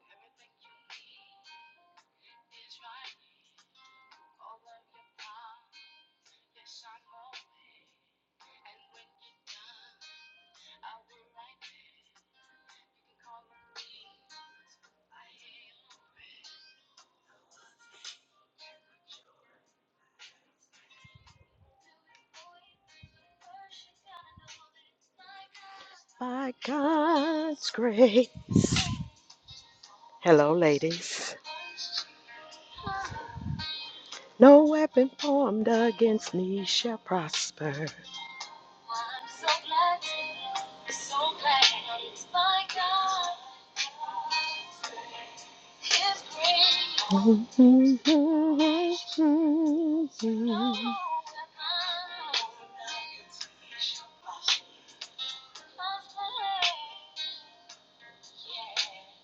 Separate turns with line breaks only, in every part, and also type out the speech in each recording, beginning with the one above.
Everything you need is right here. All of your problems, yes, I know it. And when you're done, I'll right there. You can call on me, 'cause I am By God's grace. Hello, ladies. No weapon formed against me shall prosper. I'm so glad, so glad it's my God. His grace.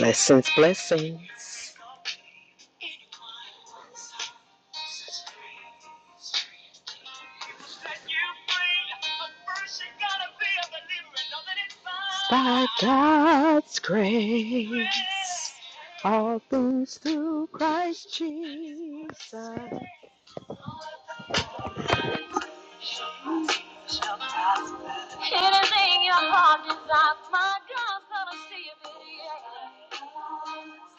Blessings, blessings. By God's grace, all things through Christ Jesus. Anything your heart desires, my God, gonna see it, yeah.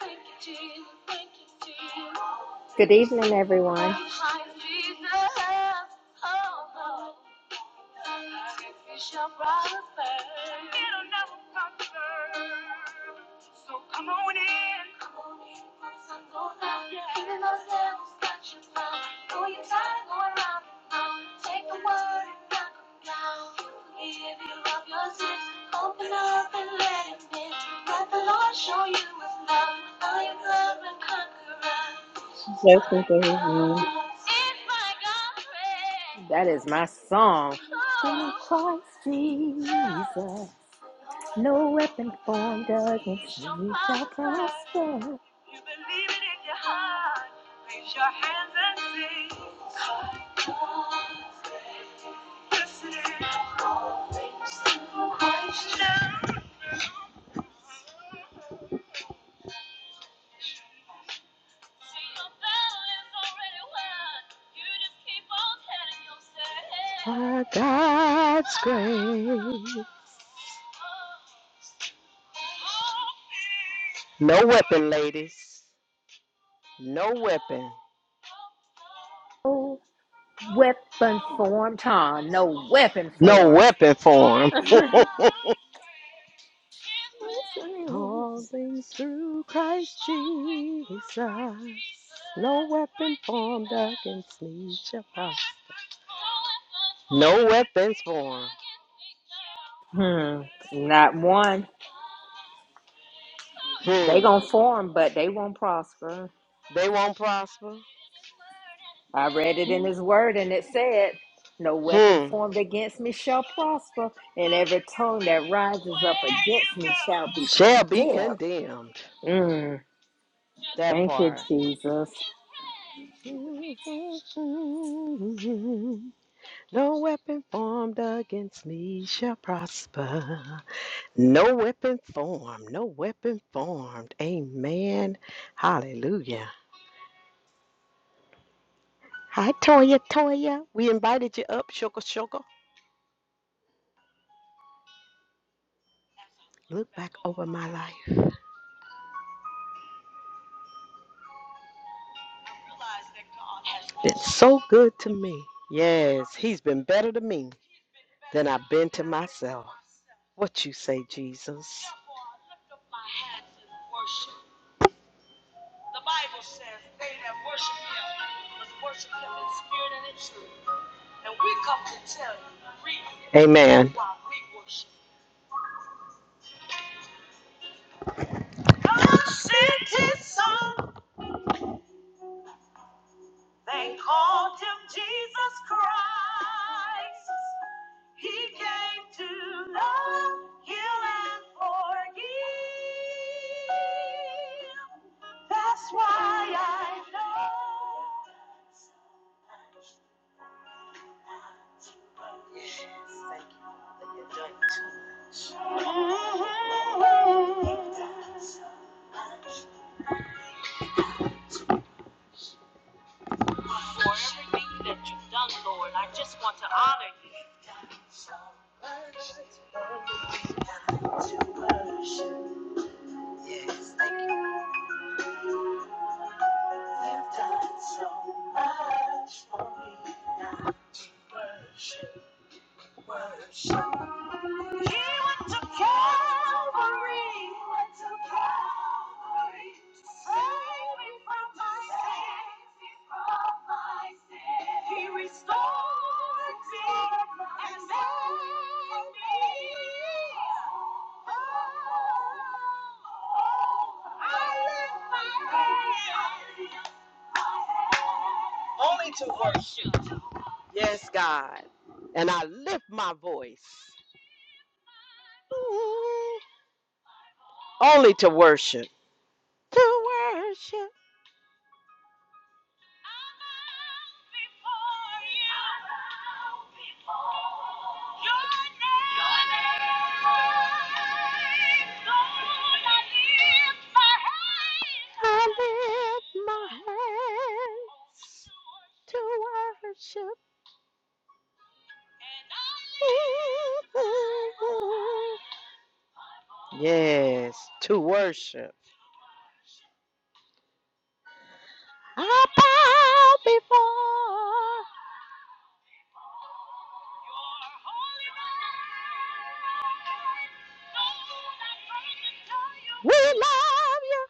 Thank you, Jesus, thank you, Jesus.
Good evening, everyone.
My Jesus, oh, oh. It shall prosper. It'll never prosper. So come on in. Come on in, Come on in. Even those devils got you found. Know you're tired of going round. Take a word and knock 'em down. Give you up your sins. Open up and let him in. Let the Lord show you his love. I am love and conqueror. It's My
Blessings, everyone.
God. It's my God. Pray.
That is my song. Through
Oh,
Christ
oh.
Jesus,
What they
no weapon formed
see
against
shall
me shall
prosper.
prosper.
You believe it in your heart. Raise your hands and sing. Yes, it is. Christ. Now. By God's grace. No weapon, ladies. No weapon.
No weapon formed, huh? No weapon
No
formed.
weapon form. All things through Christ Jesus. No weapon formed against me shall prosper. No weapons formed.
Hmm, not one. They
Hmm.
gonna form, but they won't prosper.
They won't prosper.
I read it in His Word, and it said, "No weapon
Hmm.
formed against me shall prosper, and every tongue that rises up against me shall be
Shall be
condemned."
condemned.
Mm,
That
thank you,
part.
Jesus.
No weapon formed against me shall prosper. No weapon formed. No weapon formed. Amen. Hallelujah. Hi, Toya. Toya, we invited you up. Shoka, shoka. Look back over my life. has been so good to me. Yes, he's been better to me than I've been to myself. What you say, Jesus? Amen. They called him Jesus Christ. He came to love, heal, and forgive. That's why I know. Yes, thank you for your joy. Mhm. So much time to worship. Yes, thank you. You've done so much for me. now to worship. He went to Calvary. went to Calvary. Saved me from my sin. from my sin. He restored me and made me. Oh, oh, I lift my hands. I lift my hands. Only two words. Yes, God. And I lift my voice ooh, only to worship. To worship. I lift my hands to worship. Yes, to worship. I bow before We love you.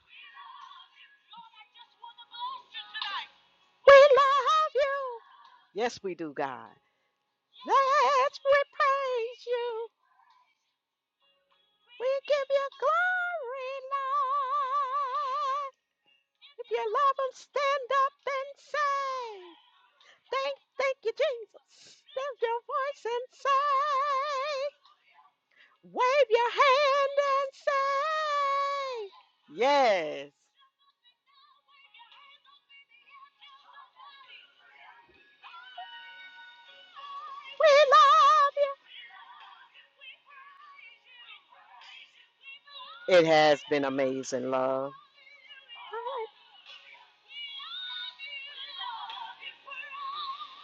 We love you. Yes, we do, God. Let's we praise you. We give you glory, Lord. If you love them, stand up and say, Thank, thank you, Jesus. Lift your voice and say, Wave your hand and say, Yes, we love you. It has been amazing, love.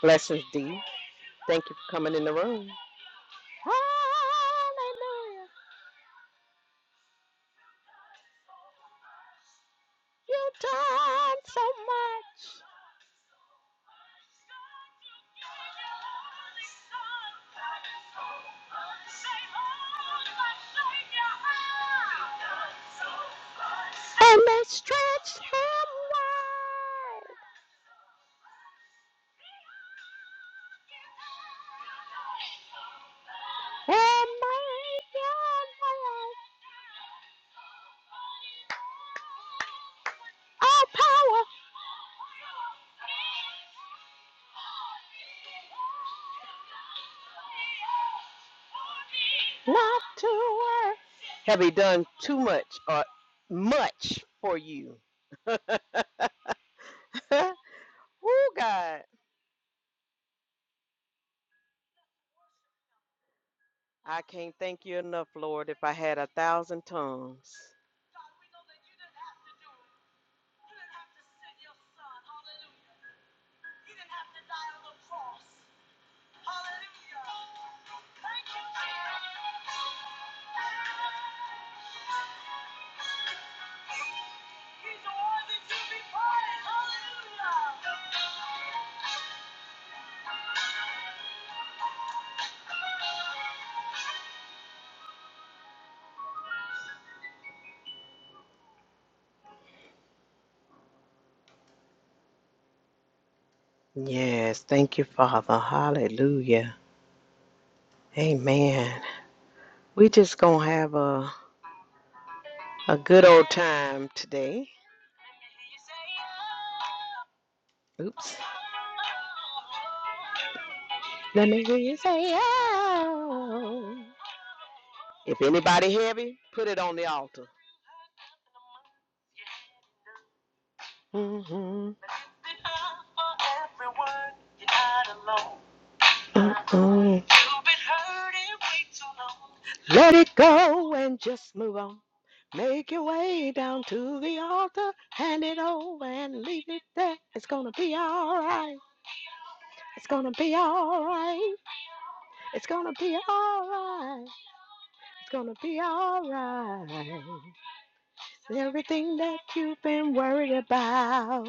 Blessings, D. Thank you for coming in the room. Hallelujah. You've done so much. And they stretched him wide. And made him all power. Not to worry. Have he done too much or much for you? Woo, God. I can't thank you enough, Lord, if I had a thousand tongues. Yes, thank you, Father. Hallelujah. Amen. We just gonna have a a good old time today. Oops. Let me hear you say oh. If anybody heavy, put it on the altar. Mm-hmm. Mm-mm. Let it go and just move on. Make your way down to the altar, hand it over and leave it there. It's gonna be alright. It's gonna be alright. It's gonna be alright. It's gonna be alright. Everything that you've been worried about,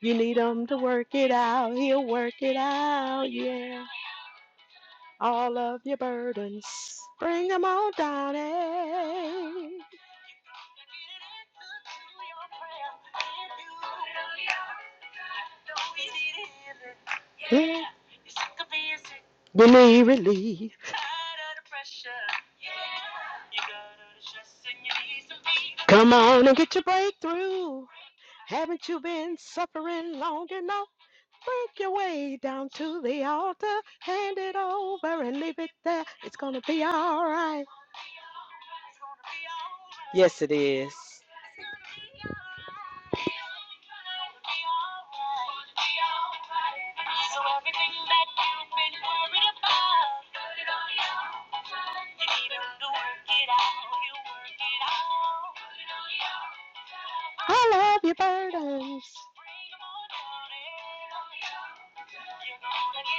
you need him to work it out. He'll work it out, yeah. all of your burdens. Bring them all down. eh? Yeah. You need relief. Come on and get your breakthrough. Haven't you been suffering long enough? Work your way down to the altar, hand it over and leave it there. It's gonna be all right. Yes, it is. I love your burdens. You're gonna get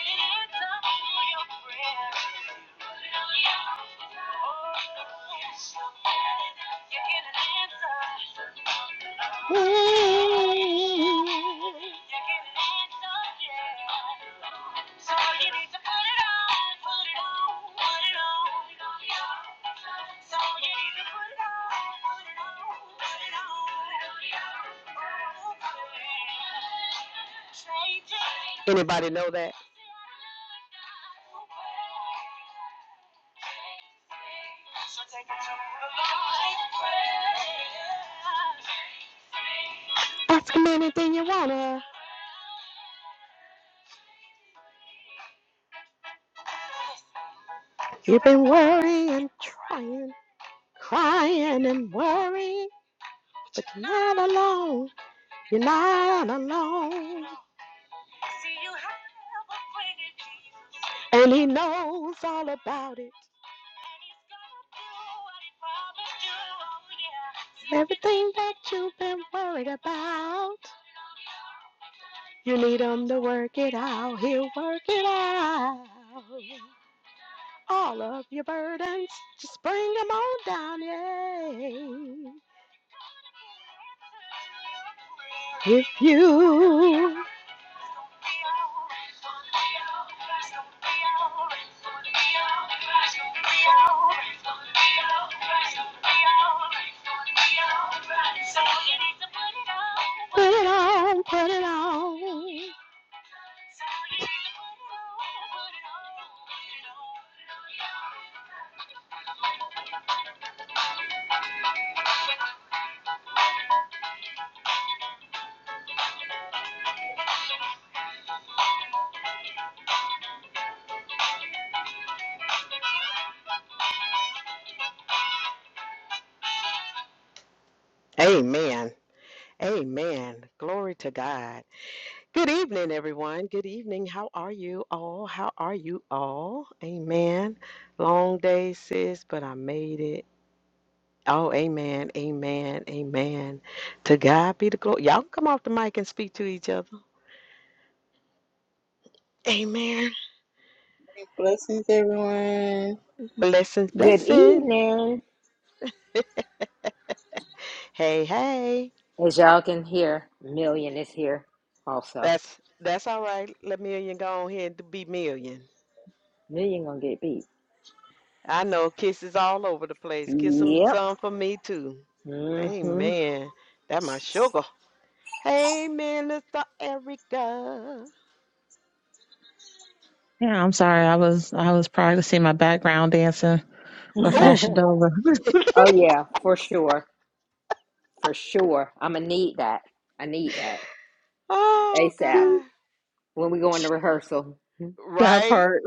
an answer for your prayer. Anybody know that? So take it to the Lord Ask him anything you wanna. You've been worrying, trying, crying and worrying, but you're not alone. You're not alone. I see you have a friend in Jesus. And he knows all about it. Everything that you've been worried about, you need him to work it out. He'll work it out. All of your burdens, just bring them on down, yay. With you put it on, put it on. Amen. Amen. Glory to God. Good evening, everyone. Good evening. How are you all? How are you all? Amen. Long day, sis, but I made it. Oh, amen. Amen. Amen. To God be the glory. Y'all can come off the mic and speak to each other. Amen.
Blessings, everyone.
Blessings,
Good
blessing.
evening.
Hey, hey.
As y'all can hear, Million is here also.
That's that's all right. Let million go on ahead to be million.
Million gonna get beat.
I know kisses all over the place. Kiss them
Yep.
some for me too.
hmm
Amen. That my sugar. Hey, Minister Erica.
Yeah, I'm sorry. I was I was practicing my background dancing for
Oh,
Fashion Nova.
oh yeah, for sure. For sure. I'ma need that. I need that.
oh
ASAP.
God.
When we go into rehearsal.
that
Right,
part.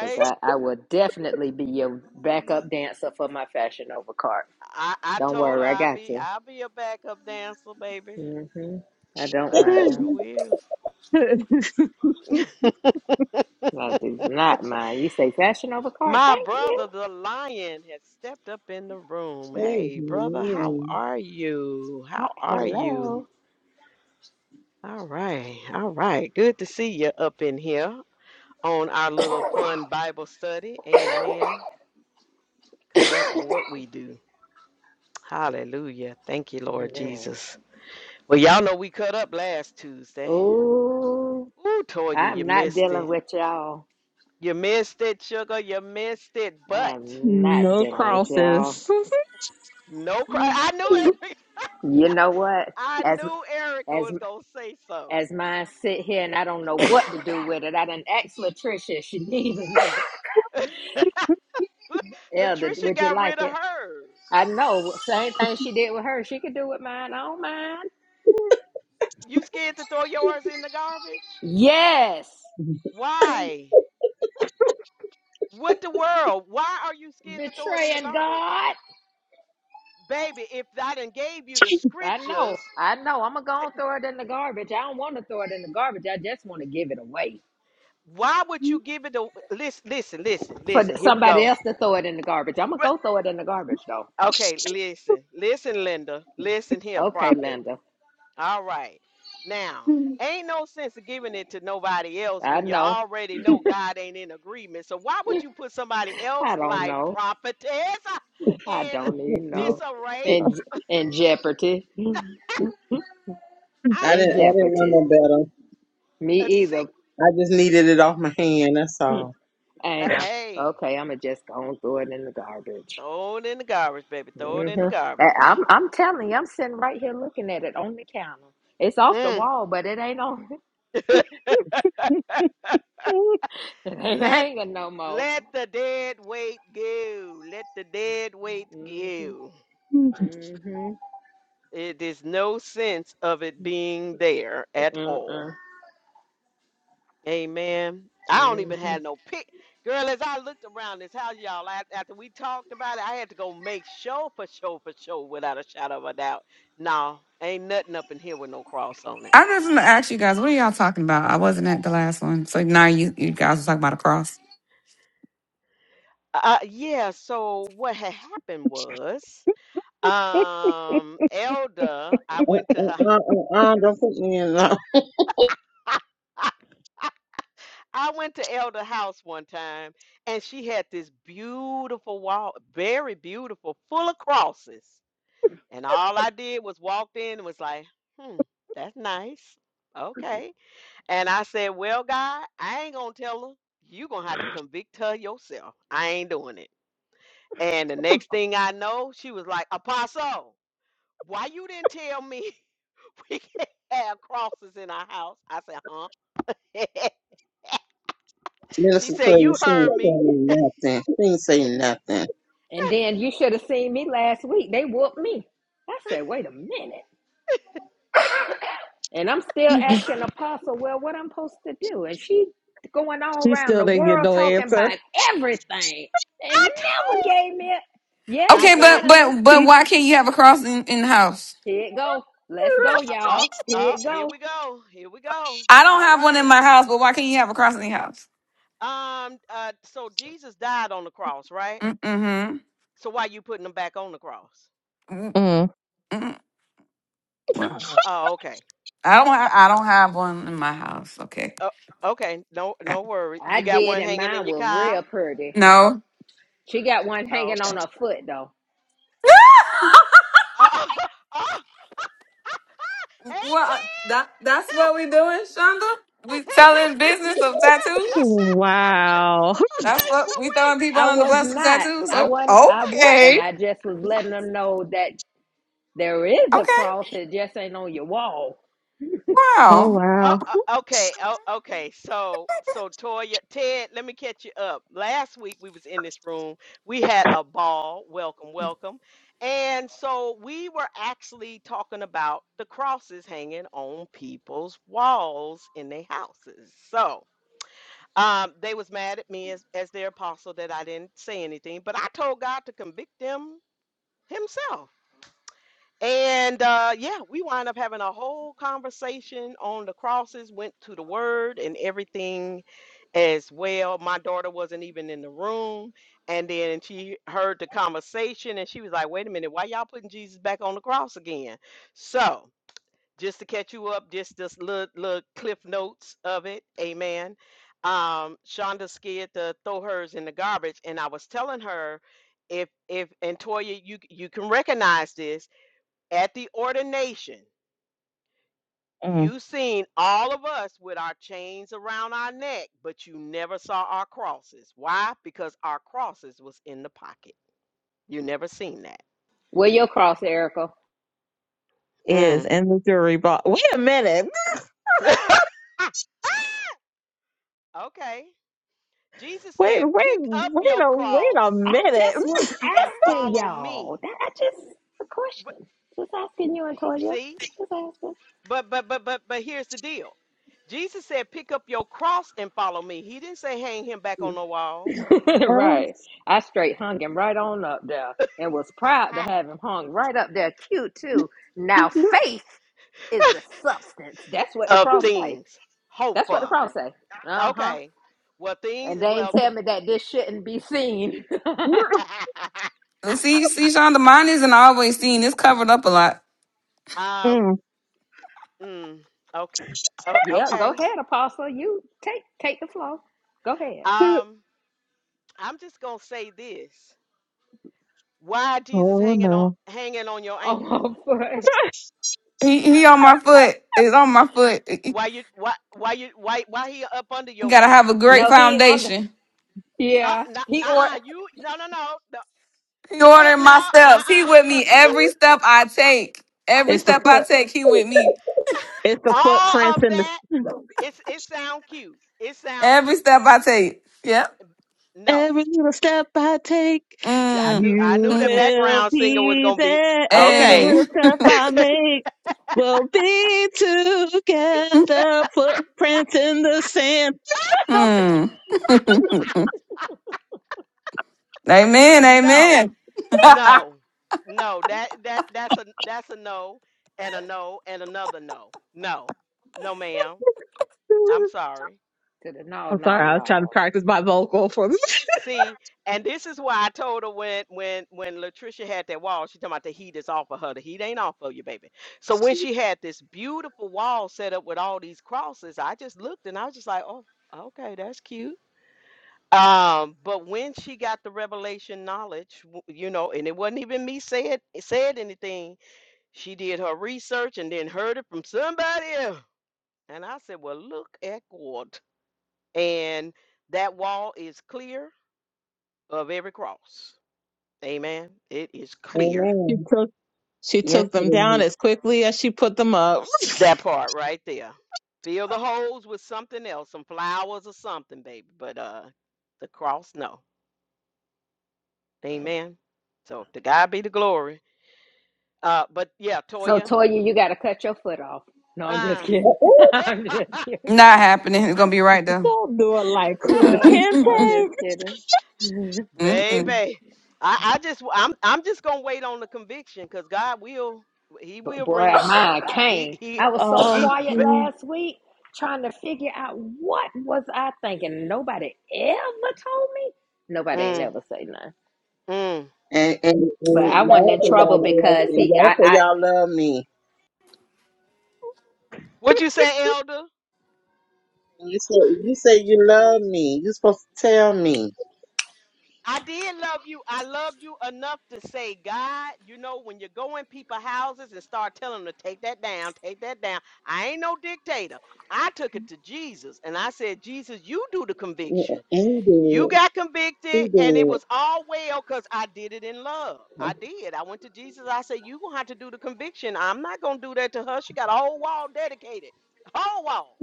Cause I, I will definitely be your backup dancer for my fashion over card.
I, I
Don't
told her
worry, I
I'll
got
be
you.
I'll be a backup dancer, baby.
hmm I don't
I
mind.
sure will.
No, do not mind. You say fashion over card.
My
Thank you.
brother, the lion, has stepped up in the room. Hey, brother, how
Amen.
are you?
Hi-
How are you?
Hello.
All right, all right. Good to see you up in here on our little fun Bible study. Amen. Because that's what we do. Hallelujah. Thank you, Lord Jesus. Well, y'all know we cut up last Tuesday.
Oh,
Ooh, Toya, you
I'm not
missed
dealing
it.
with y'all.
You missed it, sugar. You missed it. But
I'm not
no
dealing with y'all.
crosses.
no cry. I knew Eric.
You know what?
I
As
knew Erica
as
was gonna say something.
as mine sit here and I don't know what to do with it. I done asked Latricia. She needed it. Elder,
Latricia
would you
got
like
rid of
it?
hers.
I know. Same thing she did with her. She could do with mine. I don't mind.
You scared to throw yours in the garbage?
Yes.
Why? What the world? Why are you scared to throw it in the
Betraying
garbage?
God.
Baby, if I done gave you the
I know.
scriptures,
I know. I'm going to
d-
go and throw it in the garbage. I don't want to throw it in the garbage. I just want to give it away
Why would you give it a listen? Listen, listen,
for th-
listen. Here we
somebody
go.
else to throw it in the garbage. I'm going to
But-
go throw it in the garbage, though.
Okay, listen, listen, Linda. Listen here,
Okay,
prophet.
Linda.
All right. Now, ain't no sense of giving it to nobody else
I
when you
know.
already know God ain't in agreement. So why would you put somebody else
I don't
like
know.
prophetess uh,
I
in
don't even know.
disarray?
In, in jeopardy.
I'm
I
In
didn't.
just
I didn't know
jeopardy.
no better.
Me
a sick.
either.
I just needed it off my hand. That's all.
uh,
Ain't no.
Hey,
Okay, I'm going to just go and throw it in the garbage.
throw it in the garbage, baby. Throw it in the
hmm
garbage.
I'm, I'm telling you, I'm sitting right here looking at it on the counter. It's off the
Mm.
wall, but it ain't on. It ain't
Let
hanging no more.
let the dead weight go. Let the dead weight
Mm-hmm,
go.
mm-hmm,
It is no sense of it being there at all.
mm-mm,
Amen. I don't even
mm-hmm.
have no pic. Girl, as I looked around this house, y'all, a- after we talked about it, I had to go make sure for sure for sure without a shadow of a doubt. No, ain't nothing up in here with no cross on it.
I was going to ask you guys, what are y'all talking about? I wasn't at the last one, so now you you guys are talking about a cross.
Uh, uh, yeah, so what had happened was, um, Elder, I
Uh,
went to
uh,
her
uh, uh, uh, don't put me in love.
I went to Elder House one time and she had this beautiful wall, very beautiful, full of crosses. And all I did was walked in and was like, hmm, that's nice. Okay. And I said, Well, God, I ain't gonna tell her. you gonna have to convict her yourself. I ain't doing it. And the next thing I know, she was like, Apostle, why you didn't tell me we can't have crosses in our house? I said, huh? she
Minister
said,
Toya,
You
she
heard
ain't
me.
tell me nothing. She ain't say nothing.
And then you should have seen me last week. They whooped me. I said, wait a minute. And I'm still asking Apostle, well, what I'm supposed to do? And she going all
she
around
still
the
didn't get
world
no
talking
answer.
about everything and
I
never gave me a, yeah,
I
you
Okay,
gave
but
finally,
but but
She,
why can't you have a cross in in the house?
here it go. Let's
uh
go,
uh uh,
y'all.
uh
Here it
here
go.
we go. Here we go.
I don't
All
have one in
right.
my house, but why can't you have a cross in your house?
Um uh so Jesus died on the cross, right?
Mm-hmm.
So why you putting him back on the cross?
mm.
Mm-mm. What?
Oh, okay.
I don't ha- I don't have one in my house. Okay.
oh okay, no no worry.
I
You got
did,
one
and
hanging in
mine
your
was
car?
real pretty.
No.
She got one
Oh,
hanging on her
okay.
foot, though.
Oh, oh, hey Ted.
Well, that that's what we doing, Shonda. We selling business of tattoos.
Wow.
That's
okay, so
what we
wait.
throwing people
I
on the
was
bus of
not.
tattoos.
I wasn't.
Oh,
I wasn't.
okay.
I just was letting them know that there is a
Okay.
cross. It just ain't on your wall.
Oh
Wow.
Oh,
wow.
oh, okay. Oh, okay. So, so Toya, Ted, let me catch you up. Last week we was in this room. We had a ball. Welcome, welcome. And so we were actually talking about the crosses hanging on people's walls in their houses. So, um, they was mad at me as as their apostle that I didn't say anything, but I told God to convict them Himself. And uh, yeah, we wind up having a whole conversation on the crosses, went to the word and everything as well. My daughter wasn't even in the room. And then she heard the conversation and she was like, wait a minute, why y'all putting Jesus back on the cross again? So, just to catch you up, just this little, little cliff notes of it. Amen. Um, Shonda scared to throw hers in the garbage. And I was telling her, if, if, and Toya, you, you can recognize this at the ordination,
Mm.
you seen all of us with our chains around our neck, but you never saw our crosses. Why? Because our crosses was in the pocket. You never seen that.
Where your cross, Erica?
Is
Mm.
in the jury box. Wait a minute.
okay. Jesus
wait,
said,
wait,
"Pick up
wait
your
a wait
cross
a
I
minute.
just was
and
asking
follow
y'all.
me."
That I just a
But-
question. Just asking you, Antonia.
See?
Just
But but but but but here's the deal. Jesus said, "Pick up your cross and follow me." He didn't say hang him back on the wall
asking.
Oh,
right. I straight hung him right on up there, and was proud to have him hung right up there, cute too. Now faith is the substance. That's what the
of
cross say.
things. Hope
That's what the
for.
cross say. Uh huh.
Okay. Well, things.
And they ain't
Well,
tell me
the-
that this shouldn't be seen.
See, see, Shonda, mine isn't always seen. It's covered up a lot.
um.
Mm.
Mm, okay. o-
yeah, go
okay.
ahead, Apostle. You take take the floor. Go ahead.
Um. I'm just gonna say this. Why Jesus
Oh,
hanging on
no.
hanging on your
Oh
ankle?
for
He, he on my foot. It's on my foot. You
Why you why why you why why he up under your
gotta
feet?
have a great
No, he ain't on the.
foundation.
Uh,
Yeah,
nah,
he or
uh-uh,
to
you no no no no
He
wait
ordering
no
my
no
steps. He with
uh
me every step I take. Every
It's the
step I
foot.
take, he with me.
It's the
all
footprints
of
in
that
the
it's it sound cute it sound
Every
cute
step I take. Yep.
no
every little step I take.
I
Mm.
knew I
You
knew the
Mm.
will
background singer was
be
gonna be
there. Every
okay
Hey.
little step I make. We'll be together. Footprints in the sand.
Mm. amen.
no,
Amen. Not
no, no. That that that's a that's a no and a no and another no. No, no, ma'am. I'm sorry.
the no,
I'm sorry.
no,
I was trying to
no.
practice my vocal for.
See, and this is why I told her when when when Latricia had that wall, she talking about the heat is off of her. The heat ain't off of you, baby. So when she had this beautiful wall set up with all these crosses, I just looked and I was just like, oh, okay, that's cute. Um, but when she got the revelation knowledge, w- you know, and it wasn't even me said said anything. She did her research and then heard it from somebody else. And I said, "Well, look at God." And that wall is clear of every cross. Amen. It is clear.
She
Amen.
took. She
Yes,
took
it
them down
is.
as quickly as she put them up.
That part right there. Fill the holes with something else, some flowers or something, baby. But uh, the cross, no. Amen. So to God be the glory. Uh, but yeah,
So
Toya.
Toya, you gotta cut your foot off. No, I'm just
Uh,
Uh,
kidding.
uh.
I'm just kidding.
happening. It's gonna be right there.
Don't do it like Kuta
Look, I'm
Kente.
just kidding.
Mm-mm.
baby, I, I just I'm I'm just gonna wait on the conviction because God will He
But
will
boy,
bring it.
mine
He
came.
he
I was so
he.
Um,
quiet
ba-
mm,
last week trying to figure out what was I thinking. Nobody ever told me. Nobody ain't
Mm,
never say nothing.
mm,
And, and,
But
and
I
mm, mm, mm.
wasn't
y'all
in
say y'all
trouble
love
because
and
he
y'all say
I
y'all love me.
What you say, Elder?
You say you say you love me. you supposed to tell me.
I did love you. I loved you enough to say, God, you know, when you go in people houses and start telling them to take that down, take that down. I ain't no dictator. I took it to Jesus and I said, Jesus, you do the
Yeah,
conviction.
And
You
you
got
did.
convicted,
He
and it was
did.
all well because I did it in love. I did. I went to Jesus. I said, you going to have to do the conviction. I'm not going to do that to her. She got a whole wall dedicated. Whole wall.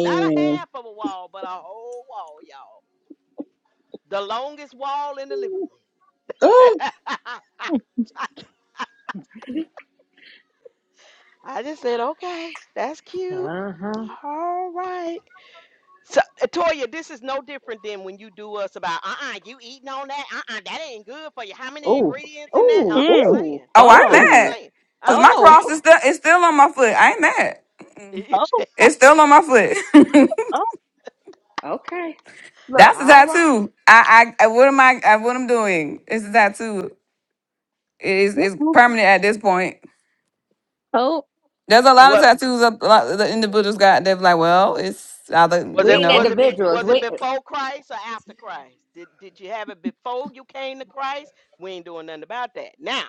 Not a half of a wall, but a whole wall, y'all. The longest wall in the living room.
Oh,
I just said, okay, that's
I
cute.
uh-huh.
All right. So, uh, Toya, this is no different than when you do us about, uh-uh, you eating on that? Uh-uh, that ain't good for you. How many
Ooh,
ingredients in that?
ooh,
I'm just
mm.
ooh,
saying.
Oh, I'm
I'm
oh,
just
ooh.
mad.
saying.
Cause
I'm
my
just
oh,
cross is still is still on my foot. I ain't mad.
saying.
oh,
It's still on my foot.
oh,
Okay. Look,
That's a
All right.
tattoo. I, I, I what am I, I what I'm doing? It's a tattoo. It is it's
oh,
permanent at this point.
oh.
There's a lot of
What
tattoos that a lot of the individuals got. They're like, well, it's either
was
we
you
it?
ain't
Was
know.
it be?
individuals.
Was it
We
before Christ or after Christ? Did Did you have it before you came to Christ? We ain't doing nothing about that. Now,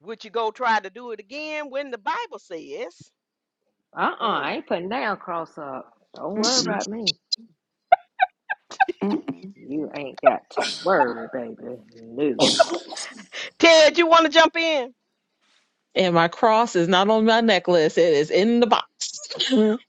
would you go try to do it again when the Bible says?
uh-uh,
Mm.
I ain't putting down cross up. Don't worry
Mm-mm,
about me.
mm-mm,
You ain't got to worry, baby. No.
Ted, you want to jump in?
And my cross is not on my necklace. It is in the box.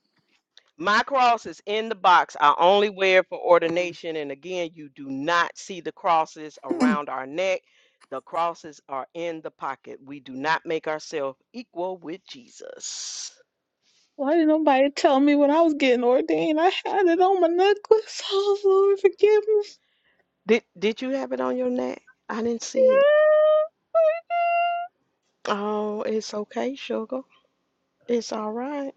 My cross is in the box. I only wear it for
mm.
ordination. And again, you do not see the crosses
no,
around our neck. The crosses are in the pocket. We do not make ourselves equal with Jesus.
Why didn't nobody tell me when I was getting ordained? I had it on my necklace. Oh, Lord, forgive me.
Did did you have it on your neck? I didn't see it. Oh, it's okay, sugar. It's all right.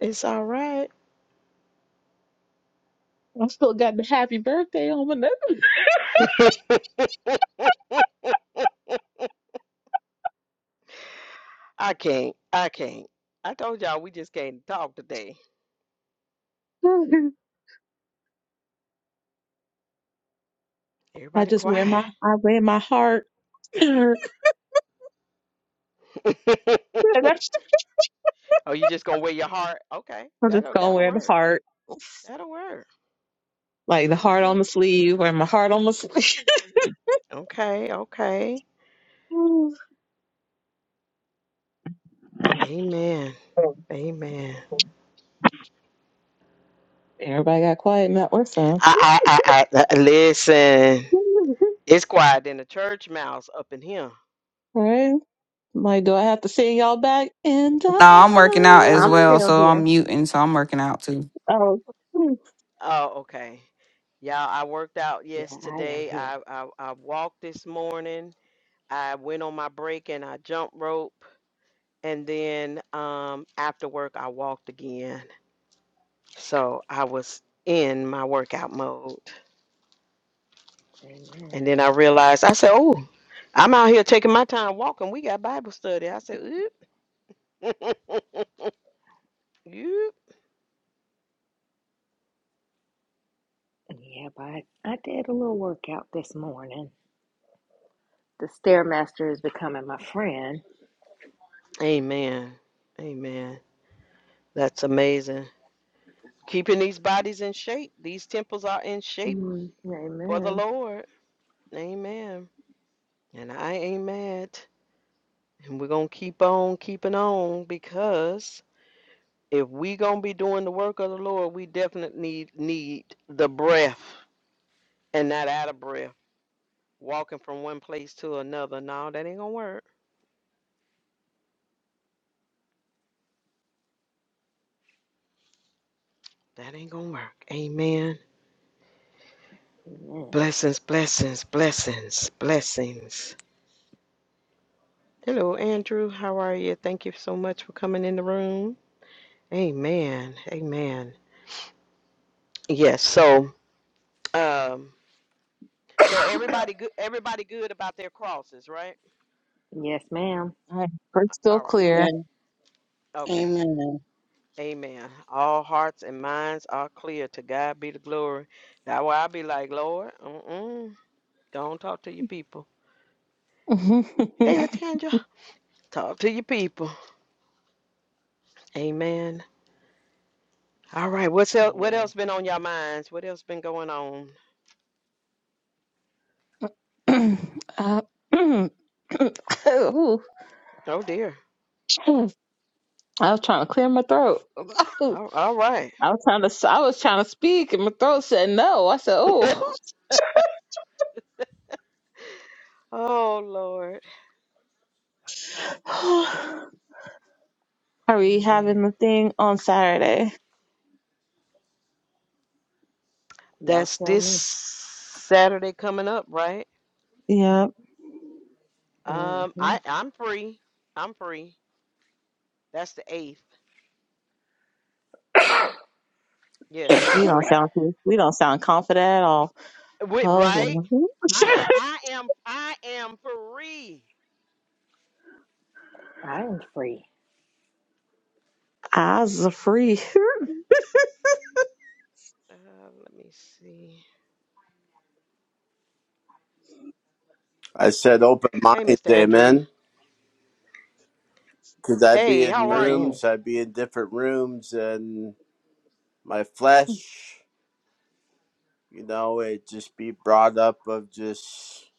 It's all right.
I still got the happy birthday on my necklace.
I can't. I can't. I told y'all we just can't talk today.
I
Everybody
just wear
quiet.
my, I wear my heart. I'm
Oh, you just gonna wear your heart? Okay,
just
that'll
gonna
that'll
wear the
work.
heart.
That'll work.
like the
That'll
heart on
work.
my sleeve or my heart on my sleeve.
Okay, okay. Amen. Amen.
Everybody got quiet, not or some.
I I I, I I- listen.
Right.
It's quiet in the church mouse up in here.
right. like, do I have to sing y'all back? And I.
I'm working out as
I'm
well,
still
so I'm
here.
muting, so I'm working out too.
Oh, all
Oh, okay. Y'all, I worked out
Yeah, I am
yesterday.
here.
I, I I walked this morning. I went on my break and I jump rope, and then um after work I walked again. So I was in my workout mode. And
Amen.
then I realized, I said, oh, I'm out here taking my time walking. We got Bible study. I said, oop. Oop.
Yeah, but I, I did a little workout this morning. The Stairmaster is becoming my friend.
Amen. Amen. That's amazing. Keeping these bodies in shape. These temples are in shape
Mm,
for the
amen.
Lord. Amen. And I ain't mad. And we're going to keep on keeping on because if we going to be doing the work of the Lord, we definitely need, need the breath and not out of breath. walking from one place to another. No, that ain't gonna work. That ain't gonna work. Amen.
Amen.
Blessings, blessings, blessings, blessings. Hello, Andrew. How are you? Thank you so much for coming in the room. Amen. Amen. Yes. So, um, so everybody good. Everybody good about their crosses, right?
Yes, ma'am.
right. We're still
All right.
yeah.
clear.
Okay.
Amen.
Amen. All hearts and minds are clear. To God be the glory. That way, I will be like, Lord, mm-mm, don't talk to your people.
uh,
Hey, Latanja. Talk to your people. Amen. All right. What's else, what
Yeah.
else been on your minds? What else been going on?
Ooh.
Oh dear.
I was trying to clear my throat.
All, all right.
I was trying to. I was trying to speak, and my throat said no. I said, "Oh,
oh Lord.
are we
Amen.
having the thing on Saturday?"
Y'all
That's
tell
this
me.
Saturday coming up, right?
Yeah,
Um,
hmm
I I'm free. I'm free. That's the eighth. Yes, I'm
we don't
free.
sound we don't sound confident at all.
Wait,
Oh,
right?
Lord.
I am. I am. I am free.
I am free.
eyes are free.
Uh, let me see.
I said open
Hey,
minds,
Mr. Andrew.
amen. Because I'd be
Hey,
in
how are you?
Amen.
rooms, I'd be in different rooms, and my flesh, you know, it just be brought up of just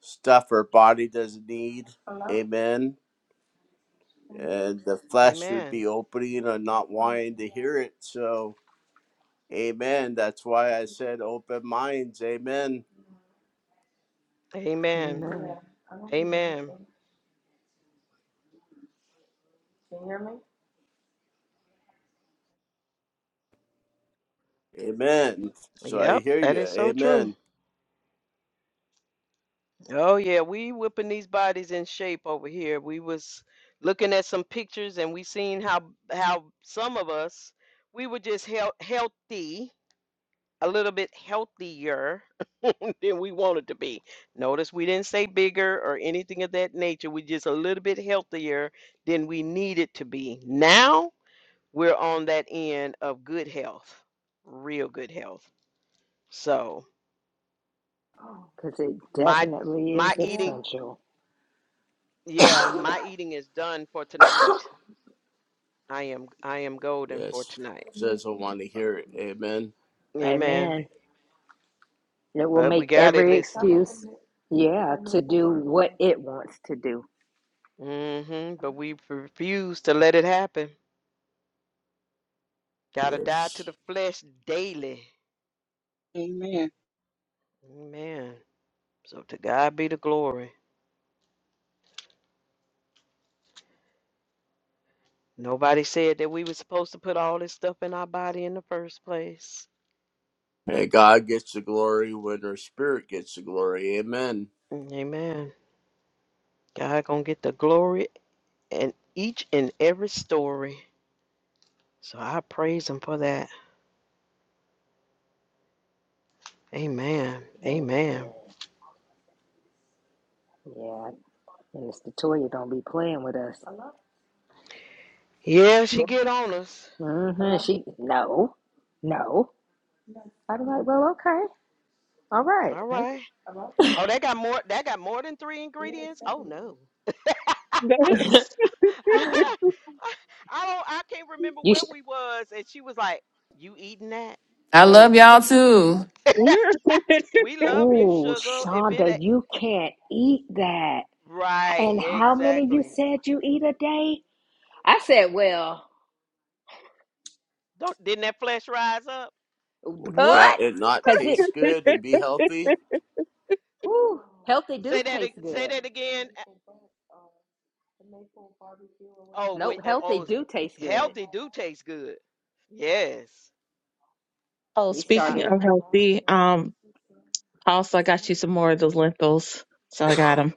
stuff our body doesn't need, amen. And the flesh would
Amen.
be opening or not wanting to hear it. So, amen. That's why I said open minds, amen.
Amen.
Amen.
Amen.
Amen. So I
Yep,
hear
that
you,
is so true.
amen.
Oh yeah, we whipping these bodies in shape over here. We was looking at some pictures and we seen how how some of us we were just health, healthy, a little bit healthier than we wanted to be. Notice we didn't say bigger or anything of that nature. We just a little bit healthier than we needed to be. Now we're on that end of good health, real good health. So
Because it
my
definitely
my
is
eating
essential.
Yeah, my eating is done for tonight. I am I am golden for
Yes.
tonight.
Says I want to hear it, amen.
Amen.
Amen. It will
But we
make
got it,
every
listen.
excuse, yeah, to do what it wants to do.
hmm But we refuse to let it happen. Gotta die
Yes.
to the flesh daily.
Amen.
Amen. So to God be the glory. Nobody said that we were supposed to put all this stuff in our body in the first place.
And God gets the glory when her spirit gets the glory. Amen.
Amen. God gonna get the glory in each and every story. So I praise him for that. Amen. Amen.
Amen. Yeah. And Mister Toya don't be playing with us.
Yeah, she get on us.
Mm-hmm. She no, no. I'd be like, well, okay, all right.
All
Like
right. Oh, that got more. That got more than three ingredients. Oh no.
That's-
I don't. I can't remember
you
where
should.
we was, and she was like, "You eating that?"
I love
Mm.
y'all too.
we
we're-
love you,
Oh,
sugar. If it
Shonda,
a-
you can't eat that.
right,
And how many you
exactly.
said you eat a day? I said, well,
Don't didn't that flesh rise up?
Well,
Uh.
can't
what?
it not
Cause it,
taste good and be healthy?
whew, healthy do
Say that.
taste
ag- Say
good.
that again. Uh, Oh, when
Nope,
uh,
healthy
oh, s-
do taste good.
healthy do taste good. Yes.
oh,
We
I,
speaking
started.
of healthy, um, also I got you some more of those lentils, so I got them.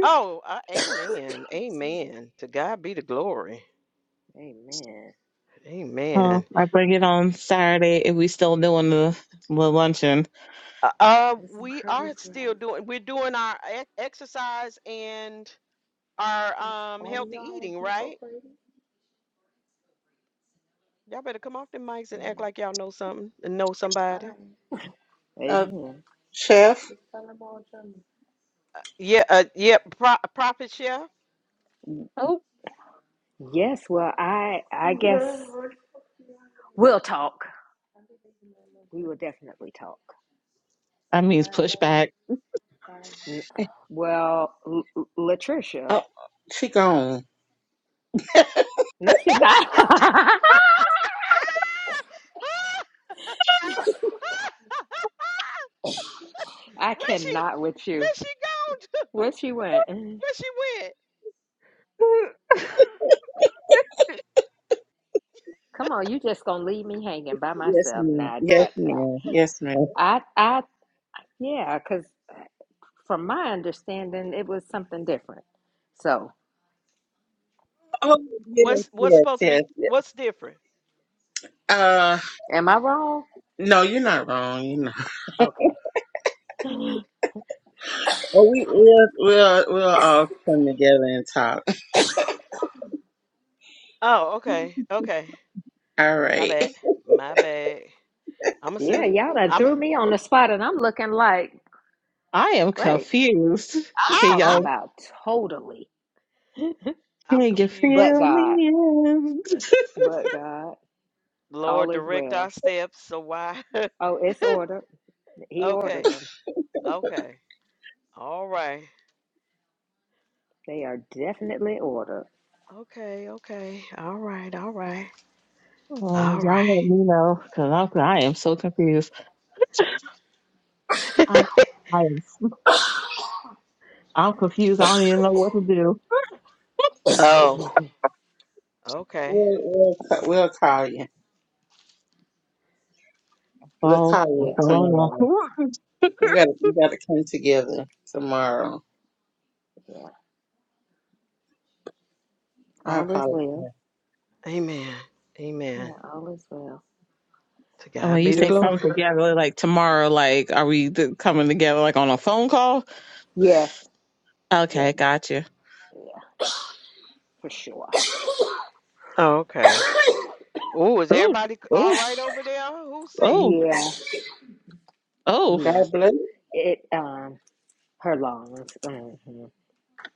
oh, I, amen. Amen. To God be the glory.
Amen.
Amen.
Oh, I bring it on Saturday if we still doing the, the luncheon.
Uh, uh, we are still doing, we're doing our ex- exercise and our um healthy eating, right? Y'all better come off the mics and act like y'all know something and know somebody.
Uh,
Amen.
Chef,
Yeah, uh, yeah, pro- Prophet Chef.
Oh,
Yes. Well, I I guess we'll talk. We will definitely talk.
that means pushback.
N- Well, L- L- Latricia,
oh, she gone.
no, she not. I
Where she,
cannot with you.
where she gone to?
Where
Where
she went?
she went?
Come on, you just gonna leave me hanging by
Yes,
myself
ma'am.
now?
Yes,
I,
ma'am. Yes, ma'am.
I, I, I yeah, because from my understanding, it was something different. So,
Oh, yes,
What's what's
yes,
supposed to
yes.
be?
yes.
What's different?
Uh,
am I wrong?
no, you're not wrong. You're not.
Okay.
Well, we we'll we'll we'll all come together and talk.
Oh, okay, okay.
All
My
right.
bad. My bad. I'm a
Yeah,
sinner.
y'all done
I'm
threw me on the spot, and I'm looking like,
I am
wait,
confused.
I'm
I
Can
talking
I'm
y'all
about totally.
I'm
can you
confused
But
fill
too.
me
God,
in?
but God, all
Lord
is
direct our
well.
steps, so why
Oh, it's ordered. He ordered
okay.
them.
Okay. All right.
They are definitely ordered.
Okay, okay. All right, all right.
Oh,
All
y'all let me
right.
know because I'm I am so confused. I'm I am I'm confused. I don't even know what to do.
oh, okay.
We'll we'll ca- we'll call you. We'll
Oh,
call
what's
you
Yeah,
going
tomorrow.
on?
We got to we got to come together tomorrow.
yeah.
I
All is
apologize.
well.
Amen. Amen.
Yeah, all is well.
To
And when
God
you
be the
say
Yes, ma'am.
come
glory.
together, like tomorrow, like are we th- coming together like on a phone call?
yes,
Okay, gotcha.
yeah, for sure.
Oh, okay. Oh, is
Oh,
everybody c- all
oh,
right over there? Who's sick?
oh,
Yeah,
oh,
yeah.
God
It um, her lungs. hmm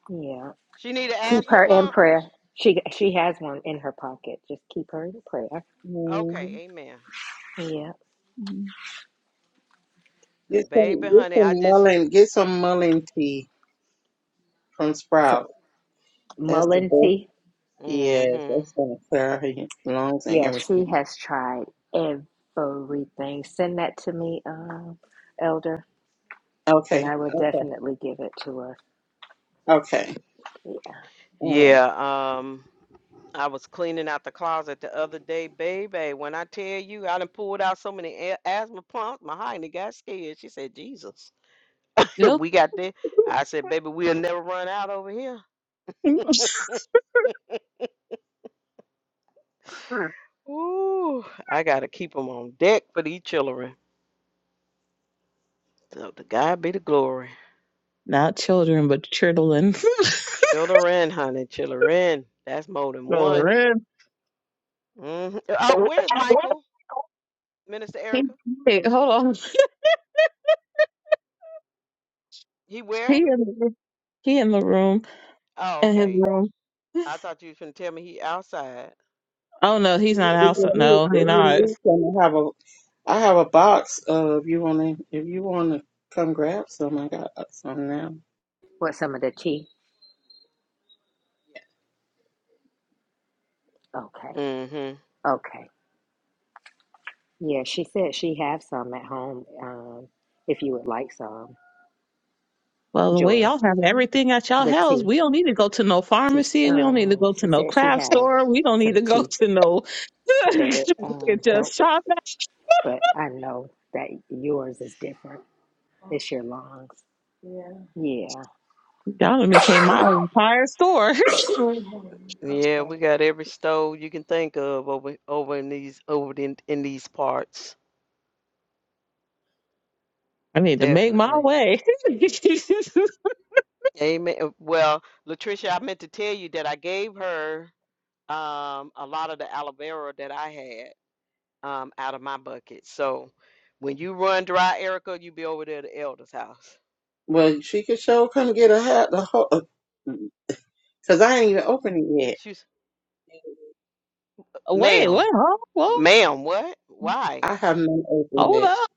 Yeah.
She need an
Keep
asthma
her in
pump?
prayer. She she has one in her pocket. Just keep her in prayer.
bless.
Okay, amen.
Yeah.
Cause
Get some,
baby
get
honey, I
some
just
mullein, get some mullein tea from
So
Sprout. That's the
Mullen
best.
tea.
Yes,
mm-hmm.
that's gonna clear out your lungs and
Yeah, she
everything.
has tried everything. Send that to me, um, Elder, and
Okay,
I will
okay,
definitely give it to her.
okay.
Yeah.
All right.
Yeah, um, I was cleaning out the closet the other day, baby. When I tell you, I done pulled out so many a- asthma pumps, my hyena got scared. She said, "Jesus,
no,
we got this." I said, "Baby, we'll never run out over here." Ooh, I gotta keep 'em on deck for these children. So to God be the glory.
not children, but children.
Children, honey, children. That's more than one.
Children.
hmm Oh, where's Michael, Minister
He-
Erica?
hey, hold on.
He
He
where?
in the, he in the room
Oh,
in his
okay.
room.
I thought you was gonna tell me he outside.
Oh no, he's
If
not house.
you,
No,
if
he
you
not.
need some, I have a, I have a box. Uh, if you wanna, if you wanna come grab some, I got uh, some now.
What some of the tea?
Yeah.
Okay.
Mm-hmm.
Okay. Yeah, she said she have some at home. Um, if you would like some,
Well, the way
Joy,
y'all have everything at y'all
the
house,
tea.
we don't need to go to no
She's
pharmacy. We don't need to
um,
go to
she
no
said she
craft
have
store. We don't need
some
to go
tea.
to no.
She
we
said it
can
um
just
helps,
shop. At-
but I know that yours is different. It's your lungs. Yeah,
y'all done became my entire store.
Yeah, we got every stove you can think of over over in these over in, in these parts.
I need to make my
Definitely.
way.
Amen. Uh, Well, Latricia, I meant to tell you that I gave her um a lot of the aloe vera that I had um out of my bucket. So when you run dry, Erica, you be over there at the elder's house.
Well, she could show come get a hat. The whole, uh, cause I ain't even opened it yet.
She's
Wait,
ma'am,
what? Huh? Well,
ma'am, what? Why?
I have not opened
hold
it.
up.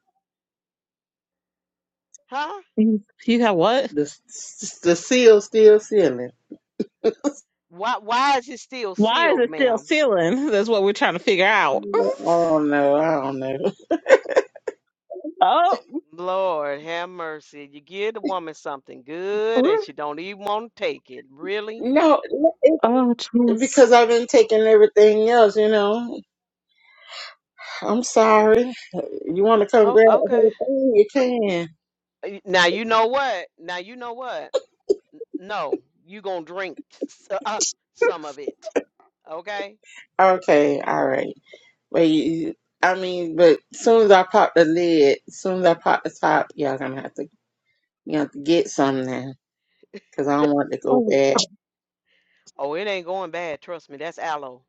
Huh?
You you have what?
The the seal still sealing.
Why why is it still
Why is
sealed,
it still
ma'am?
sealing? That's what we're trying to figure out.
Oh no, I don't know. I don't know.
oh,
Lord have mercy. You give the woman something good and she don't even want to take it. Really?
No, it,
oh, jeez.
because I've been taking everything else, you know. I'm sorry. You want to come
Oh,
grab a
okay.
whole thing? You can.
Y- Now you know what? Now you know what? No, you gonna drink s- uh, uh, some of it. Okay?
Okay, all right. But you, you- I mean, but soon as I pop the lid, soon as I pop the top, y'all gonna have to, you have to get some then, because I don't want it to go
Oh,
bad.
Oh, it ain't going bad. Trust me, that's aloe.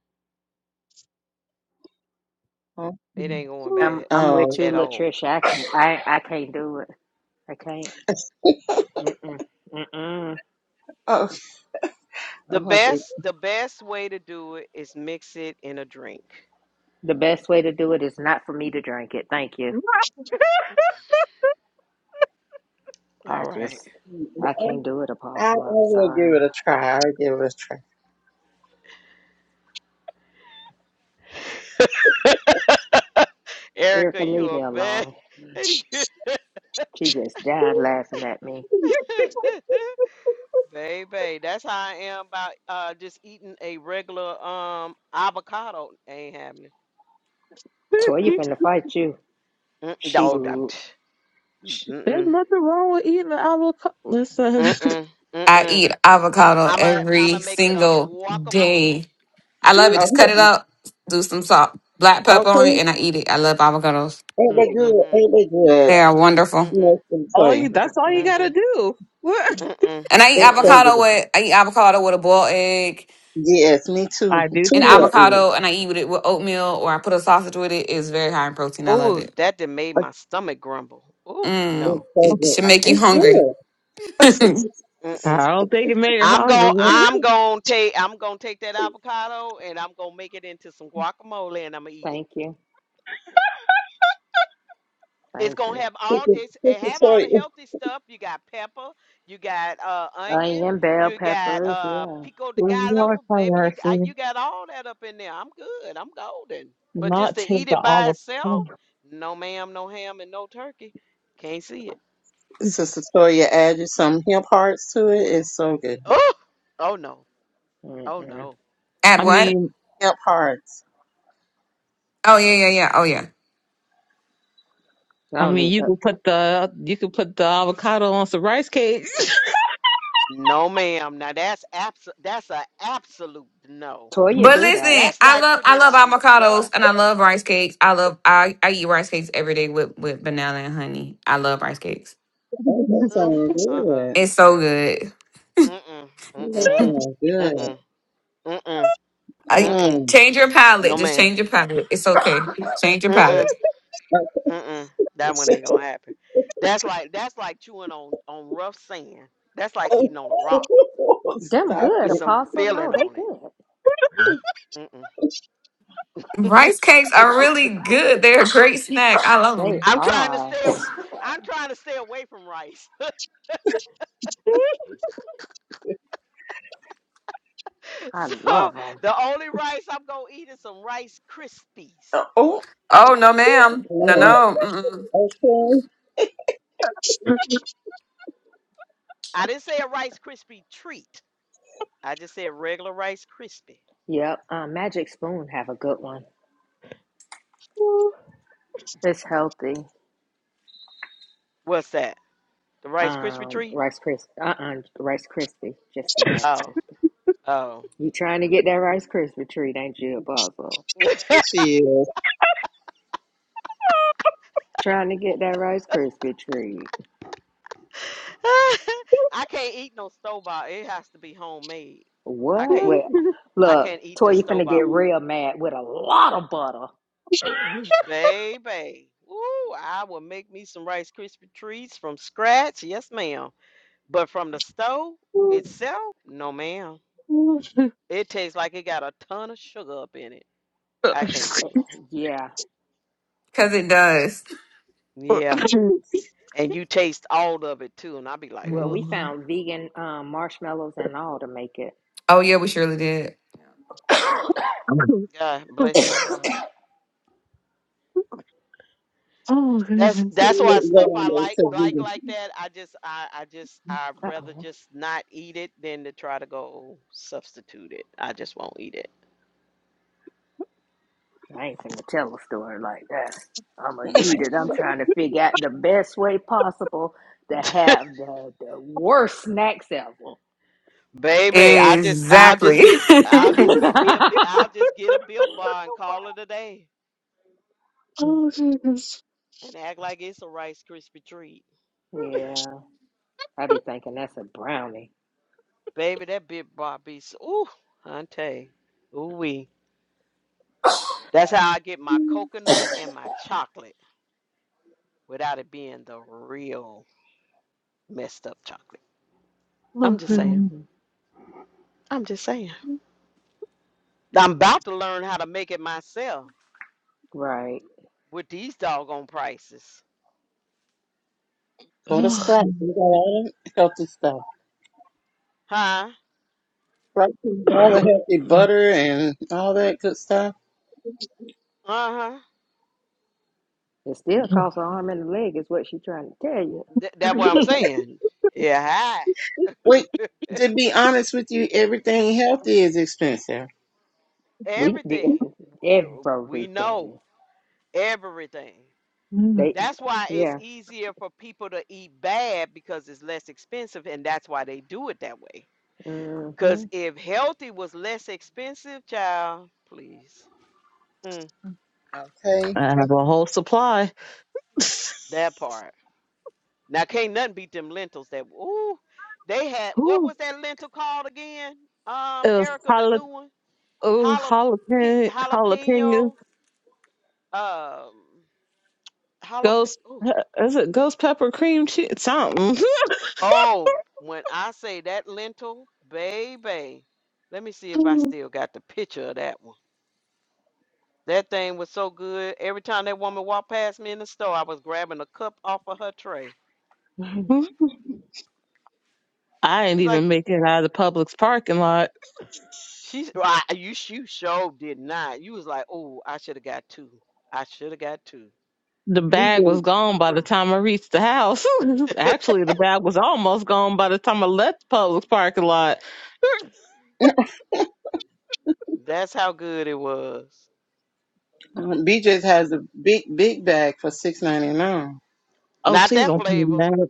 Huh?
It ain't going
oh.
I'm
bad
I'm with
Oh,
you,
at all.
Latricia. I can I I can't do it. I can't. Mm-mm, mm-mm.
oh,
The
I'm gonna have to.
best, the best way to do it is mix it in a drink.
The best way to do it is not for me to drink it. Thank you. I
All right,
just I can't do it,
I, I
Apostle. I'm
will
sorry.
give it a try. I'll give it a try.
Erica,
Erica,
leave
you
me
a
alone.
bad.
She just died laughing at me.
Baby, that's how I am about uh just eating a regular um avocado. Ain't happening.
Toya you
Mm-mm.
finna fight you.
Mm-mm.
She,
No, I'm
l-
t-
sh-
There's
mm-mm.
nothing wrong with eating an avocado. Listen,
Mm-mm.
I
Mm-mm.
eat avocado
I'ma
every
I'ma make it a
single
guacamole.
day. I love it. Just cut it
Okay,
up, do some salt, black pepper on
okay.
it, and I eat it. I love avocados.
Ain't they
mm-mm,
good?
Mm-mm.
Ain't they good?
They are wonderful.
You know,
Mm-mm.
it's been for
all you,
you.
that's all you
mm-mm.
got to
Mm-mm.
do. What?
Mm-mm.
And I eat
They so
Mm-mm.
avocado
good.
with I eat avocado with a boiled egg
Yes, me too.
I do
and
Two
too.
boy is.
avocado, and I eat with it with oatmeal or I put a sausage with it. It's very high in protein. I love
Ooh,
it.
that done made
But
my stomach grumble. Ooh,
Mm,
It's
no,
so
it it
good.
should
I
make you
It's
can't.
hungry.
good.
Add
Sister
Mm-mm.
I don't think it made her
I'm
hungry.
going I'm gonna take I'm gonna take that avocado and I'm gonna make it into some guacamole and I'm gonna eat it.
Thank you,
It's
thank
gonna
you.
have all it's it have
Sister
all the
Toya,
healthy stuff. You got pepper, you got uh onion,
Onion, bell
you got
peppers,
uh
yeah.
pico de
Lord
gallo,
have
baby. You got
mercy.
you got all that up in there. I'm good. I'm golden. But just
Not
to
take
eat
the
it by itself,
avocado.
no ma'am, no ham, and no turkey. Can't see it.
Sister Toya added some hemp hearts to it. It's so good.
Oh, oh no, oh
Mm-mm.
no.
I
what?
Mm-mm,
mean,
Hemp hearts.
Oh yeah, yeah, yeah. Oh yeah.
I
I
don't
mm.
mean,
even,
you
uh,
could put the you could put the avocado on some rice cakes.
No ma'am. Now that's abs that's a absolute no.
Toya
But
do that.
listen,
That's
I
like
love
putting
I
it
love
on
avocados
dust.
and I love rice cakes. I love I, I eat rice cakes every day with with banana and honey. I love rice cakes.
Oh, that
Ugh,
sounds
uh-uh.
good.
It's so good.
Mm-mm.
That
Mm-mm.
sounds good.
Mm-mm. Mm-mm.
I
Mm-mm.
Mm.
change your palate.
No,
Just
ma'am.
change your palate. It's okay. Change your palate.
Mm-mm. Mm-mm. That one ain't gonna happen. That's like that's like chewing on on rough sand. That's like
Oh,
eating on a rock
Them
stop
good,
with
it.
some
Apostle. No,
filling
they
on it.
good.
Mm-mm.
Rice cakes are really good. They're a great snack. I love
They
them.
I'm trying to
are.
stay. aw- I'm trying to stay away from rice.
I
so
love them.
the only rice I'm gonna eat is some Rice Krispies.
Oh,
Oh no, ma'am. No,
yeah.
no.
okay.
I didn't say a Rice Krispie treat. I just said regular Rice Krispie.
Yep. Uh, Magic Spoon have a good one. It's healthy.
What's that? The Rice Krispie
Um,
treat?
Rice Krispie. Uh-uh, Rice Krispie. Just the Rice
Oh,
Krispie.
oh.
You trying to get that Rice Krispie treat, ain't you, Apostle?
There She is.
Trying to get that Rice Krispie treat.
I can't eat no store bought. It has to be homemade. I
What?
can't
Well,
I
look,
can't eat
Toy,
the
you
store
finna
bought
get
one.
real mad with a lot of butter.
Baby. Ooh, I will make me some Rice Krispie treats from scratch. Yes, ma'am. But from the stove itself, no ma'am.
oh,
It tastes like it got a ton of sugar up in it. I can't do
Yeah.
Cause it does.
it. Yeah. And you taste all of it too, and I'll be like,
Well,
ugh.
we
Mm.
found vegan um, marshmallows and all to make it.
Oh yeah, we surely did.
God bless your heart. That's
Go
that's why stuff I
on
like
there
like
to
like that. I just I I just I'd rather
Uh-oh.
just not eat it than to try to go substitute it. I just won't eat it.
I ain't finna tell a story like that. I'ma
vegan.
eat it. I'm trying to figure out the best way possible to have the, the worst snacks ever.
Baby, I just I'll
Exactly.
just get I'll just get me a bi- I'll just get a Built Bar and call it a day
Jesus.
and act like it's a Rice Krispie treat.
yeah. I be thinking that's a brownie.
Baby, that Built Bar be so, ooh, hunty, ooh wee. That's how I get my coconut and my chocolate without it being the real messed up chocolate. I'm
Oh,
just saying.
goodness.
hmm
I'm just saying. I'm about to learn how to make it myself
Right.
with these doggone prices.
Go to
Oh.
Sprouts. we got all the healthy stuff.
Huh?
Sprouts has all the
I
healthy butter and all that good stuff.
Uh-huh.
It still costs an arm and a leg, is what she's trying to tell you.
Th- that what I'm saying. Yeah, hi.
Wait, to be honest with you, everything healthy is expensive.
we did
Everything. Girl, We know
everything.
everything.
They,
That's why it's
yeah.
easier for people to eat bad because it's less expensive, and that's why they do it that way.
hmm
Because if healthy was less expensive, child, please. Mm,
Okay.
have a whole supply.
that part. Now can't nothing beat them lentils that ooh they had what
Ooh,
was that lentil called again? Um
it was
Erica the
jala-
new one?
ooh,
Jalapeno
jalapeno, jalapeno,
jalapeno um jalapeno
ghost. Is it ghost pepper cream cheese? Something.
Oh, when I say that lentil, baby. Let me see if I still got the picture of that one. That thing was so good. Every time that woman walked past me in the store, I was grabbing a cup off of her tray.
I didn't
She's like,
even make it out of the Publix parking lot.
She's well, I, you. You sure did not. You was like, oh, I should have got two. I should have got two.
The bag was
BJ
gone by the time I reached the house. Actually, the bag was almost gone by the time I left the Publix parking lot.
That's how good it was.
BJ's has a big, big bag for six ninety nine.
Oh,
Not
please
that
don't do
flavor.
that.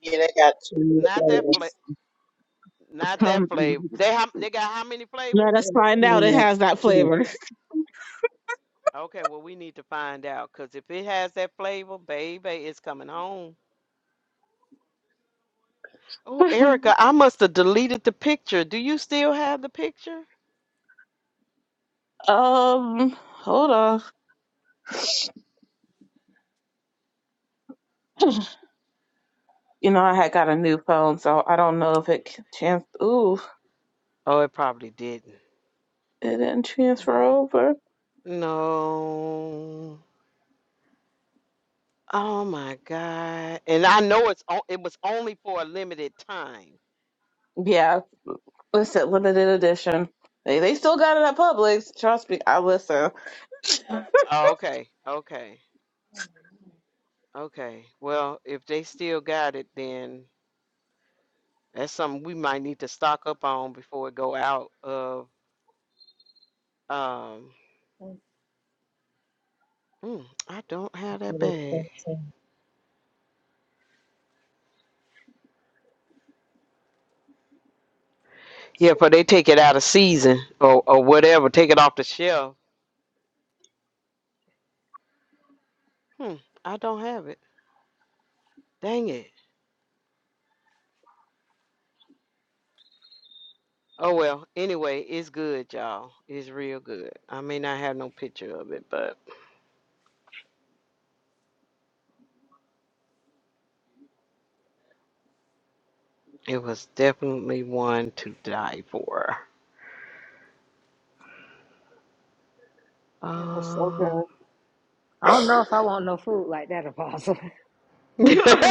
Yeah, they got two more
Not that flavor.
flavors.
Not that
Come.
flavor. They have. They got how many flavors?
Let
Two
us find out it
more-
has that
two more.
flavor.
Okay, well we need to find out because if it has that flavor, baby, it's coming home. Oh, Erica, I must have deleted the picture. Do you still have the picture?
um, hold on. You know, I had got a new phone, so I don't know if it can trans. Ooh,
Oh, it probably didn't.
it didn't transfer over.
No. Oh my God. And I know it's on, it was only for a limited time.
Yeah, listen, limited edition. They they still got it at Publix. Trust me, I listen.
Oh, okay. Okay. Okay. Well, if they still got it, then that's something we might need to stock up on before it go out of um mm, I don't have that
flavors.
bag. Yeah, for they take it out of season or or whatever, take it off the shelf. Hmm, I don't have it. Dang it. Oh well, anyway, it's good, y'all. It's real good. I may not have no picture of it, but it was definitely one to die for.
It was so
Uh,
good.
I don't know if I want no food like that, Apostle.
I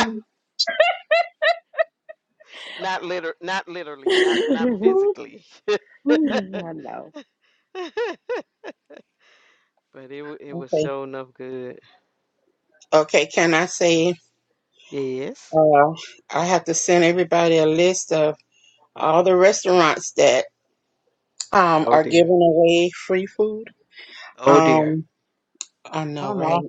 not liter not literally, not
I
not physically. but
know.
it wa- it was
Okay.
sure enough good.
Okay. Can I say?
Yes.
Uh, I have to send everybody a list of all the restaurants that um
Oh
are
dear.
giving away free food.
Oh dear.
Um, I know,
don't
right?
know.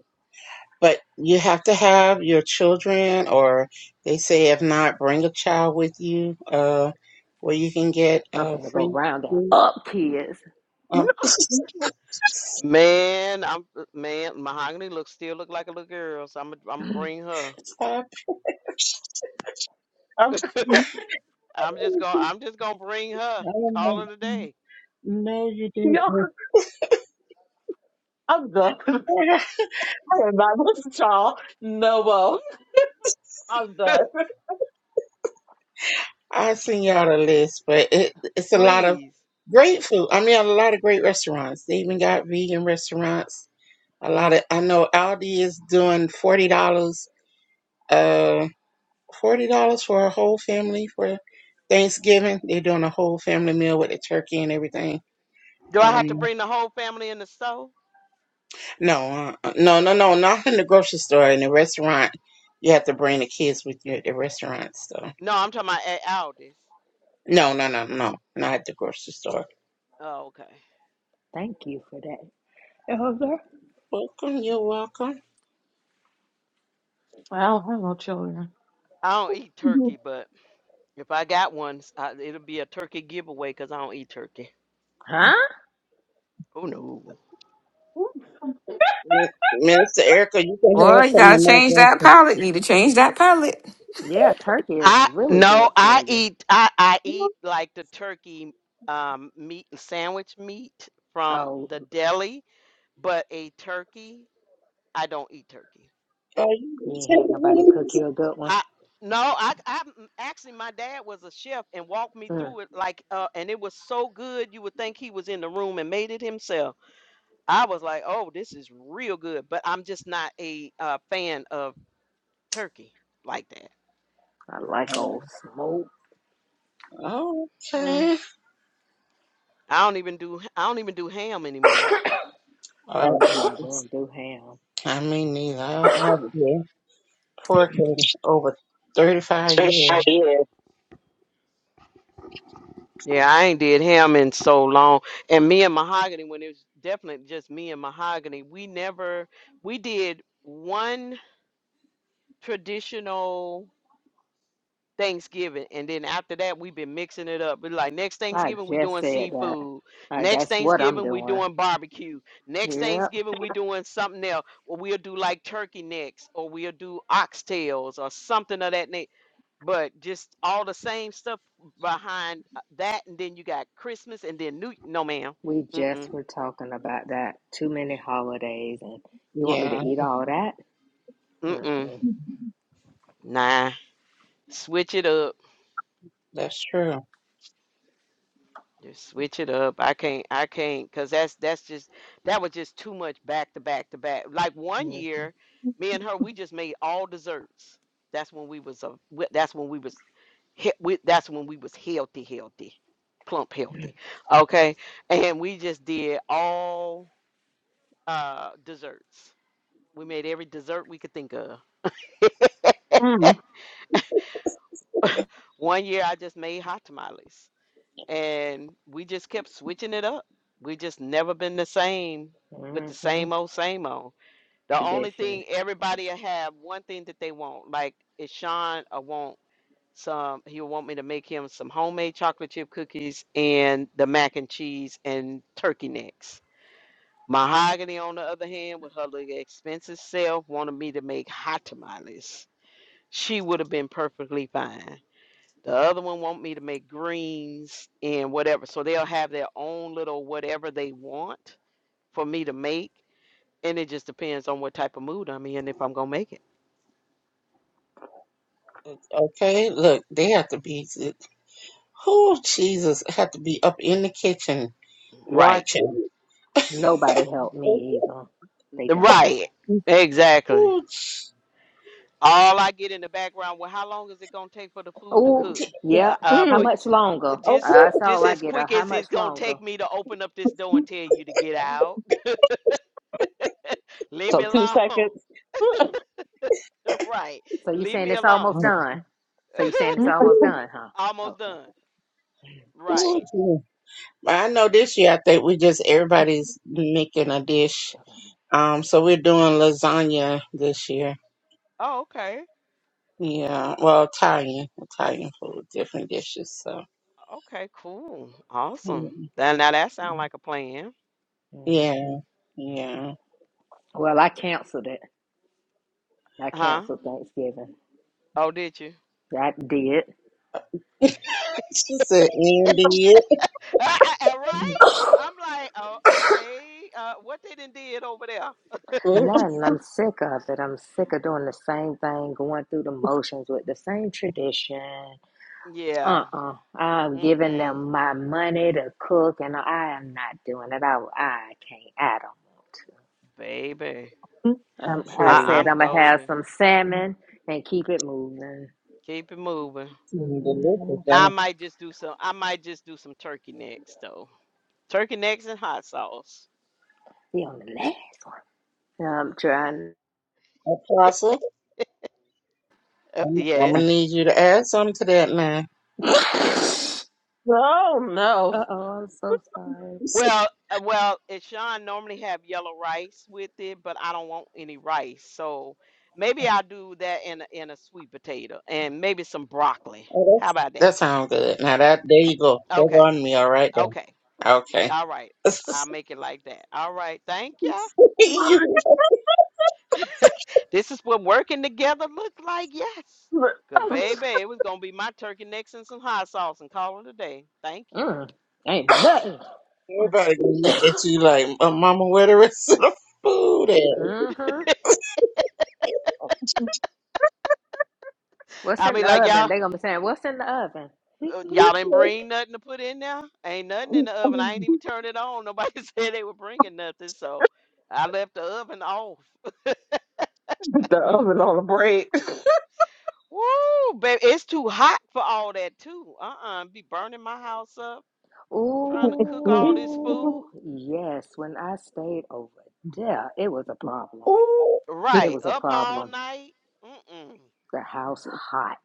But you have to have your children, or they say if not, bring a child with you, uh, where you can get
I'm
uh
gonna go
free
round that
food.
up, kids.
Um,
Man, I'm uh, man, Mahogany looks still look like a little girl, so I'm i I'm gonna bring her.
stop.
I'm,
I
I'm just gonna I'm just gonna bring her and
don't
call
know.
her today.
No, you didn't.
y'all, I'm done. I'm not listening to y'all. No, well, I'm done.
I send y'all the list, but it it's a lot of
Please.
great food. I mean, a lot of great restaurants. They even got vegan restaurants. A lot of I know Aldi is doing forty dollars. uh, forty dollars for a whole family for Thanksgiving. They're doing a whole family meal with the turkey and everything.
Do I have to
Um,
bring the whole family in the stove?
no, uh, no, no, no, not in the grocery store. In the restaurant, you have to bring the kids with you at the restaurant. So,
No, I'm talking about at Aldi's.
no, no, no, no, not at the grocery store.
Oh, okay.
Thank you for that, Elder.
Welcome, you're welcome,
I don't have no children.
I don't eat
Mm.
turkey, but if I got one, s- I, it'll be a turkey giveaway because I don't eat turkey.
Huh?
Oh no.
Min- Minister Erica. You can
Boy,
have
you
some
gotta
of my
change that
grandpa.
palette. Need to change that palette.
Yeah, turkey is
I
really
no,
good
I
for you.
eat I I
Yeah.
eat like the turkey um meat sandwich meat from
Oh,
the deli, but a turkey I don't eat turkey.
Oh, you you
you ain't
take the
had nobody cook
wings?
you a good one.
I no, I I actually my dad was a chef and walked me
Mm,
through it like uh and it was so good you would think he was in the room and made it himself. I was like, "Oh, this is real good," but I'm just not a uh fan of turkey like that.
I like old smoke.
Oh, okay.
I don't even do I don't even do ham anymore.
All
Oh, no, I
right.
will do ham.
I mean, neither. I, I, yeah. Pork over 35 years.
Yeah, I ain't did ham in so long. And me and Mahogany when it was definitely just me and Mahogany, we never we did one traditional Thanksgiving, and then after that, we've been mixing it up. We're like next
I
Thanksgiving, we
just
doing
said that.
seafood.
Uh,
Next
that's what I'm
Thanksgiving, we
doing.
doing barbecue. Next
Yep,
Thanksgiving, we doing something else, or we'll do like turkey necks, or we'll do oxtails, or something of that nature. But just all the same stuff behind uh, that, and then you got Christmas, and then New. No, ma'am.
we
Mm
just
mm
were talking about that. Too many holidays, and you want me
Yeah,
to eat all that?
mm mm.
Mm-mm.
Nah, switch it up.
that's true.
Just switch it up. I can't. I can't. Cause that's that's just that was just too much back to back to back. Like one year,
Mm-hmm.
me and her, we just made all desserts. That's when we was a. That's when we was. he- We, that's when we was healthy, healthy, plump, healthy. Okay, and we just did all uh desserts. We made every dessert we could think of.
Mm.
one year, I just made hot tamales. and we just kept switching it up. We just never been the same with the
hmm
same old, same old. The only
Tradition.
thing everybody will have one thing that they want, like is Sean, I want some. He'll want me to make him some homemade chocolate chip cookies and the mac and cheese and turkey necks. Mahogany, on the other hand, with her little expensive self, wanted me to make hot tamales. She would have been perfectly fine the other one want me to make greens and whatever. So they'll have their own little whatever they want for me to make. And it just depends on what type of mood I'm in if I'm gonna make it.
Okay, look, they have to be, who Jesus have to be up in the kitchen
Right.
watching.
Nobody helped me
Ooh,
either. They don't.
Right. Exactly. All I get in the background, well, how long is it gonna take for the food to
Oh,
cook? Uh,
yep.
uh,
How
for
Mm.
much longer? Uh,
just
Okay.
that's
just
all I
as
get. Uh,
quick
how
as it's
much
gonna
longer?
take me to open up this door and tell you to get out. Leave
So
me
two
alone.
seconds.
Right.
So you
Leave
saying
me
it's almost
alone.
Mm.
done? So you saying it's almost done, huh?
Almost
Okay.
done. Right.
Ooh. I know this year I think we just everybody's making a dish. Um, so we're doing lasagna this year.
Oh, okay.
Yeah, well, Italian, Italian food, different dishes. So
Okay, cool. Awesome. Now, now that sounds like a plan.
yeah,
hmm
yeah.
Well, I canceled it. I
Huh?
canceled Thanksgiving.
Oh, did you?
I did.
She said, ending it.
right? I'm like, oh, okay. Uh, what they done did over there?
Mm.
Nothing. I'm sick of it. I'm sick of doing the same thing, going through the motions with the same tradition.
Yeah.
Uh-uh. I've given
Mm-mm.
them my money to cook, and I am not doing it. I, I can't. I don't
Baby.
I
want to. Um,
feel
I
I,
said
you.
I'm
I'm gonna have
golden.
some salmon and keep it moving.
Keep it moving.
Mm,
Mm-hmm.
Now I
Delicious.
might just do some I might just do some turkey necks though. Turkey necks and hot sauce.
Be on the last one. No, I'm trying.
Uh, Apostle,
Uh,
I'm, I'm gonna
yes.
need you to add something to that now.
Oh no.
Uh-oh. I'm so sorry.
You see-
Well, uh, well, it Sean normally have yellow rice with it, but I don't want any rice, so maybe I'll do that in a, in a sweet potato and maybe some broccoli.
Oh,
How
that's,
about that?
that sounds good. Now that there you go. That's
Okay,
on me, all right there.
okay,
Okay.
all right. I'll make it like that. All right, thank ya.
you,
This is what working together look like. Yes, good baby. It was gonna be my turkey necks and some hot sauce and call it a day. Thank you.
Mm, ain't nothing.
everybody gonna look at you like, uh, Mama, where the rest of the food at?
Mm-hmm. What's
I'll
in
be
the
like y'all.
oven? They gonna be saying, "What's in the oven?"
Uh, y'all didn't bring nothing to put in there. Ain't nothing in the oven. I ain't even turned it on. Nobody said they were bringing nothing, so I left the oven off.
The
Mm.
oven on the break.
Woo, baby, it's too hot for all that too. Uh-uh, be burning my house up, trying to cook all this
Oh,
food.
yes. When I stayed over there, it was a problem.
Ooh,
It
Right,
was a
up all
problem.
night. Mm-mm.
The house hot.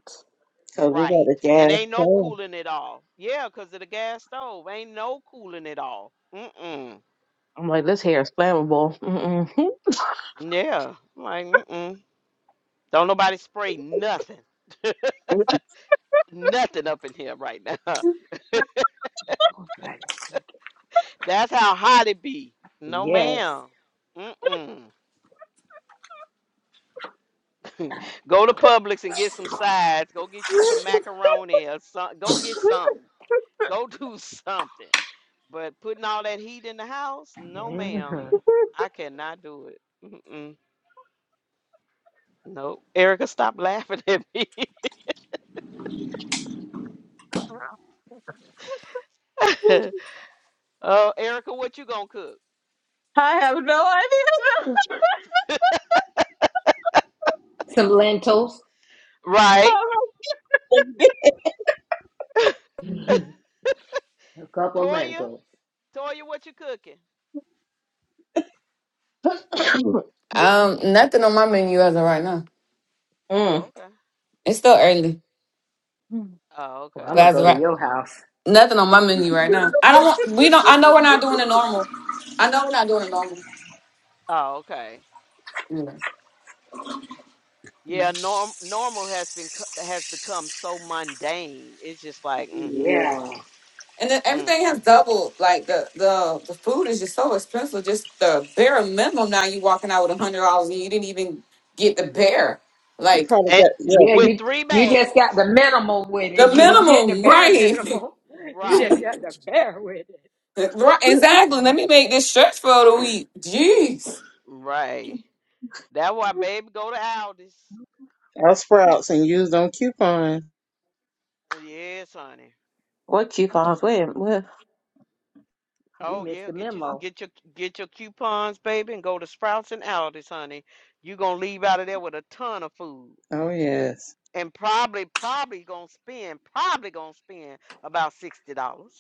Cause we got
Right,
a gas
and ain't no
can.
cooling at all. Yeah, 'cause of the gas stove. Ain't no cooling at all. Mm-mm.
I'm like, this hair is flammable. Mm-mm.
Yeah, I'm like mm-mm. Don't nobody spray nothing. Nothing up in here right now.
Oh, God.
That's how hot it be. No,
Yes.
ma'am. Mm-mm. Go to Publix and get some sides. Go get you some macaroni or some. Go get something. Go do something. But putting all that heat in the house, no, ma'am.
hmm
I cannot do it. Mm-mm. Nope. Erica, stop laughing at me. Oh, Erica, what you gonna cook?
I have no
Some lentils,
Right.
Thank
a couple
Toya,
lentils.
Toya, what you cooking?
idea.
Um, nothing on my menu as of right now.
Oh,
mm.
okay.
It's still early,
Oh,
Well, I'm
but
okay.
gonna
as
go
of
to
right,
your house.
nothing on my menu right now. I don't want. We don't. I know we're not doing the normal. I know we're not doing the normal.
Oh, okay.
Yeah.
Yeah, norm normal has been co- has become so mundane. It's just like
You
mm-mm,
yeah.
Yeah.
And then
mm.
everything has doubled. Like the the the food is just so expensive. Just the bare minimum now you walking out with a hundred dollars and you didn't even get the bare.
You
Like
probably
And
got
Yeah,
yeah,
with
you
three
you just got
bags,
the minimum with it.
the
You didn't get the
minimum,
bare
right?
minimum. You just
right,
got the bare with it.
right exactly. Let me make this stretch for the week. Jeez.
right. That's why, baby, go to Aldi's.
our sprouts and used on coupons.
Uh, Yes, honey.
What coupons? Wait, what?
We
Oh
missed
yeah,
the
get your
memo.
get your get your coupons, baby, and go to Sprouts and Aldi's, honey. You gonna leave out of there with a ton of food,
Oh yes,
and probably probably gonna spend probably gonna spend about sixty dollars,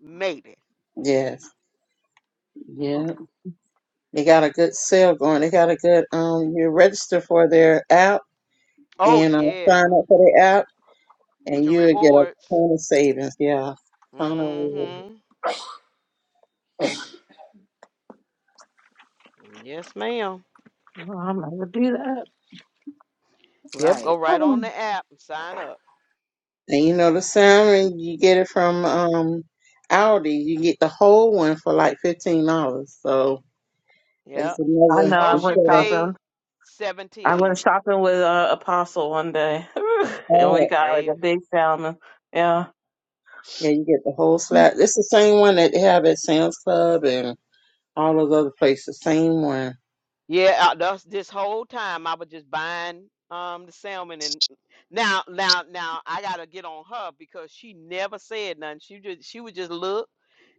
maybe.
yes, yes. They got a good sale going. They got a good um. You register for their app
Oh
and uh, sign
yeah.
up for the app,
Get
and
your
you will get a
rewards.
ton of savings. Yeah, ton of reward.
Mm-hmm. Yes, ma'am.
Well, I'm not gonna do that.
Yep, go
Right.
right on the
Um,
app and sign up.
And you know the salmon, you get it from um Aldi. You get the whole one for like fifteen dollars. So
Yep.
that's
I
The
another
know. I
most you
went
instead of
pay,
shopping. I went
17,
shopping with uh, Apostle one day, and we
all.
got like a
baby.
big salmon. Yeah.
Yeah, you get the whole slab. It's the same one that they have at Sam's Club and all those other places. Same one.
Yeah, uh, that's this whole time I was just buying um the salmon and now now now I gotta get on her because she never said nothing. She just she would just look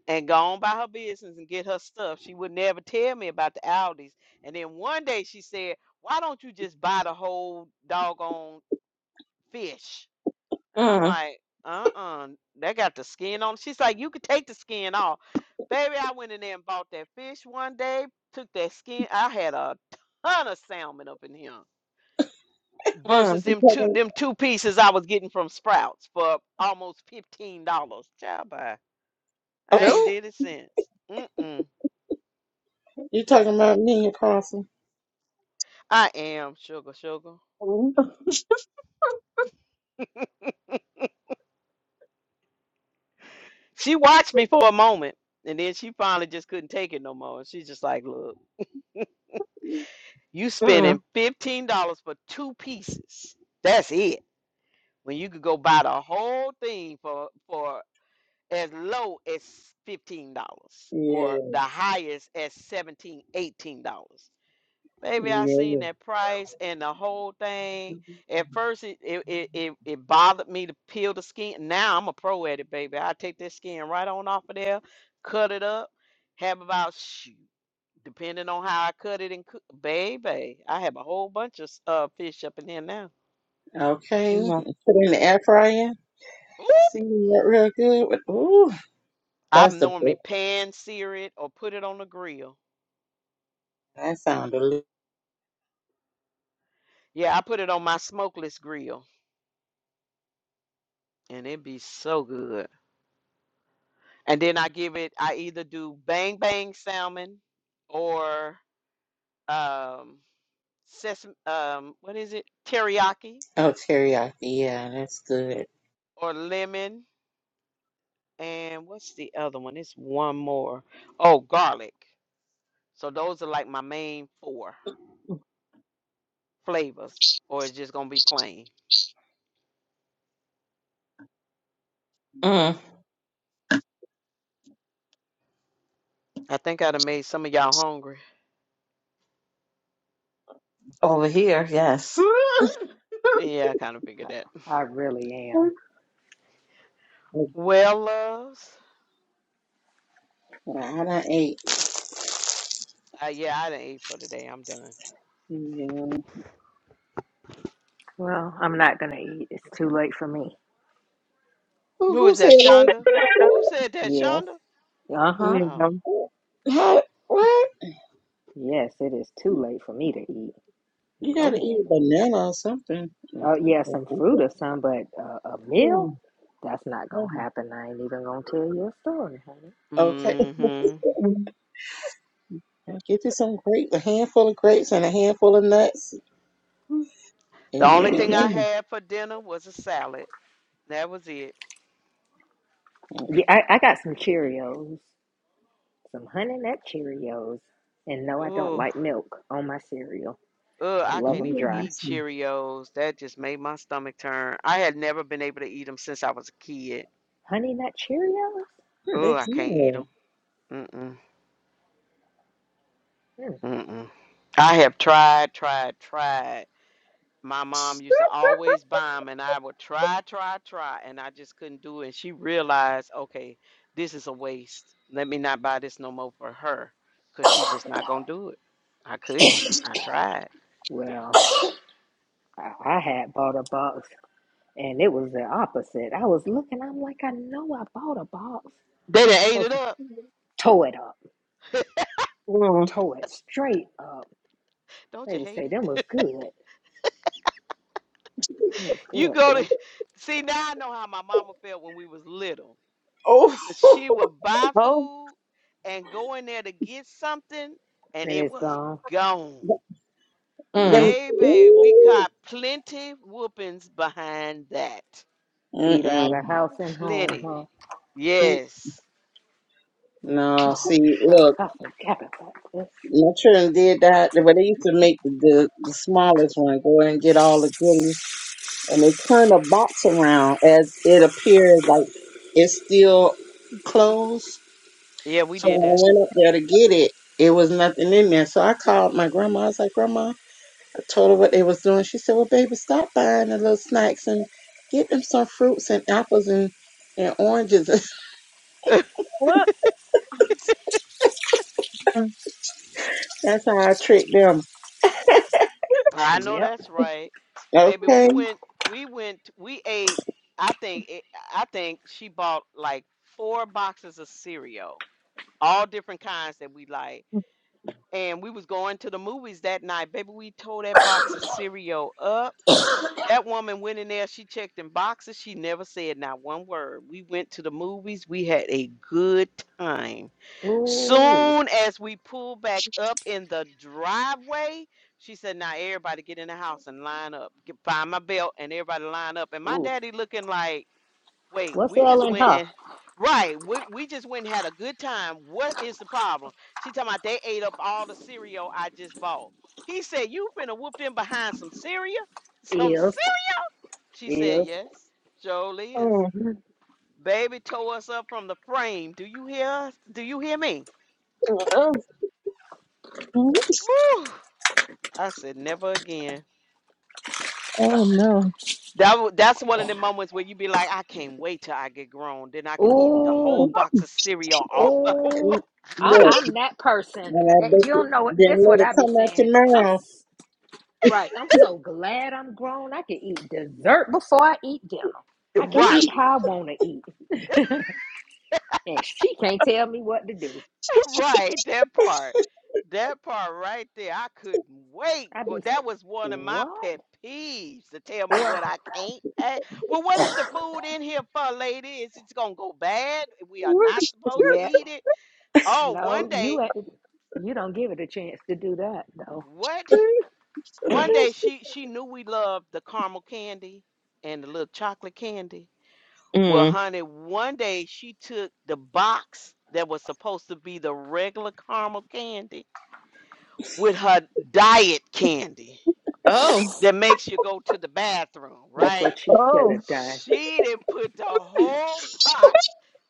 and go on by her business and get her stuff. She would never tell me about the Aldi's. And then one day she said, Why don't you just buy the whole doggone fish. And I'm
Mm,
like, uh-uh, they got the skin on. She's like, you could take the skin off. Baby, I went in there and bought that fish one day, took that skin. I had a ton of salmon up in here versus
mm.
You
them two
talking?
them two pieces I was getting from Sprouts for almost fifteen dollars. Child bye. I ain't
Nope.
did it since. Mm-mm.
You talking about me, Apostle?
I am sugar sugar.
Mm,
She watched me for a moment and then she finally just couldn't take it no more. She's just like, look. You spending
mm,
fifteen dollars for two pieces. That's it. When you could go buy the whole thing for for as low as fifteen dollars
Yeah,
or the highest as seventeen, eighteen dollars. Baby, I seen
yeah.
that price and the whole thing. At first it it, it, it it bothered me to peel the skin. Now I'm a pro at it, baby. I take that skin right on off of there, cut it up, have about shoot. Depending on how I cut it and cook, baby, I have a whole bunch of uh, fish up in here now.
Okay.
mm,
Put it in the air fryer.
Ooh,
See that real good. With, ooh,
I
that's the
normally
best.
pan sear it or put it on the grill.
That sound delicious.
Yeah, I put it on my smokeless grill, and it be so good. And then I give it, I either do bang bang salmon or um, sesame, um, what is it? Teriyaki
Oh, teriyaki. Yeah, that's good.
or lemon. And what's the other one? It's one more. Oh, garlic. So those are like my main four. flavors or it's just gonna be plain.
mm.
I think I'd have made some of y'all hungry.
Over here, yes.
Yeah, I kind of figured that.
I really am.
But
Well, loves.
I done ate.
Uh, yeah, I done ate for today. I'm done.
Yeah.
Well, I'm not going to eat. It's too late for me.
Who,
Who
who
is
said
that,
that?
Shonda?
yeah.
Who
What?
said that,
Yes.
Shonda?
Uh huh.
Oh.
Mm,
How, what?
Yes, it is too late for me to eat.
You
No,
gotta
ma'am.
eat a banana or something.
Oh yeah, some fruit or some, but uh, a meal? That's not gonna happen. I ain't even gonna tell you a story, honey.
Okay.
Mm-hmm.
mm.
Get you some grapes, a handful of grapes and a handful of nuts, and
The
you'll
only
be
thing I
in.
had for dinner was a salad. That was it.
yeah, I, I got some Cheerios, some Honey Nut Cheerios, and no, I don't
Ooh.
like milk on my cereal.
Ugh,
I
I
They
love
can't
them
good.
even
dry.
eat
listen.
Cheerios. That just made my stomach turn. I had never been able to eat them since I was a kid.
Honey Nut Cheerios?
Oh,
They
I can't eat
good.
them. Mm-hmm.
Hmm.
Mm-mm. I have tried, tried, tried. My mom used to always buy 'em and I would try, try, try, and I just couldn't do it. And she realized, okay, this is a waste. Let me not buy this no more for her, 'cause she's just not going to do it. I couldn't. I tried.
Well, I, I had bought a box. And it was the opposite. I was looking, I'm like, I know I bought a box.
They done ate
So
it up.
tow it up,
Oh.
tow it straight up.
Don't
They
you
would
hate
say, them
it?
was good. It was
You
good,
go to,
man.
see, now I know how my mama felt when we was little,
Oh,
'cause she would buy food and go in there to get something, and
And
it
it's
was
gone.
gone.
Let
Mm.
me.
Baby, we
Ooh.
got plenty whoopings behind that.
Either out
Mm-mm.
of house and home,
Plenty.
huh?
See,
Yes.
no,
Oh,
see,
shucks,
look,
I forgot about this.
my children did that, but they used to make the the smallest one go and get all the goodies, and they turn the box around as it appears like it's still closed.
Yeah, we
So when
did
I
that.
went up there to get it, it was nothing in there. So I called my grandma. I was like, Grandma. told her what they was doing. She said, "Well, baby, stop buying the little snacks and get them some fruits and apples and and oranges."
What? Mm,
That's how I treat them.
I know
Yep.
that's right. Baby,
Okay.
we went we went we ate I think it, I think she bought like four boxes of cereal, all different kinds that we like. And we was going to the movies that night. Baby, we tore that box of cereal up. That woman went in there, she checked in boxes, she never said not one word. We went to the movies, we had a good time.
Ooh,
Soon as we pulled back up in the driveway, she said, Now everybody get in the house and line up. Get, find my belt and everybody line up. And my
ooh.
daddy looking like Wait,
What's
we
L
just
and
went
her?
and right, we, we just went and had a good time. What is the problem? She talking about they ate up all the cereal I just bought. He said, You finna whoop them behind some cereal? Some
Is,
cereal? She said,
is.
Yes, Joel is.
mm,
Baby tore us up from the frame. Do you hear us? Do you hear me?
mm, mm.
Woo! I said, never again.
Oh no.
That wa- that's one of the moments where you be like, I can't wait till I get grown. Then I can eat the whole
Ooh,
box of cereal all over.
ooh.
And
I,
look,
I'm that person.
when I
Eh, You
bake it,
don't know. This
then
what
let it
I be
come
saying. I'm.
out
Right. I'm so glad I'm grown. I can eat dessert before I eat dinner. I can eat
Right.
how I want to eat. and she can't tell me what to do.
Right, that part. That part right there. I couldn't wait,
I be,
but that was one of my
what?
pet peeves to tell me
Well,
what I can't have. Well, what is the food in here for, lady? Is it gonna go bad? We are not supposed to
yeah.
eat it. Oh, one
No,
day,
you ain't, you don't give it a chance to do that, though.
what? One day she she knew we loved the caramel candy and the little chocolate candy. Well,
Mm.
honey, one day she took the box that was supposed to be the regular caramel candy with her diet candy
Oh.
that makes you go to the bathroom,
That's
right?
what she should
Oh.
have done.
She didn't put the whole box,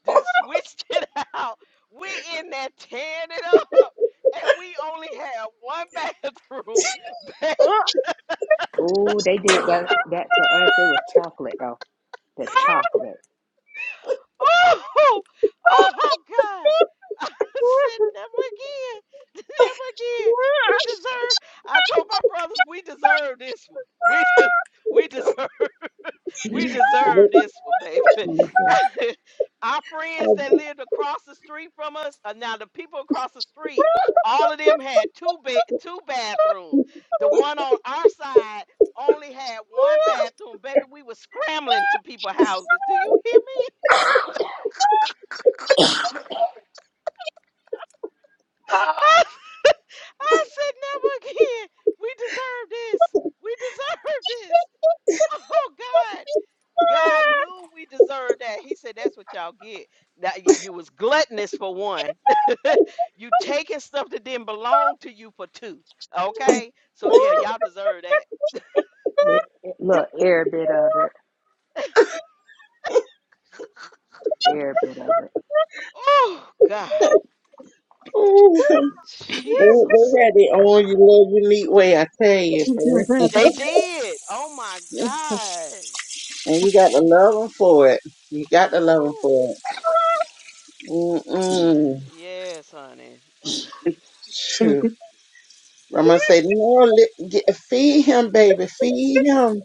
just switched it out. We in there tearing it up, and we only had one bathroom. babe.
Oh, gee.
Oh, they did that, that to us. It was chocolate, though. The chocolate.
oh, oh God! I said never again, never again. We deserve. I told my brothers we deserve this one. We de- we deserve. We deserve this one, baby.
Jesus.
Our friends that lived across the street from us, uh, now the people across the street, all of them had two bed, two bathrooms. The one on our side only had one bathroom. Baby, we were scrambling to people's houses. Do you hear me? I, I said never again. We deserve this. We deserve this. Oh God. God knew we deserved that. He said, "That's what y'all get. Now y- you was gluttonous for one. you taking stuff that didn't belong to you for two. Okay, so yeah, y'all deserve that.
It, it, look, every bit of it. Every bit of it.
Oh God,
your mouth. They, they
Jesus,
had their own u- little unique way, I tell you, friend.
they did. Oh my God.
And you got to love them for it. You got to love them
Ooh,
for it. Mm-mm.
yes, honey.
True. I'm gonna say no. Li- get, feed him, baby. Feed him.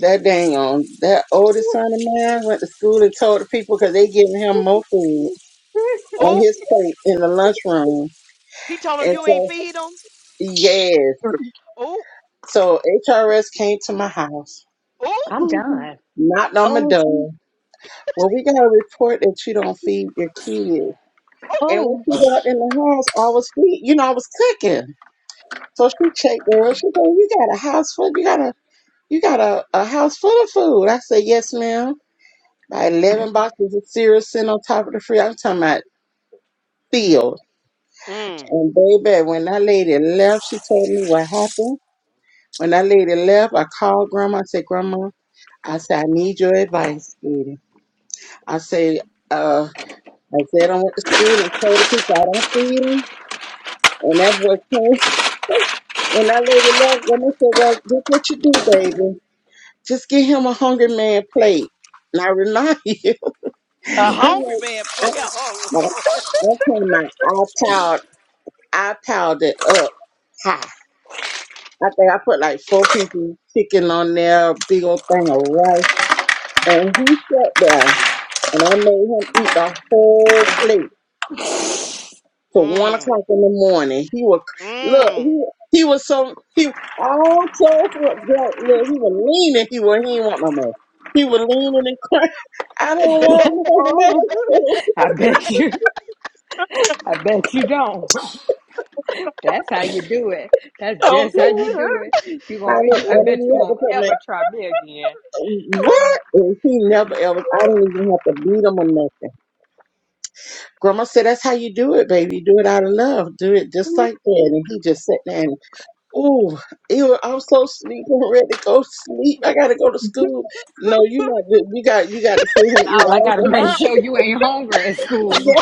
That dang on that oldest son of mine went to school and told the people because they giving him more food on
Ooh,
his plate in the lunchroom.
he told him
And
you ain't
so
feed him.
yes,
Ooh,
so HRS came to my house,
ooh,
I'm done.
knocked on my door. Well, we got a report that you don't feed your kids.
ooh.
And when
oh, oh,
she walked in the house, I was feed, you know, I was cooking. So she checked her. She said, "You got a house full. You got a you got a, a house full of food." I said, "Yes, ma'am." About eleven boxes of cereal sitting on top of the fridge. I'm talking about filled.
Mm.
And baby, when that lady left, she told me what happened. When that lady left, I called grandma. I said, "Grandma, I said I need your advice, sweetie." I said, "Uh." I said I went to school and told the people I don't feed 'em. And that boy came. When that lady left, and I said, Well, look what you do, baby. Just get him a hungry man plate. And I remind you,
A
I,
hungry man
had- I,
play. Oh
I,
Lord.
I came out, I piled, I piled it up high. I think I put like four pieces of chicken on there, a big old thing of rice. And he sat there, and I made him eat the whole plate. to one
Mm.
o'clock in the morning. He would look.
Mm.
He he was so he all told look great. Look, he was leaning. He was he didn't want no more. He was leaning and crying. I don't want no
my goodness.
more.
I bet you. I bet you don't. That's how you do it. That's just how
okay.
you do it. You
I
going
didn't.
you I
I didn't
bet you
even have to
won't
put my
ever try me again.
what. And he never ever. I didn't even have to beat him or nothing. Grandma said, "That's how you do it, baby. You do it out of love. Do it just like that." And he just sat there. and Oh, ew, I'm so sleepy. I'm ready to go to sleep. I gotta go to school. No, you not good. You got you gotta sit here and eat
All I
all
gotta
this.
make sure you ain't hungry at school.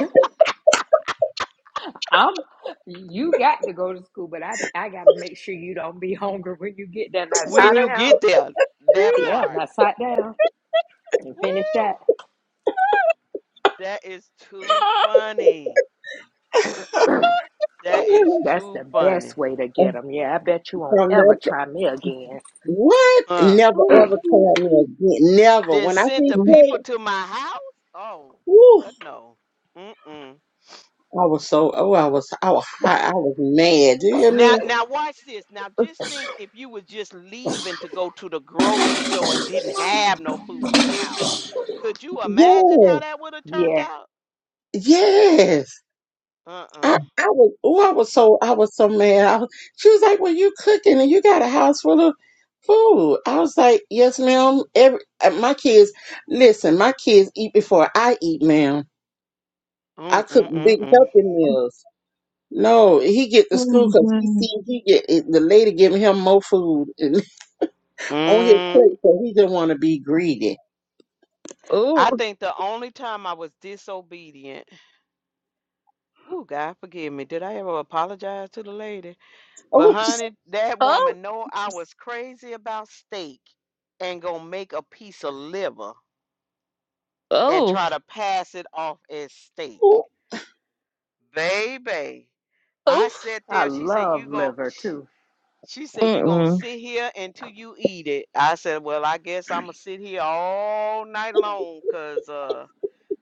I'm you got to go to school, but I I gotta make sure you don't be hungry when you get there. Now
when
sit
you get
down.
there, that
Yeah,
part.
now sit down and
Woo!
finish that.
That is too funny. That is
Yeah.
That's
too
the
funny.
best way to get them. Yeah, I bet you won't
From
ever
that
try me again.
what?
Huh.
Never ever tell me again. Never.
Then
When I
sent
see
the
straight,
people to my house? Oh,
woo,
but no. Mm-mm.
I was so oh I was I was hot. I was mad. Do you hear me?
Now now watch this. Now just think if you was just leaving to go to the grocery store and didn't have no food in the house. Could you imagine how
Yes.
that would have turned
Yeah,
out?
Yes.
Uh-uh.
I, I was oh I was so I was so mad. I was, she was like, Well you cooking and you got a house full of Ooh, I was like, yes, ma'am. Every uh, my kids, listen, my kids eat before I eat, ma'am. I cook big
Mm-mm-mm-mm.
helping meals. No, he get to school because he see he get it, the lady giving him more food and on his
Mm.
plate, so he didn't want to be greedy.
Oh,
I think the only time I was disobedient Ooh, God forgive me. Did I ever apologize to the lady? But
Oh,
honey, that woman know I was crazy about steak and gonna make a piece of liver and
oh, oh,
try to pass it off as steak.
ooh,
Baby, I
oh.
sat
I
there. She said, "You
love
gon'
liver
sh
too.
She said, "You gonna
Mm-mm.
sit here until you eat it." I said, "Well, I guess I'm gonna sit here all night long, cause uh."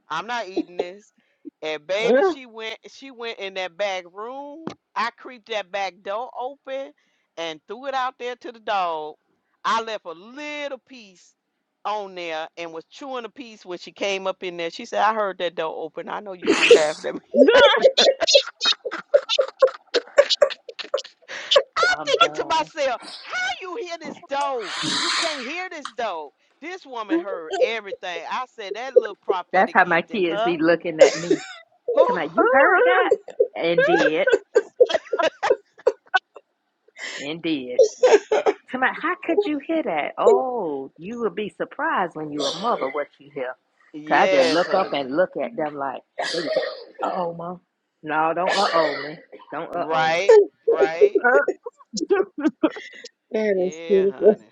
I'm not eating this. And baby, she went she went in that back room. I creeped that back door open and threw it out there to the dog. I left a little piece on there and was chewing a piece when she came up in there. She said, I heard that door open. I know you threw half of that. I'm
I'm
thinking to
done.
myself, how you hear this door? You can't hear this door. This woman heard everything. I said that little
That's
prophetic
how my
gift in
kids
her.
be looking at me. Come on,
Oh,
you heard that? Indeed, indeed. Come on, how could you hear that? Oh, you would be surprised when you're a mother what you hear. 'Cause I just
yes,
look up
honey.
and look at them like, no, don't uh oh me, don't uh oh me.
Right, right.
that is
Yeah,
beautiful.
honey.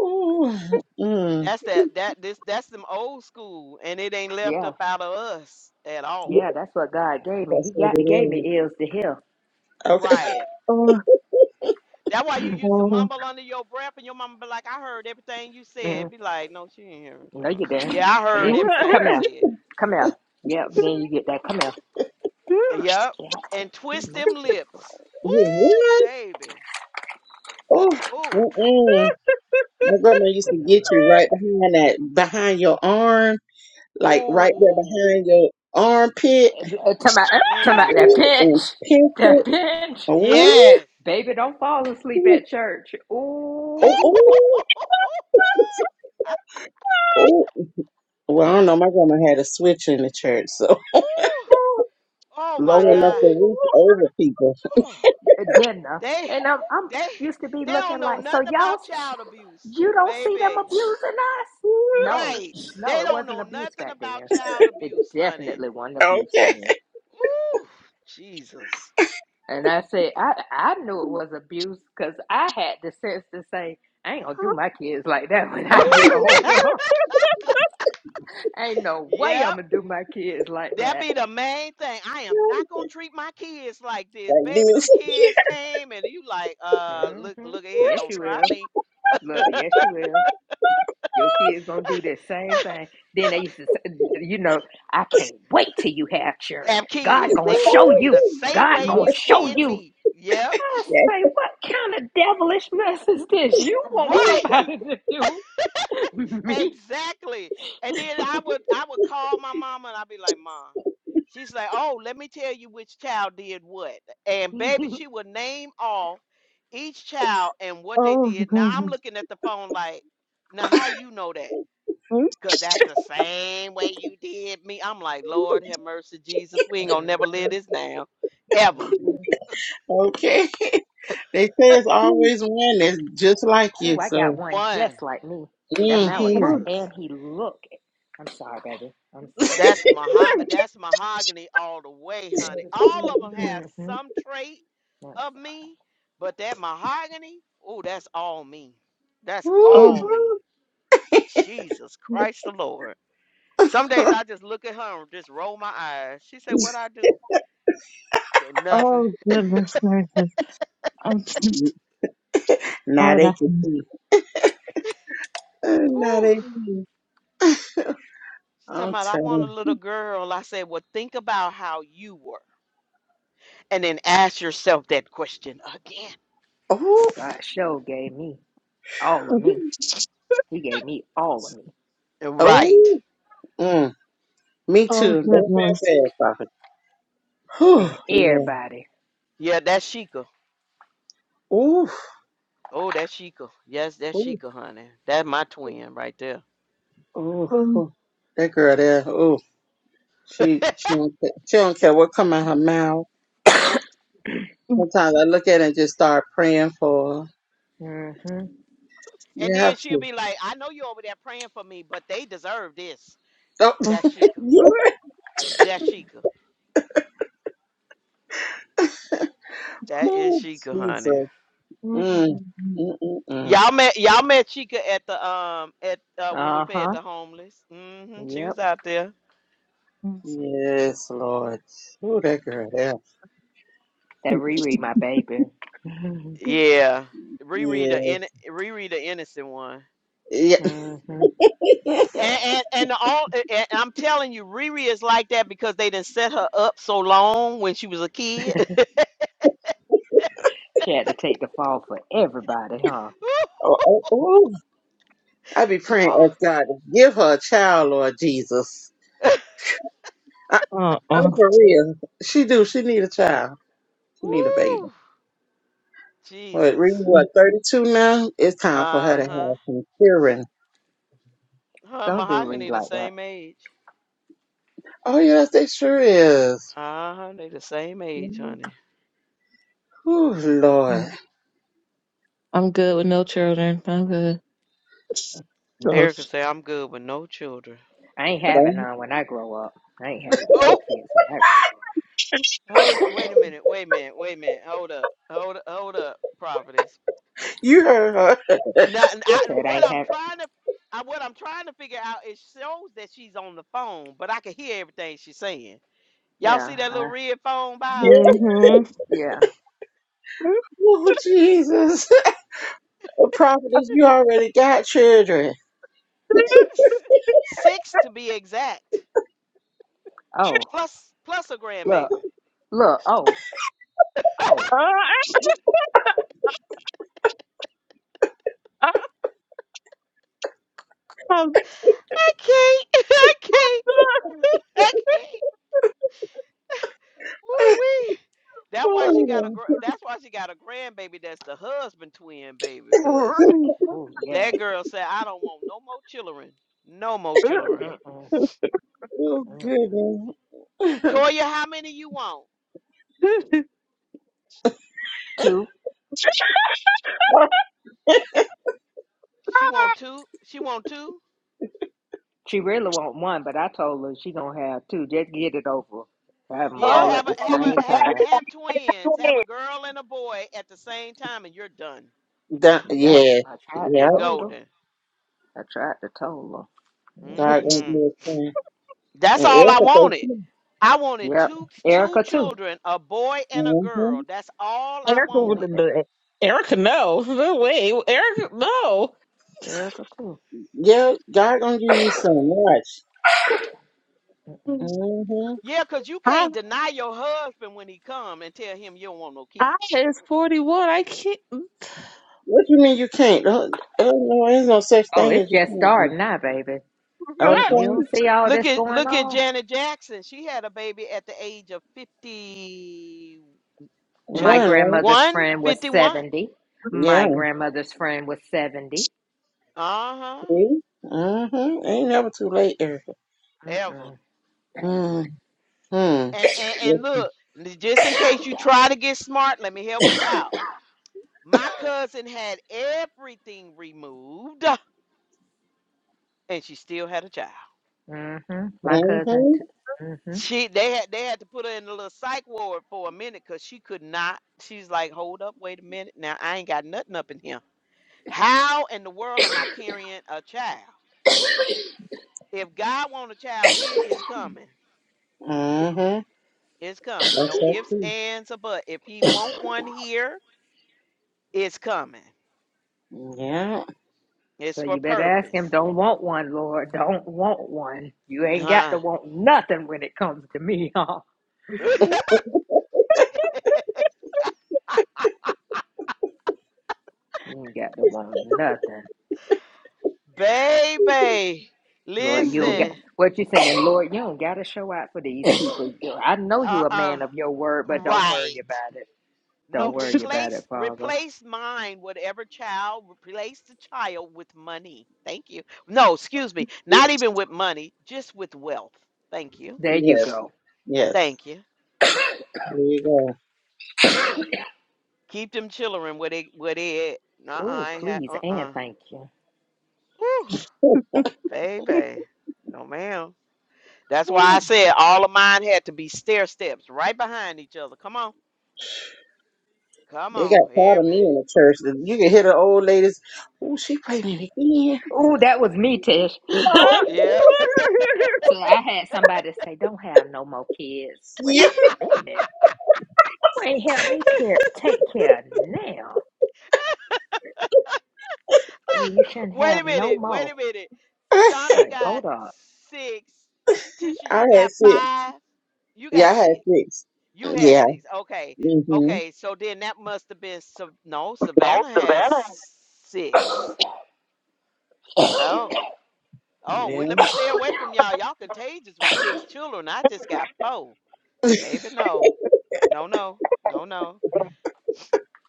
Ooh, mm,
That's that that this that's them old school and it ain't left
Yeah,
up out of us at
yeah,
all.
that's what God gave me.
that's
He
what
got
it
gave
is.
me ears to hear.
Okay,
Right. That's why you used to
Oh,
mumble under your breath and your mama be like, I heard everything you
hmm
said. Be like, no, she didn't hear everything.
No,
I
you
said." Yeah,
didn't.
I
And
heard
then she said,
everything
come
you
oh.
here,
said.
come here. Yep,
Oh,
then you get that. Come here.
Yep.
Yeah,
And
be
twist
more
them
careful.
lips. Ooh,
what?
baby.
Oh,
Ooh. t-
mm-mm. my grandma used
Wait
to
on
get
this
you right
water.
behind that, behind your arm. like right there
Ooh.
behind your armpit
Uh, Talking about, uh, talking about
Mm.
that
Ooh,
bench,
and pinch
that
it.
bench.
Oh,
Yes.
Baby, don't fall asleep
oh,
at church. Ooh,
Ooh.
oh, oh. Well, I don't know. My grandma had a switch in the church, so
Ooh. Oh my
low
mm.
enough
God.
to reach over people.
Oh,
dinner.
they
And I'm, I'm
they
used to be
they don't
looking
know
like, so
nothing
y'all,
about child abuse,
you don't see them
baby.
abusing us? No,
Right.
no,
They
it
don't
wasn't
know
abuse
nothing
back
about
then.
child
It
abuse, honey.
definitely wasn't abuse
Okay.
then.
Ooh, Jesus.
And I said, I, I knew it was abuse because I had the sense to say, I ain't gonna do my kids like that when I get
Right.
older. ain't no way I'm
yep.
gonna do my kids like
That
that.
be the main thing. I am not gonna treat my kids like this.
Like
Baby, them
this. Yeah.
kids came and you like, uh
hmm
look look at here,
Yes,
don't
you
try
will.
me.
Look, yes, you will. Your kids gonna do the same thing. Then they used to say, you know, I can't wait till you have children.
Have
God
kids.
gonna
They gonna
show
do
Oh,
you
you.
the same
God
way
gonna
you
Yes,
show
did
you.
me. Yep.
I
yes.
say, what kind of devilish mess is this? You want
Right.
somebody to do me?
Exactly. And then I would I would call my mama and I'd be like, Mom. She's like, Oh, let me tell you which child did what. And baby,
hmm
she would name off each child and what they did. Now I'm
goodness.
looking at the phone like, now how you know that? Cause that's the same way you did me. I'm like, Lord have mercy, Jesus. We ain't gonna never live
hmm
this down. Ever.
Okay. They say it's always one that's just like you,
Oh, I got
so.
one
One.
just like me. That
Mm-hmm.
Malachi,
Jesus.
and he look. I'm sorry, baby. I'm sorry.
That's maho- that's mahogany all the way, honey. All of them have some trait
hmm
of me, but that mahogany, oh, that's all me. That's
Woo.
all me.
Oh,
Jesus Christ the Lord. Some days I just look at her and just roll my eyes. She said, What I do? Said, Nothing.
oh, goodness gracious. I'm just
now
out
they
of
can see. Uh, Now
Ooh.
they can see.
She talking
I'm
about I
telling
want
you.
a little girl. I said, Well, think about how you were. And then ask yourself that question again.
Oh,
God show gave me all of me. He gave me all of me
And
oh.
Right.
Mm, me
Oh,
too. Don't feel
goodness.
bad, Prophet. Whew,
and
Lord.
everybody.
Yeah, that's Sheikah.
Ooh,
Oh, that's Sheikah. Yes, that's
ooh,
Sheikah, honey. That's my twin right there.
ooh,
Uh-uh.
ooh. That girl there, ooh, she she don't, ca- she don't care what come out her mouth.
Nope.
Sometimes I look at her and just start praying for her.
Mm-hmm.
And
You
then
have
she'll
to.
be like, I know you're over there praying for me, but they deserve this.
Oh,
That's Sheikah.
Yeah.
That's Sheikah. That is
ooh,
Sheikah, honey.
Jesus. Mm, mm, mm, mm.
Y'all met y'all met Chica at the um at uh when we fed
Uh-huh.
the homeless. mm hmm She was
Yep.
out there.
Yes, Lord. Ooh, that girl there.
That Riri, my baby.
Yeah. Riri the
Yeah,
in Riri the innocent one.
yeah.
mm-hmm.
And and and the all and and I'm telling you, Riri is like that because they didn't set her up so long when she was a kid.
She had to take the fall for everybody, huh?
oh, oh, ooh. I be praying,
Oh,
ask God to give her a child, Lord Jesus. I'm for real. She do. She need a child. She need a baby.
woo,
What, Ree,
Jesus.
what, 32 now? It's time for her
Uh
to
huh.
have some children.
Her and
Don't do Riri
Mahogany the
like that.
same age.
Oh, yes, they sure is.
Uh huh. They the same age, honey.
Oh, Lord.
I'm good with no children. I'm good.
Erica say I'm good with no children.
I ain't having
Don't.
none when I grow up. I ain't having no
Oh,
kids when I grow up.
wait, wait a minute, wait a minute, wait a minute. Hold up, hold, hold up, prophetess.
You heard her.
Now, n-
I
I,
said I
what
ain't
I'm
having.
trying to, I, what I'm trying to figure out, it shows that she's on the phone, but I can hear everything she's saying. Y'all
Yeah.
see that
I,
little red phone by?
Yeah.
Mm-hmm.
yeah.
Oh, Jesus. The prophetess, you already got children.
Six to be exact,
Oh,
plus plus a
look.
grandbaby.
Look. Oh. Oh.
Erica
I can't. I can't. I can't. Woo wee. That's why she got a.
Oh,
gr- That's why she got a grandbaby. That's the husband twin baby. Cause
Oh,
that
yes.
girl said, "I don't want no more children. No more children."
Mm-mm.
Lord.
Mm-mm.
oh goodness.
Toya, how many you want? She want two. She want two.
She really want one, but I told her she gonna have two. Just get it over. Have them
Yeah,
all at
have
the
a have
same
a have
time.
have twins. Have a girl and a boy at the same time, and you're done.
Done-
Yep,
yeah.
I tried to
Yeah.
You're
told her.
golden.
I tried to told her.
God gonna
hmm
Mm-hmm.
do a thing.
That's
And
all I
Erica, thank
wanted.
you.
I wanted
Yep,
two two
Erica too.
children, a boy and a
Mm hmm
girl. That's all I
would
wanted.
not
Yep,
do it. Erica, no. No way. Erica, no.
Erica too.
Yeah, God gonna give you so much. hmm
Yeah, cause you
I,
can't deny your husband when he come and tell him you don't want no
I
kids.
is 41. I can't.
What you mean you can't? Oh, oh, no, there's no such
Oh,
thing as
it's
you
just starting now, baby.
can't.
You you
Okay.
don't see all
Look
this
at
going
look at
on.
Janet Jackson. She had a baby at the age of 52,
My
One, right?
grandmother's
one
friend was
51.
seventy.
Yeah.
My grandmother's friend was seventy.
Uh-huh.
See? Mm-hmm. Ain't never too late, Erica.
Ever.
Mm
Mm-hmm. Mm-hmm.
And, and and look, n- just in case you try to get smart, let me help you out. My cousin had everything removed. and she still had a child.
mm. hmm My cousin too. Mm-hmm.
She they had they had to put her in a little psych ward for a minute because she could not. She's like, hold up, wait a minute. Now I ain't got nothing up in here. How in the world am I carrying a child? If God want a child here, it's coming.
Mm-hmm.
It's coming.
That's
No
so
ifs,
true.
ands, or buts. If He want one here, it's coming.
Yeah.
It's
So
for
you better ask him,
purpose.
don't want one, Lord. Don't want one. You ain't got
Huh?
to want nothing when it comes to me, huh? You ain't got to want nothing.
Baby,
Lord, you don't got.
listen.
what you saying, Lord, you don't gotta show out for these people. I know
Uh
you a
uh
man of your word, but don't worry
Right.
about it. Don't
No,
worry about it,
replace
Father.
replace mine, whatever child, replace the child with money. Thank you. No, excuse me, not even with money, just with wealth. Thank you.
There you
Yes.
go.
Yes.
Thank you.
There you go.
Keep them children where they where they at. Nuh-uh,
Oh,
I ain't had
please and
uh-uh.
thank you.
Whew, baby. No ma'am. That's why I said all of mine had to be stair steps right behind each other. Come on. Come
they got
on,
part of
everybody.
me in the church. You can hear the old ladies. Oh, she pregnant again.
Oh, that was me, Tish. so
Yeah.
Oh,
I had somebody say, Don't have no more kids. Wait
yeah.
a minute. You ain't help me care take care now. Oh, you shouldn't
Wait a
have no
minute. Wait a
more.
minute.
I
Shonda
Like,
got
hold up.
six. Tisha, you
had
got
six.
five. You
Yeah,
got
I had
six.
six.
You
Yeah.
had six. Okay.
Mm-hmm.
Okay. So then that must have been Sav- no.
No,
Savannah has
Savannah.
six. Oh. Oh.
Yeah.
Well, let me stay away from y'all. Y'all contagious with six children. I just got four. Baby, no. No. No. No. No.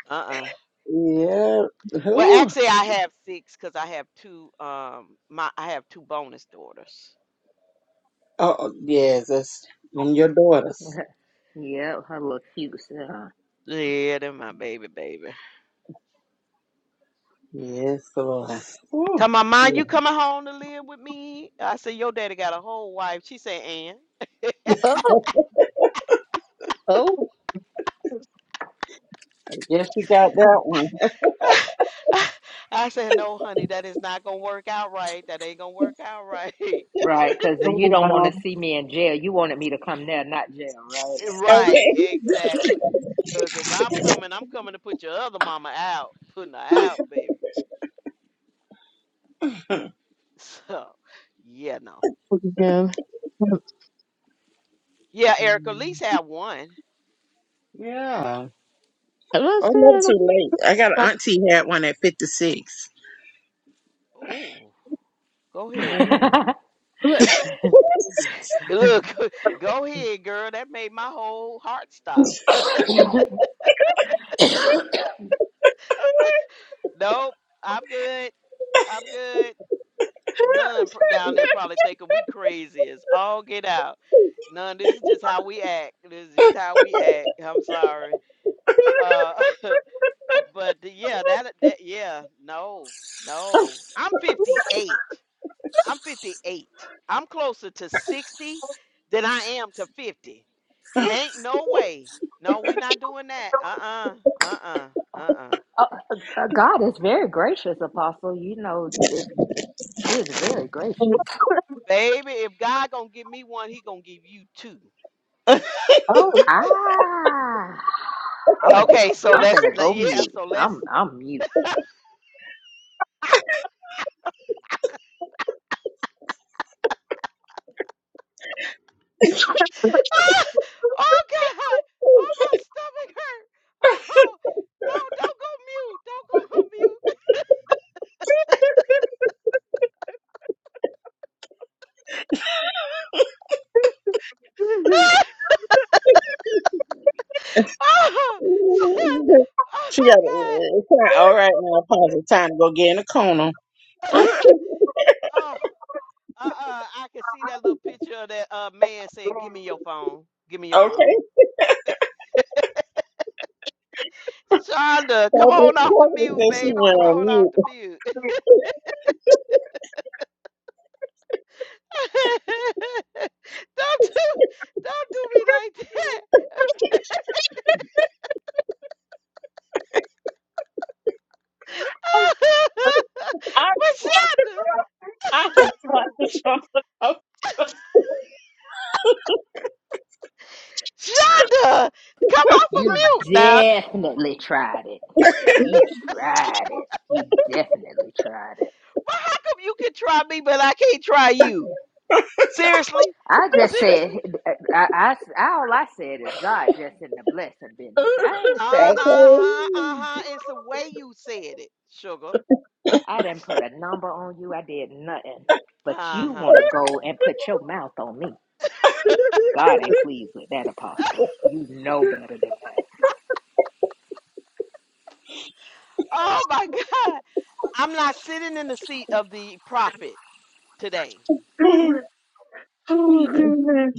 Uh. Uh.
Yeah.
Well,
Who?
actually, I have six because I have two. Um. My I have two bonus daughters.
Oh, oh, yes. That's them your daughters.
yeah, her little cute. Huh?
Yeah, that my baby, baby.
Yes, Lord. Whew.
Tell my mom you coming home to live with me. I said, Your daddy got a whole wife. She said, and
Oh, oh.
Yes, you got that one.
I said, No, honey, that is not gonna work out right. That ain't gonna work out right.
Right, because
Oh,
you don't want
wow.
to see me in jail. You wanted me to come there, not jail, right?
Right,
okay.
exactly. Cause if I'm coming, I'm coming to put your other mama out, putting her out, baby. So yeah, no.
Again. I'm
Yeah, Erica, at
Mm,
least have one.
Yeah.
not
Oh, not
saying
too late. I got an
I
auntie had one at 56.
Oh, go ahead,
Mhm.
girl. G- Look, go ahead, girl. That made my whole heart stop. Nope, I'm good. I'm good. None pr- down there probably thinking we crazy as all get out. None, this is just how we act. This is just how we act. I'm sorry. Uh, but yeah, that that yeah, no, no. I'm 58. I'm 58. I'm closer to 60 than I am to 50. Ain't no way. No, we not doing that. Uh-uh. Uh-uh. Uh-uh.
uh, uh, God is very gracious, Apostle. You know, if He is very
don't.
gracious.
Baby, if God gonna give me one, he gonna give you two.
Oh.
Ah, I'm a. j-
Okay, so
I'm
let's
finna
le-
go
yeah,
mute.
so let's
I'm I'm mute.
ah, Oh God. Oh my stomach hurt. Oh no, don't go mute. Don't go on mute. oh,
she got
oh God.
It's not all right now. Pause the time to go get in the corner.
oh, uh uh I can see that little picture of that uh man saying, Give me your phone. Give me your
Okay.
phone. Shonda, come
Probably,
on off the
probably
mute,
said she
baby.
went
Come
on
on off
mute.
the mute. don't do don't do me like that. but
I
Shonda,
I can fly the chocolate up.
Shonda, come off of
You
mute now.
definitely tried it. You tried it. You definitely tried it.
Well, how come you can try me, but I can't try you? Seriously?
I just said,
Seriously?
I, I, I- all I said is God just in the blessing business. I ain't
Uh
say
huh, uh huh. It's the way you said it, sugar.
I didn't put a number on you. I did nothing. But
Uh
you
huh.
want to go and put your mouth on me. God ain't pleased with that, Apostle. You know better than that.
Oh my God. I'm not sitting in the seat of the prophet today.
Okay.
Oh, goodness.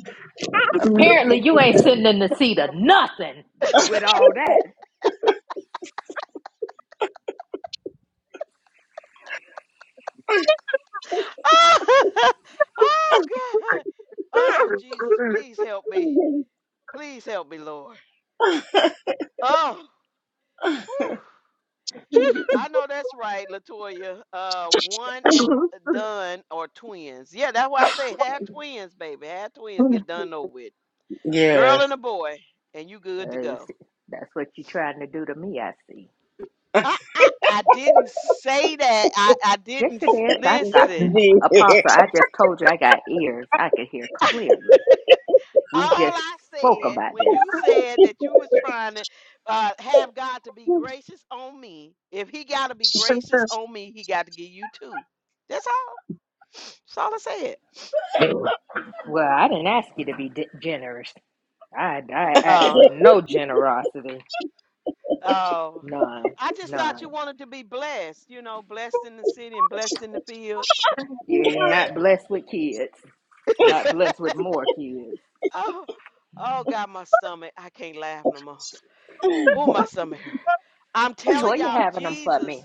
Apparently, you ain't sitting in the seat of nothing with all that.
Oh, God. Oh, Jesus, please help me. Please help me, Lord. Oh, whew. I know that's right, Latoya. Uh, one and uh, done or twins. Yeah, that's why I say have twins, baby. Have twins. Get done over with. Girl
yes.
and a boy, and you good to
Uh,
go.
see, That's what you trying to do to me, I see.
I I, I didn't say that. I I
Yes,
didn't
you
s-
did. I got,
Yes,
listen.
dear.
Apostle, I just told you I got ears. I could hear
All
clearly we just
I
spoke
said
about
when you
this.
said that you was trying to uh, have God to be gracious on me. If He got to be gracious on me, He got to give you too. That's all. That's all I said.
Well, I didn't ask you to be di- generous. I, I asked for
Uh,
no generosity.
Oh,
None.
I just thought
None.
you wanted to be blessed, you know, blessed in the city and blessed in the field.
You're not blessed with kids. Not blessed with more kids.
Oh, oh God, my stomach. I can't laugh no more. Oh, my stomach. hurt. I'm telling
Toya
y'all,
having them for
Jesus,
me.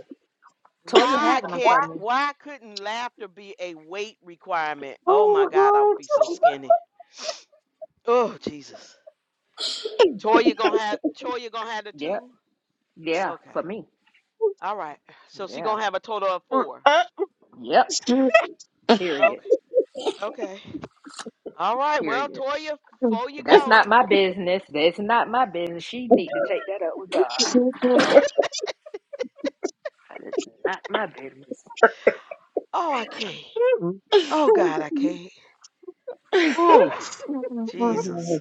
Toya
why
having them
can't
for me.
why couldn't laughter be a weight requirement? Oh my
Oh,
God, I would
God.
be so skinny. Oh, Jesus. Toya gonna have Toya gonna have the
Yep.
two?
Yeah.
Okay.
For me.
All right. So she
Yeah.
gonna have a total of four.
Yep. Period.
Okay. Okay. All right, well,
Period.
Toya, before you
That's not
go.
my business. That's not my business. She need to take that up with God. That is not my business.
Oh, I can't. Oh God, I can't. Ooh, Jesus.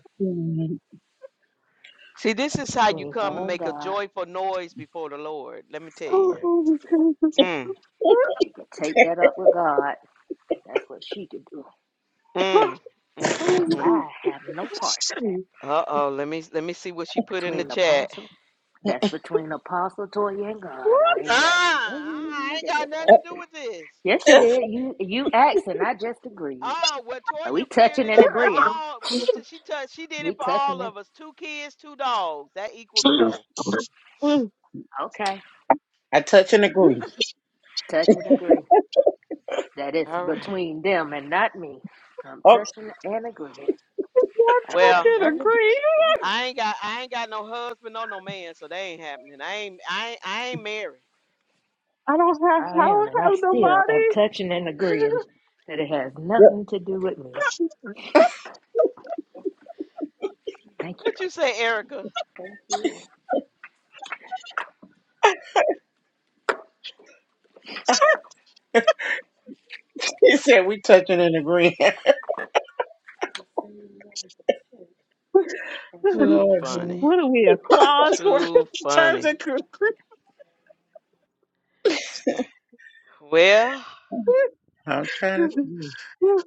See, this
That's
is how you
between
come and
her and
make a
God.
joyful noise before the Lord. Let me tell you.
Oh,
Mm,
Jesus.
She could take that up with God. That's what she could do.
mm, mm, mm, mm.
Oh,
I have no
not
parts of that.
Uh oh. Let me let me see what she put in the
Between the
chat.
apostle, that's between the apostle Toya and God. I ain't got
Ah,
nothing
I
to
ain't
do
got
with
nothing
that.
to do with this.
Yes, you did. You you asked and I just agreed.
Oh, well,
Are
Toya
we
cleared
touching
it
and
up for
agreeing?
all. We t- she touched. She did
We
it for all
touching and
of us. Two kids, two dogs. That equals four.
okay.
I touch and agree.
Touch and
Okay.
agree. That is
All right.
between them and not me. I'm
Okay.
touching and agreeing. I
touching
got
Well.
a
nothing to do with
green.
it. Lord.
I ain't got I ain't got no husband or no man, so they ain't happening. I ain't I ain't, I ain't married.
I don't have.
I
I
am,
don't
and I
have
still am
nobody.
touching and agreeing that it has
Yep.
nothing to do with me. Thank you,
What
baby.
you say, Erica?
He said we touching and agreeing.
Too
Lord,
funny.
man.
What are we a clause for
Too
terms
funny.
and conditions.
Well,
I'm trying to see.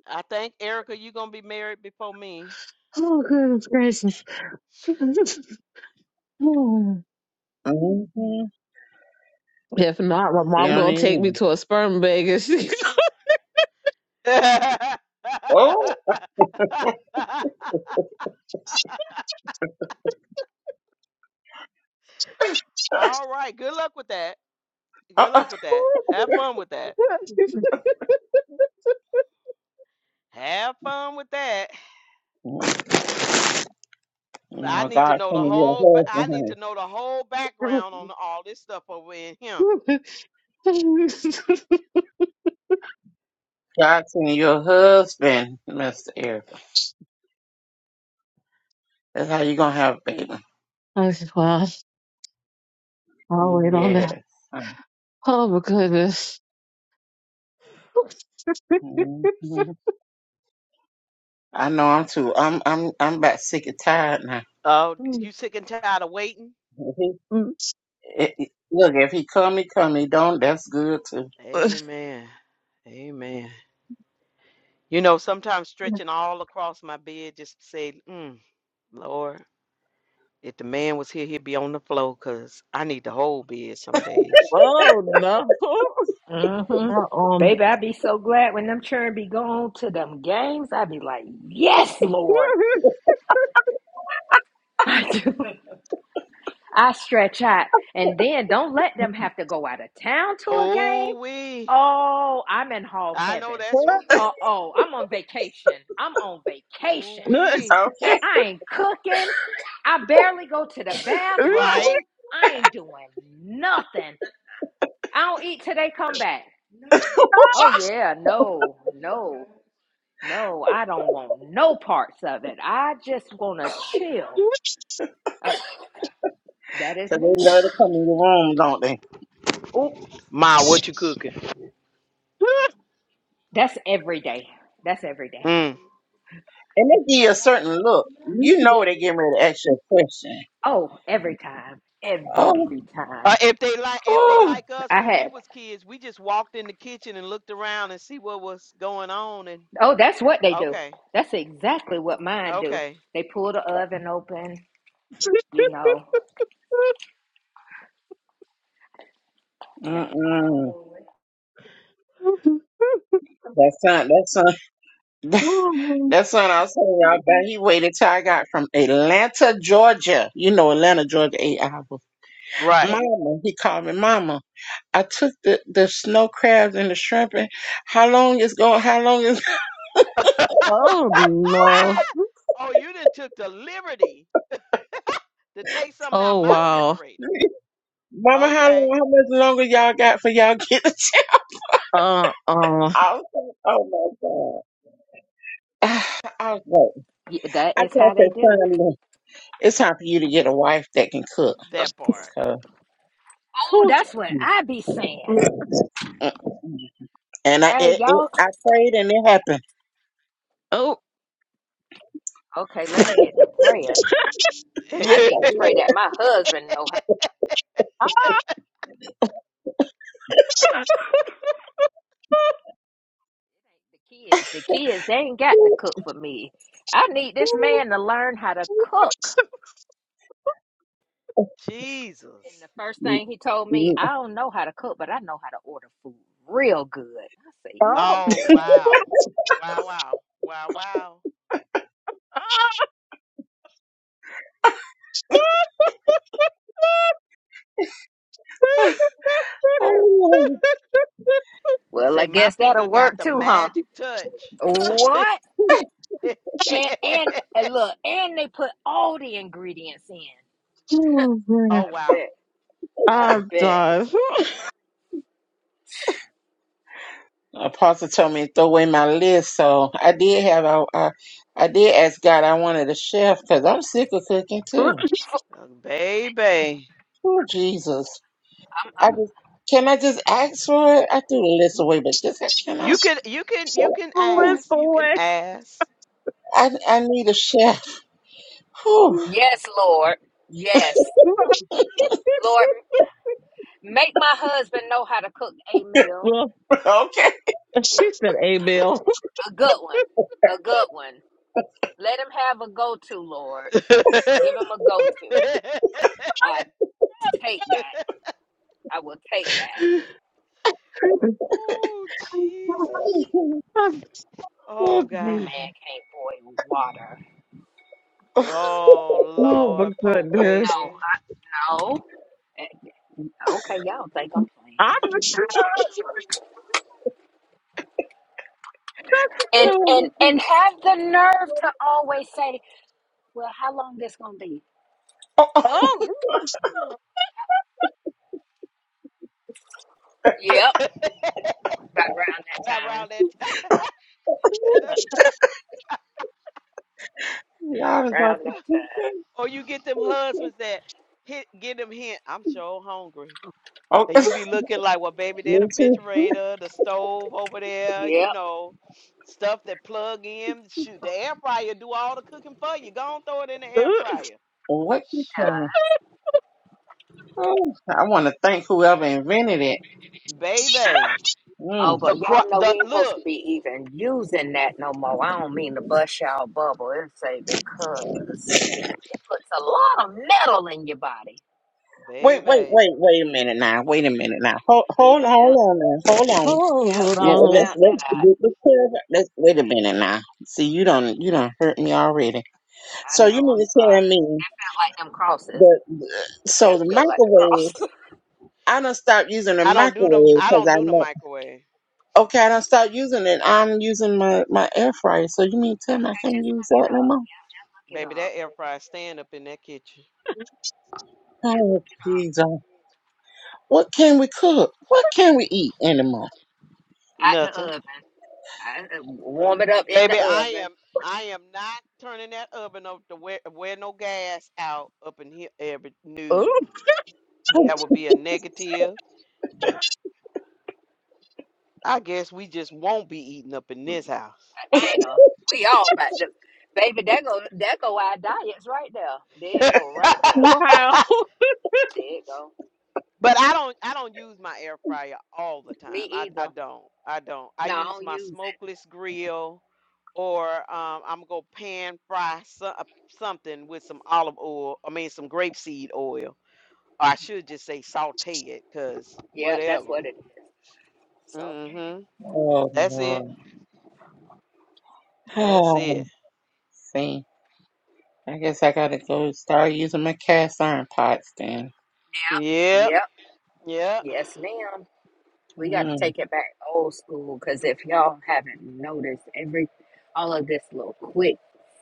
I think Erica, you gonna be married before me.
Oh goodness gracious!
Mm-hmm.
If not, my
See, I
mom
don't
gonna take me
even.
to a sperm bank and she.
Oh,
All right. Good luck with that. Good
uh-uh.
luck with that. Have fun with that. Have fun with that.
Mm-hmm.
I
no,
need to
God
know the
sending your
whole. ba- I
husband.
need
honey.
to know the whole background on all this stuff over in here.
God sending your husband, Mister Eric. That's how you gonna have a baby.
I, just, well, I'll wait on that.
Yes.
Oh my goodness. oh
Mm-hmm. I know I'm too. I'm I'm I'm about sick and tired now.
Oh, you sick and tired of waiting?
If he, it, it- look, if he come, he come. He don't. That's good too.
Amen. Amen. You know, sometimes stretching all across my bed just say, mm, Lord, if the man was here, he'd be on the floor because I need the whole bed some days.
no,
hmm
my um.
Baby, I be so glad when them children be going to them games. I be like, yes, Lord. I do. I stretch out. And then don't let them have to go out of town to a game.
Oh, we.
Oh, I'm in hog
I know
heaven.
that's right.
Uh oh, I'm on vacation. I'm on
Ooh,
vacation.
we.
Man,
Okay.
I ain't cooking. I barely go to the
Right?
bathroom. I ain't doing nothing. I don't eat till they come back. Oh yeah, no, no. No, I don't want no parts of it. I just want to chill. Uh, that is
Cause they
me.
love to come in the room, don't they?
Oh,
Ma, what you cooking?
that's every day. That's every day.
Mm.
And they give you a certain look. You know they getting ready to ask you a question.
Oh, every time.
Oh,
Every
Uh,
time.
if they like, if they
oh,
like us
I
when we
had.
was kids, we just walked in the kitchen and looked around and see what was going on. And
Oh, that's what they do.
okay,
That's exactly what mine do.
okay,
They pull the oven open, you know. They got your towel.
mm-mm. That son, that son, that son I was telling y'all about, he waited till I got from Atlanta, Georgia. You know Atlanta, Georgia, eight hours.
right.
Mama, he called me mama. I took the, the snow crabs and the shrimp and how long is going how long is
oh no!
oh, you didn't took the liberty to take something out
Oh
my
wow!
refrigerator.
mama how long
Okay,
how much longer y'all got for y'all get the check?
Uh uh.
I was like, oh my God. I was like,
Yeah, that
I
is
told
how they
that
do.
son look, it's time for you to get a wife that can cook.
that part.
'cause,
Oh,
whew.
that's what I be saying.
mm, and I
Hey,
it, it,
y'all.
I prayed and it happened.
Oh.
Okay, let me get to praying. I
Yes.
need to pray that my husband know
Ah.
Like, The kids, the kids, they ain't got to cook for me. I need this man to learn how to cook. And
Jesus.
the first
Mm,
thing he told me,
mm.
I don't know how to cook, but I know how to order food real good. I say, you know
Oh
what?
Oh.
wow, wow, wow, wow, wow.
Oh.
Well,
Say
I
my
guess
finger
that'll
got
work
the
too, huh?
magic touch.
Ah.
What? And and, and look, and they put all the ingredients in.
Oh, man.
oh
I
wow,
bet. I
I'm
bet.
done.
Apostle told me to throw away my list, so I did have I I, I did ask God I wanted a chef because I'm sick of cooking too.
Uh, baby.
Oh Jesus!
I'm,
I
I'm
just can I just ask for it? I threw the list away, but just can
You
I?
can, you can, you can
Bless
ask. You can
away.
ask.
I I need a chef. Whew.
yes, Lord. Yes, Lord. Make my husband know how to cook a meal.
well,
okay.
she said a bill.
A good one. A good one. Let him have a go to, Lord. Give him a go to. I take that. I will take that.
oh
oh Jesus.
Oh,
Oh God.
That man
Jesus.
can't boil water.
Oh
my
Lord, poor
goodness.
No,
baby.
I know. Eh, Okay, y'all think I'm
I'm
playing. And and and have the nerve to always say, Well, how long this gonna be? Yep, about around that
About
time.
around that time.
Y'all is out
Around that
the-
time.
Or you get them husbands that hit get them hint, I'm so hungry.
Oh,
And you be looking like, well, baby, they're
me
the
too.
refrigerator, the stove over there, you
Yep.
know, stuff that plug in. Shoot, the air fryer do all the cooking for you. Go on, throw it in the
Oh.
air fryer.
What you saying? Oh, I want to thank whoever invented it.
Baby.
Oh,
Mm.
The
but
cro-
y'all know
the
we ain't supposed
look,
to be even using that no more. I don't mean to bust y'all bubble. It say because it puts a lot of metal in your body.
Wait, wait,
baby.
wait, wait a minute now. Wait a minute now. Hold,
Yep,
hold, hold on now. Hold on.
yep.
Hold
Just
Well,
on.
let's
found
let's
that out.
let's, clarify- let's wait a minute now. See, you don't you don't hurt me already.
I
So you
know.
mean
I'm
to tell
sorry.
me
That felt like them crosses.
that
It
so
kind of
the
felt like the
microwave?
cross.
I don't stop using the
I don't do them
microwave
I
because
don't
I
do the
know.
microwave.
Okay, I don't stop using it. I'm using my my air fryer. So you mean to tell me I
okay,
can't
just
use
look
that no
it up.
more?
Yeah, just look it
Baby,
up.
that air fryer stand up in that kitchen.
Oh Jesus! What can we cook? What can we eat anymore?
Out the
Nothing.
oven. I, warm it up in
Baby,
the
I am
oven.
I am not turning that oven up to wear, wear no gas out up in here every new.
Oh, no.
That would be a negative. I guess we just won't be eating up in this house.
Dana, we all about the baby. That go that go our diets right there. There it
but
go right there.
wow.
I
There it go.
don't I don't use my air fryer all the
Me
time. I, I
either.
don't. I don't. I
No, I
use
don't
my
use it.
smokeless grill or um, I'm gonna pan fry so, uh, something with some olive oil. I mean some grapeseed oil or I should just say saute it, cause
Yep, that's
whatever.
what it is. So
Mhm.
Oh
That's it.
Lord!
That's
Oh,
it.
see, I guess I gotta go start using my cast iron pots then.
yep,
Yep.
yep,
Yep.
yes, ma'am. We got to
Mm.
take it back old school because if y'all haven't noticed, every all of this little quick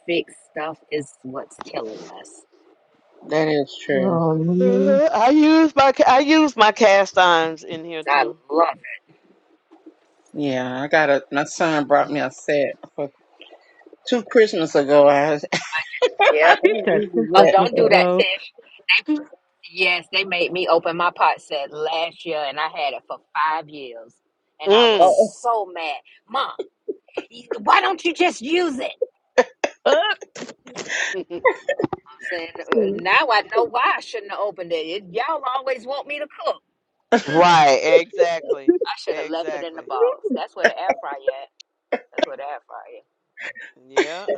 fix stuff is what's killing us.
That is true.
Oh man.
Uh, I use my ca- I use my cast irons in here
I
too.
love
Yeah, I got a. My son brought me a set for two Christmas ago. I was,
it.
I
Yep.
She
was
said two
using
Oh,
that.
Christmas
don't do
So,
that,
ago.
Tish. Yes, they made me open my pot set last year, and I had it for five years, and I was
Mm.
oh,
so mad, Mom. y- Why don't you just use it? I said, "Uh,
oh
now I know why I shouldn't have opened it. It- Y'all always want me to cook.
Right. Exactly.
I should have left it in the
Exactly.
box.
Uh.
That's where the air fryer at. That's where the air fryer.
Yeah.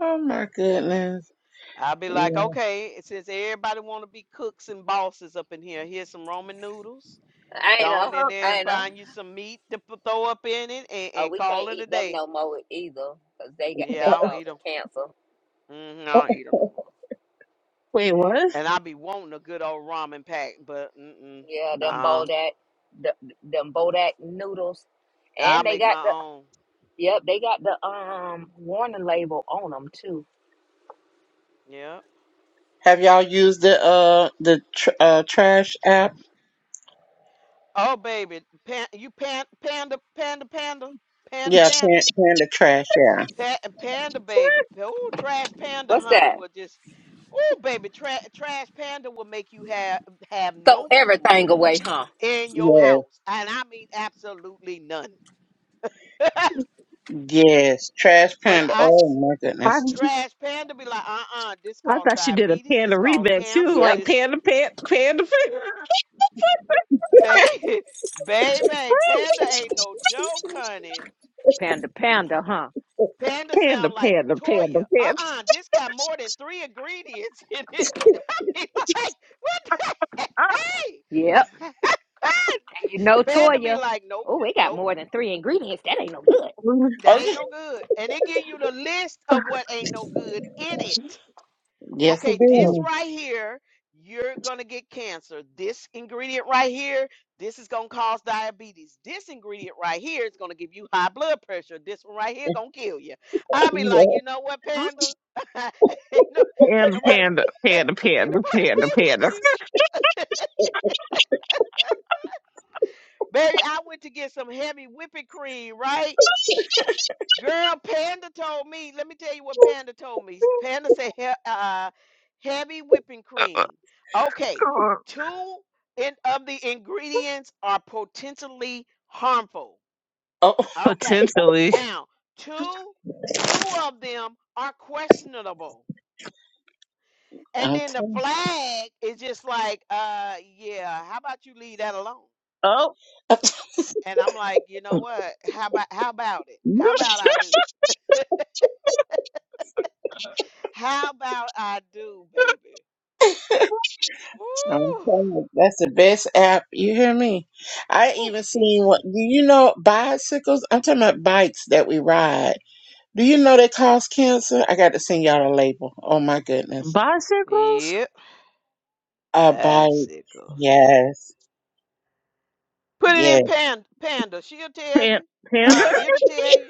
oh my goodness.
I'll be like,
Yeah.
okay, since everybody want to be cooks and bosses up in here, here's some Roman noodles.
At. I
Go
ain't
on
know.
in
Oh,
there
I
and
ain't know.
find you some meat to p- throw up in it and,
Oh,
and
we
call
can't
it a
eat them
day.
no more either, cause they got
Yeah,
they
I don't eat
causing
them.
cancer.
hmm I don't eat them no more.
Wait, what?
And I be wanting a good old ramen pack, but mm-mm,
Yeah, them
nah,
bodak, the, them bodak noodles,
i
and they
make
got
my own.
Yep, they got the um warning label on them too.
Yeah.
Have y'all used the uh the tr- uh trash app?
Oh baby, pan, you pan, panda, panda, panda, panda,
Yeah, Pan-
panda,
Panda Trash. Yeah.
pa- panda, baby. Oh, trash panda,
What's
honey,
that?
will just. Oh baby, tra- trash panda will make you have have
Throw
no food
everything away, huh?
in your
Yes.
house, and I mean absolutely none.
Yes. Trash
When
Panda.
I
Oh
s-
my
I
goodness.
trash panda be like, uh-uh, this
I
cause
thought she did a
diabetes,
panda
this cause
remix. She was
cancer,
Yep,
like
this.
panda, panda, panda, panda,
Baby, baby, Panda ain't no joke, honey.
Panda, panda, huh?
Panda
panda,
sound like
panda, panda,
Toya.
panda,
Uh-uh, this got more than three ingredients in it. He like, what the hey?
yep. And you know,
Panda be
Toya,
like, nope,
oh, it got
nope,
more than three ingredients. That ain't no good.
that ain't
Okay.
no good. And it give you the list of what ain't no good in it.
Yes, it
okay, this
Oh.
did.
right here, you're going to get cancer. This ingredient right here, this is going to cause diabetes. This ingredient right here is going to give you high blood pressure. This one right here going to kill you. i be
Yeah.
like, you know what, Panda? ain't, no, ain't
panda,
nobody
panda, panda,
ain't
panda,
nobody
panda,
playing with
panda.
you. Baby, I went to get some heavy whipping cream, right? Girl, Panda told me. Let me tell you what Panda told me. Panda said he, uh, heavy whipping cream. Okay, two in, of the ingredients are potentially harmful.
Oh,
Okay,
Potentially.
now two two of them are questionable, and
I'm
then the
telling.
flag is just like, uh, yeah. How about you leave that alone?
Oh,
And I'm like, you know what? How about how about it? How about I do? How about I do, baby?
I'm
Ooh,
telling you, that's the best app. You hear me? I
ooh,
even seen
Jesus.
what do you know bicycles? I'm talking about bikes that we ride. Do you know they cause cancer? I got to send y'all a label. Oh my goodness.
bicycles,
Yep,
A bike.
bicycles.
Yes.
Put it in
Yes.
Panda. Panda. She'll tell
Pan-
you.
panda.
Uh, it'll tell you.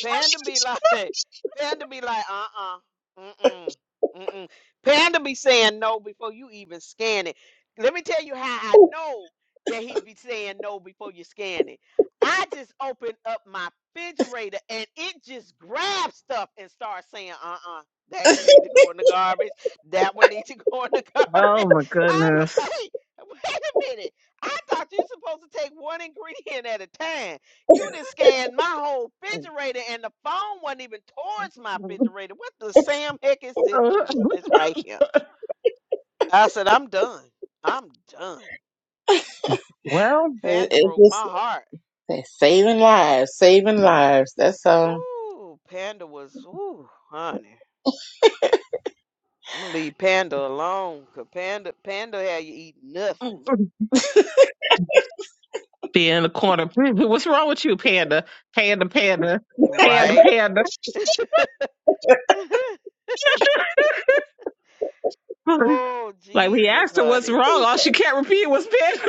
Panda be like, Panda be like, uh-uh, mm-mm, mm-mm. Panda be saying no before you even scan it. Let me tell you how I know that he'd be saying no before you scan it. I just open up my refrigerator and it just grabs stuff and starts saying, uh-uh, that need to go in the garbage. That one need to go in the
Oh
garbage.
my
I'm like,
goodness.
wait a minute. I thought you're supposed to take one ingredient at a time. You done scanned my whole refrigerator and the phone wasn't even towards my refrigerator. What the Sam heck is this foolishness right here? I said, I'm done. I'm done.
Well.
It-
Panda
It's
broke my
just
heart.
they're saving lives, saving lives. That's all.
Ooh, Panda was, ooh, honey. I'm gonna leave Panda alone, 'cause Panda, Panda had you eat nothing.
Be in the corner. What's wrong with you, Panda? Panda, Panda, Panda,
Right?
Panda.
oh,
like we
Jesus,
asked her what's
honey.
wrong. All she can't repeat was Panda.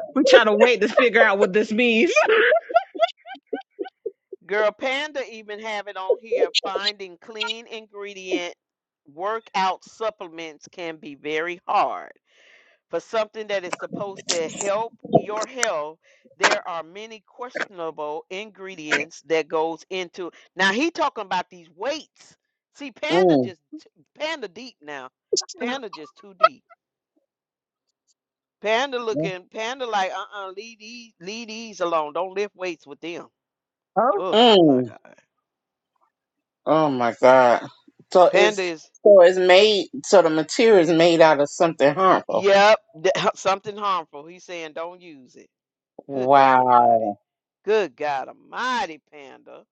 we trying to wait to figure out what this means.
Girl, Panda even have it on here. Finding clean ingredient workout supplements can be very hard. For something that is supposed to help your health, there are many questionable ingredients that goes into. Now he talking about these weights. See, Panda
Mm,
just Panda deep now. Panda just too deep. Panda
mm,
looking, Panda like, uh-uh, leave these, leave these alone. Don't lift weights with them.
Oh.
Oh
mm.
my God.
Oh my God. So it's
Panda is
so it's made so the material is made out of something
Y-
harmful.
Yep, that- something harmful. He's saying don't use it. Good God Almighty.
Wow.
Good God Almighty, Panda.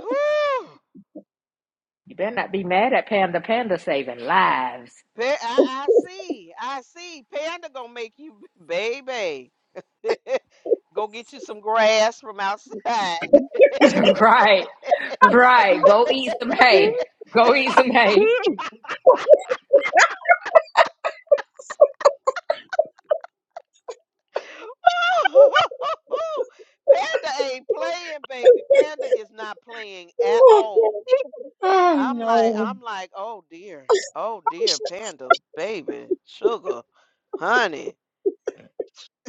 Whew.
You better not be mad at Panda Panda saving lives.
Pa- I, I see. I see. Panda gonna make you, baby. Go get you some grass from outside.
right, right. Go eat some hay. Go eat some hay.
Panda ain't playing, baby. Panda is not playing at all.
Oh
I'm like,
no.
I'm like, oh dear, oh dear, panda, baby, sugar, honey.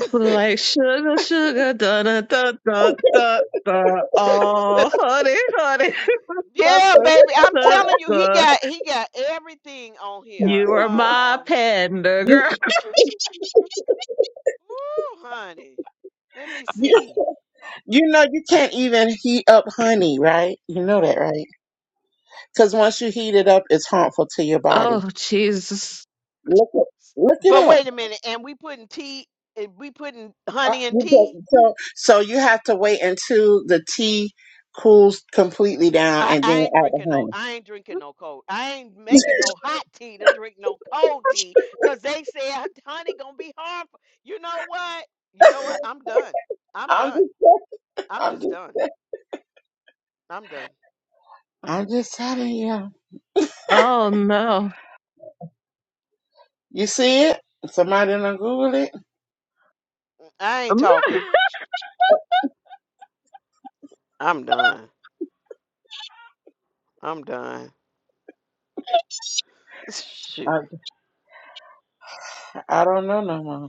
Like sugar, sugar, da da da da da da. Oh, honey, honey, da,
yeah,
da,
baby, I'm
da,
telling you, he
da.
got he got everything on here.
you are my
Um,
panda girl.
woo, honey, let me
You,
see.
you know you can't even heat up honey, right? You know that, right? Because once you heat it up, it's harmful to your body.
Oh Jesus!
Look it, look it
But
up.
wait a minute, and we putting tea, eh, we putting
Uh,
honey and
you go-
tea.
So so you have to wait until the tea cools completely down
I,
and
I
then
ain't
add the
drinking no
honey.
I ain't drinking no cold. I ain't making no hot tea to drink no cold tea because they said honey gonna be harmful. You know what? You know what? I'm done. I'm
I'm
done.
just
I'm
I'm
just
just
done. I'm done.
I'm just telling you.
Oh no!
You see it? Somebody done Google it?
I ain't talking. I'm done. I'm done.
I,
Shoot.
I don't know no more.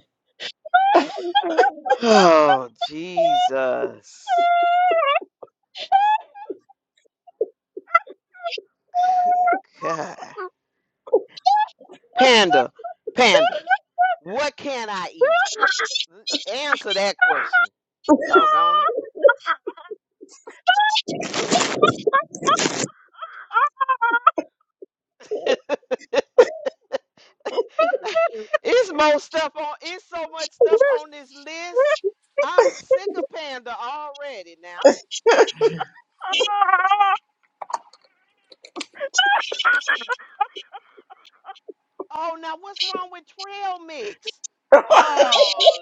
Oh Jesus. God. Panda. Panda. What can I eat? Answer that question. Doggone it. It's more stuff on. It's so much stuff on this list. I'm sick of Panda already now. Oh, now what's wrong with trail mix? Oh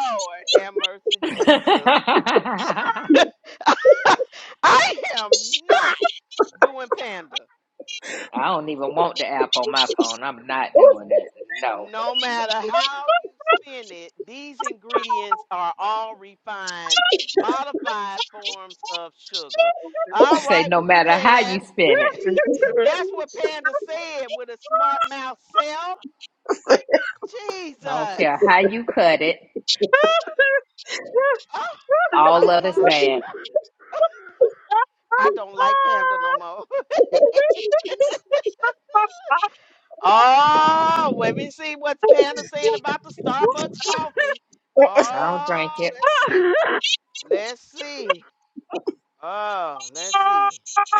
Lord, have mercy, Jesus.
I
I am not doing Panda.
don't even want the app on my phone. I'm not doing it. No.
No matter how you spin it, these ingredients are all refined, modified forms of sugar. All
Say
right,
no
well we
matter
can't
how
have.
you spin it.
That's what Panda said with a smart mouth self.
I don't
Jesus.
care how you cut it.
Oh
All
my
of it's
God.
bad.
I don't like Panda no more. oh, let me see what's Panda saying about the Starbucks coffee.
I don't drink
Oh,
it.
let's see. Let's see. Oh, let's see.
Thank you.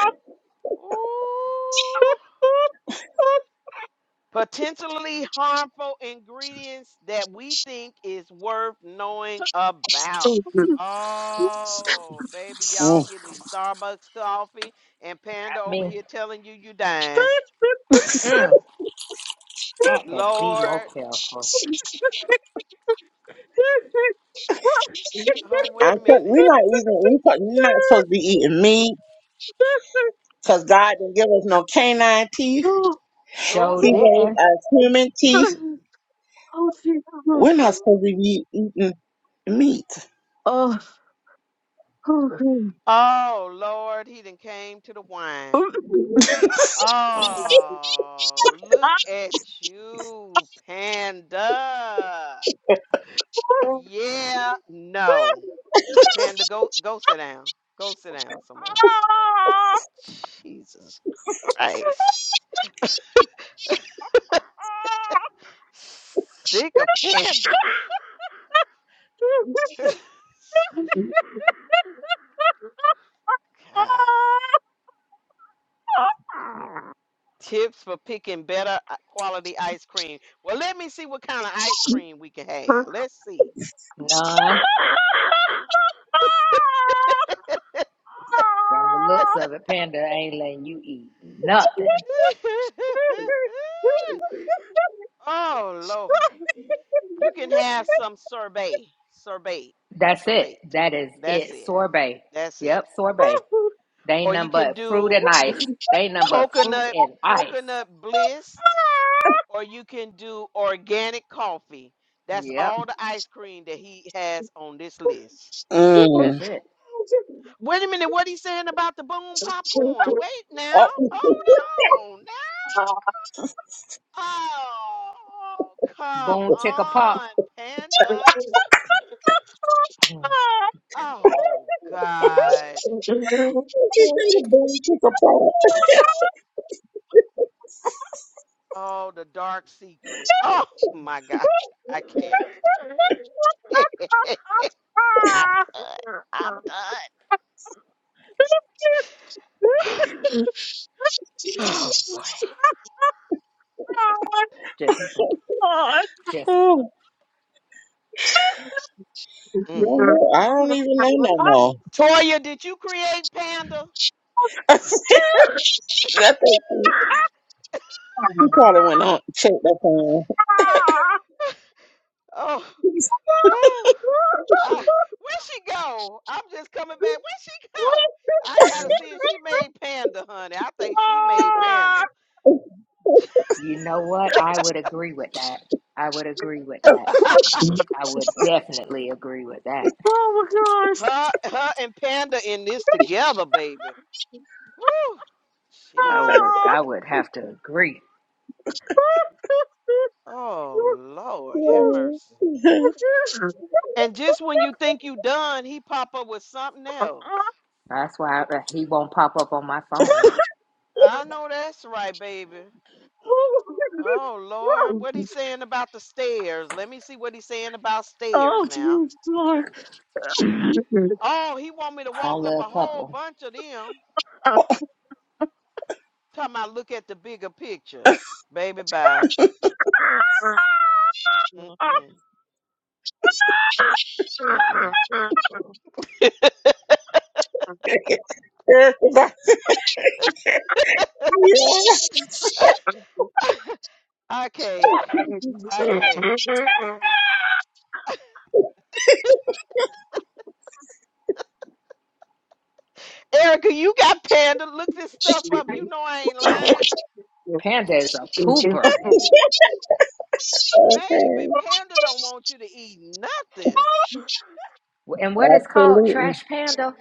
Ooh. Potentially harmful ingredients that we think is worth knowing about. Oh, baby, y'all
Mm.
getting these Starbucks coffee and Panda
Not
over
me.
here telling you you dying.
Mm, got to be more
Lord.
careful.
Oh,
I
wait a
could,
minute.
we not even we could, we not supposed to be eating meat because God didn't give us no canine teeth.
Oh,
Oh,
Show
He gave
didn't.
us human teeth.
oh, super.
We're not supposed to be eating meat.
oh, Lord, he done came to the wine. Oh, look at you, Panda. Yeah, no. Panda, go go sit down. Go sit down somewhere. Jesus Christ. Sick of Panda. God. Tips for picking better uh, quality ice cream. Well, let me see what kind of ice cream we can
Oh.
have. Let's see.
None. From the looks of it, Panda ain't letting you eat nothing.
oh Lord. You can have some sorbet. Sorbet.
That's it.
Sorbet.
That is
That's
it.
it.
Sorbet.
That's it.
Yep, sorbet. They ain't
Or you
nothing
can
but fruit
do
and ice. They ain't nothing but fruit
coconut
and ice.
coconut bliss. Or you can do organic coffee. That's
Yep,
all the ice cream that he has on this list.
that's
Mm.
it.
Wait a minute, what he saying about the boom popcorn? Wait now.
Oh,
Hold on. Now. Oh, come
Boom, chicka pop.
on, Panda.
Mm,
Oh God.
she said a boom chicka
Oh, the dark secret. Oh my
Oh my gosh.
God. I can't. I'm done. I'm done. Oh boy.
Just, just
Mm.
Well, I don't even know no more.
Toya, did you create Panda?
I think he, he probably went on and checked up on.
Oh, woo. Uh, where she go? I'm just coming back. Where she go? I gotta see if she made Panda, honey. I think she made Panda.
You know what? I would agree with that. I would agree with that.
her,
I would definitely agree with that.
her and Panda in this together, baby. Woo.
I would
Jesus.
I would have to agree.
Oh Lord,
Oh.
have
yeah,
mercy. And just when you think you done, he pop up with something else.
That's why I, he won't pop up on my phone.
I know that's right, baby. Oh Lord, what he saying about the stairs? Let me see what he's saying about stairs
Oh,
now.
jeez, Lord.
Oh, he want me to walk
Only
up a
a
whole
couple.
bunch of them. Talking about look at the bigger picture, baby. Bye. Mm-mm, mm-mm.
'cause yeah,
I can't. I can't. Erica, you got Panda. Look this stuff up. You know I ain't lying.
Panda is a pooper.
Baby,
okay,
Panda don't want you to eat nothing.
And what is called
absolutely.
trash panda?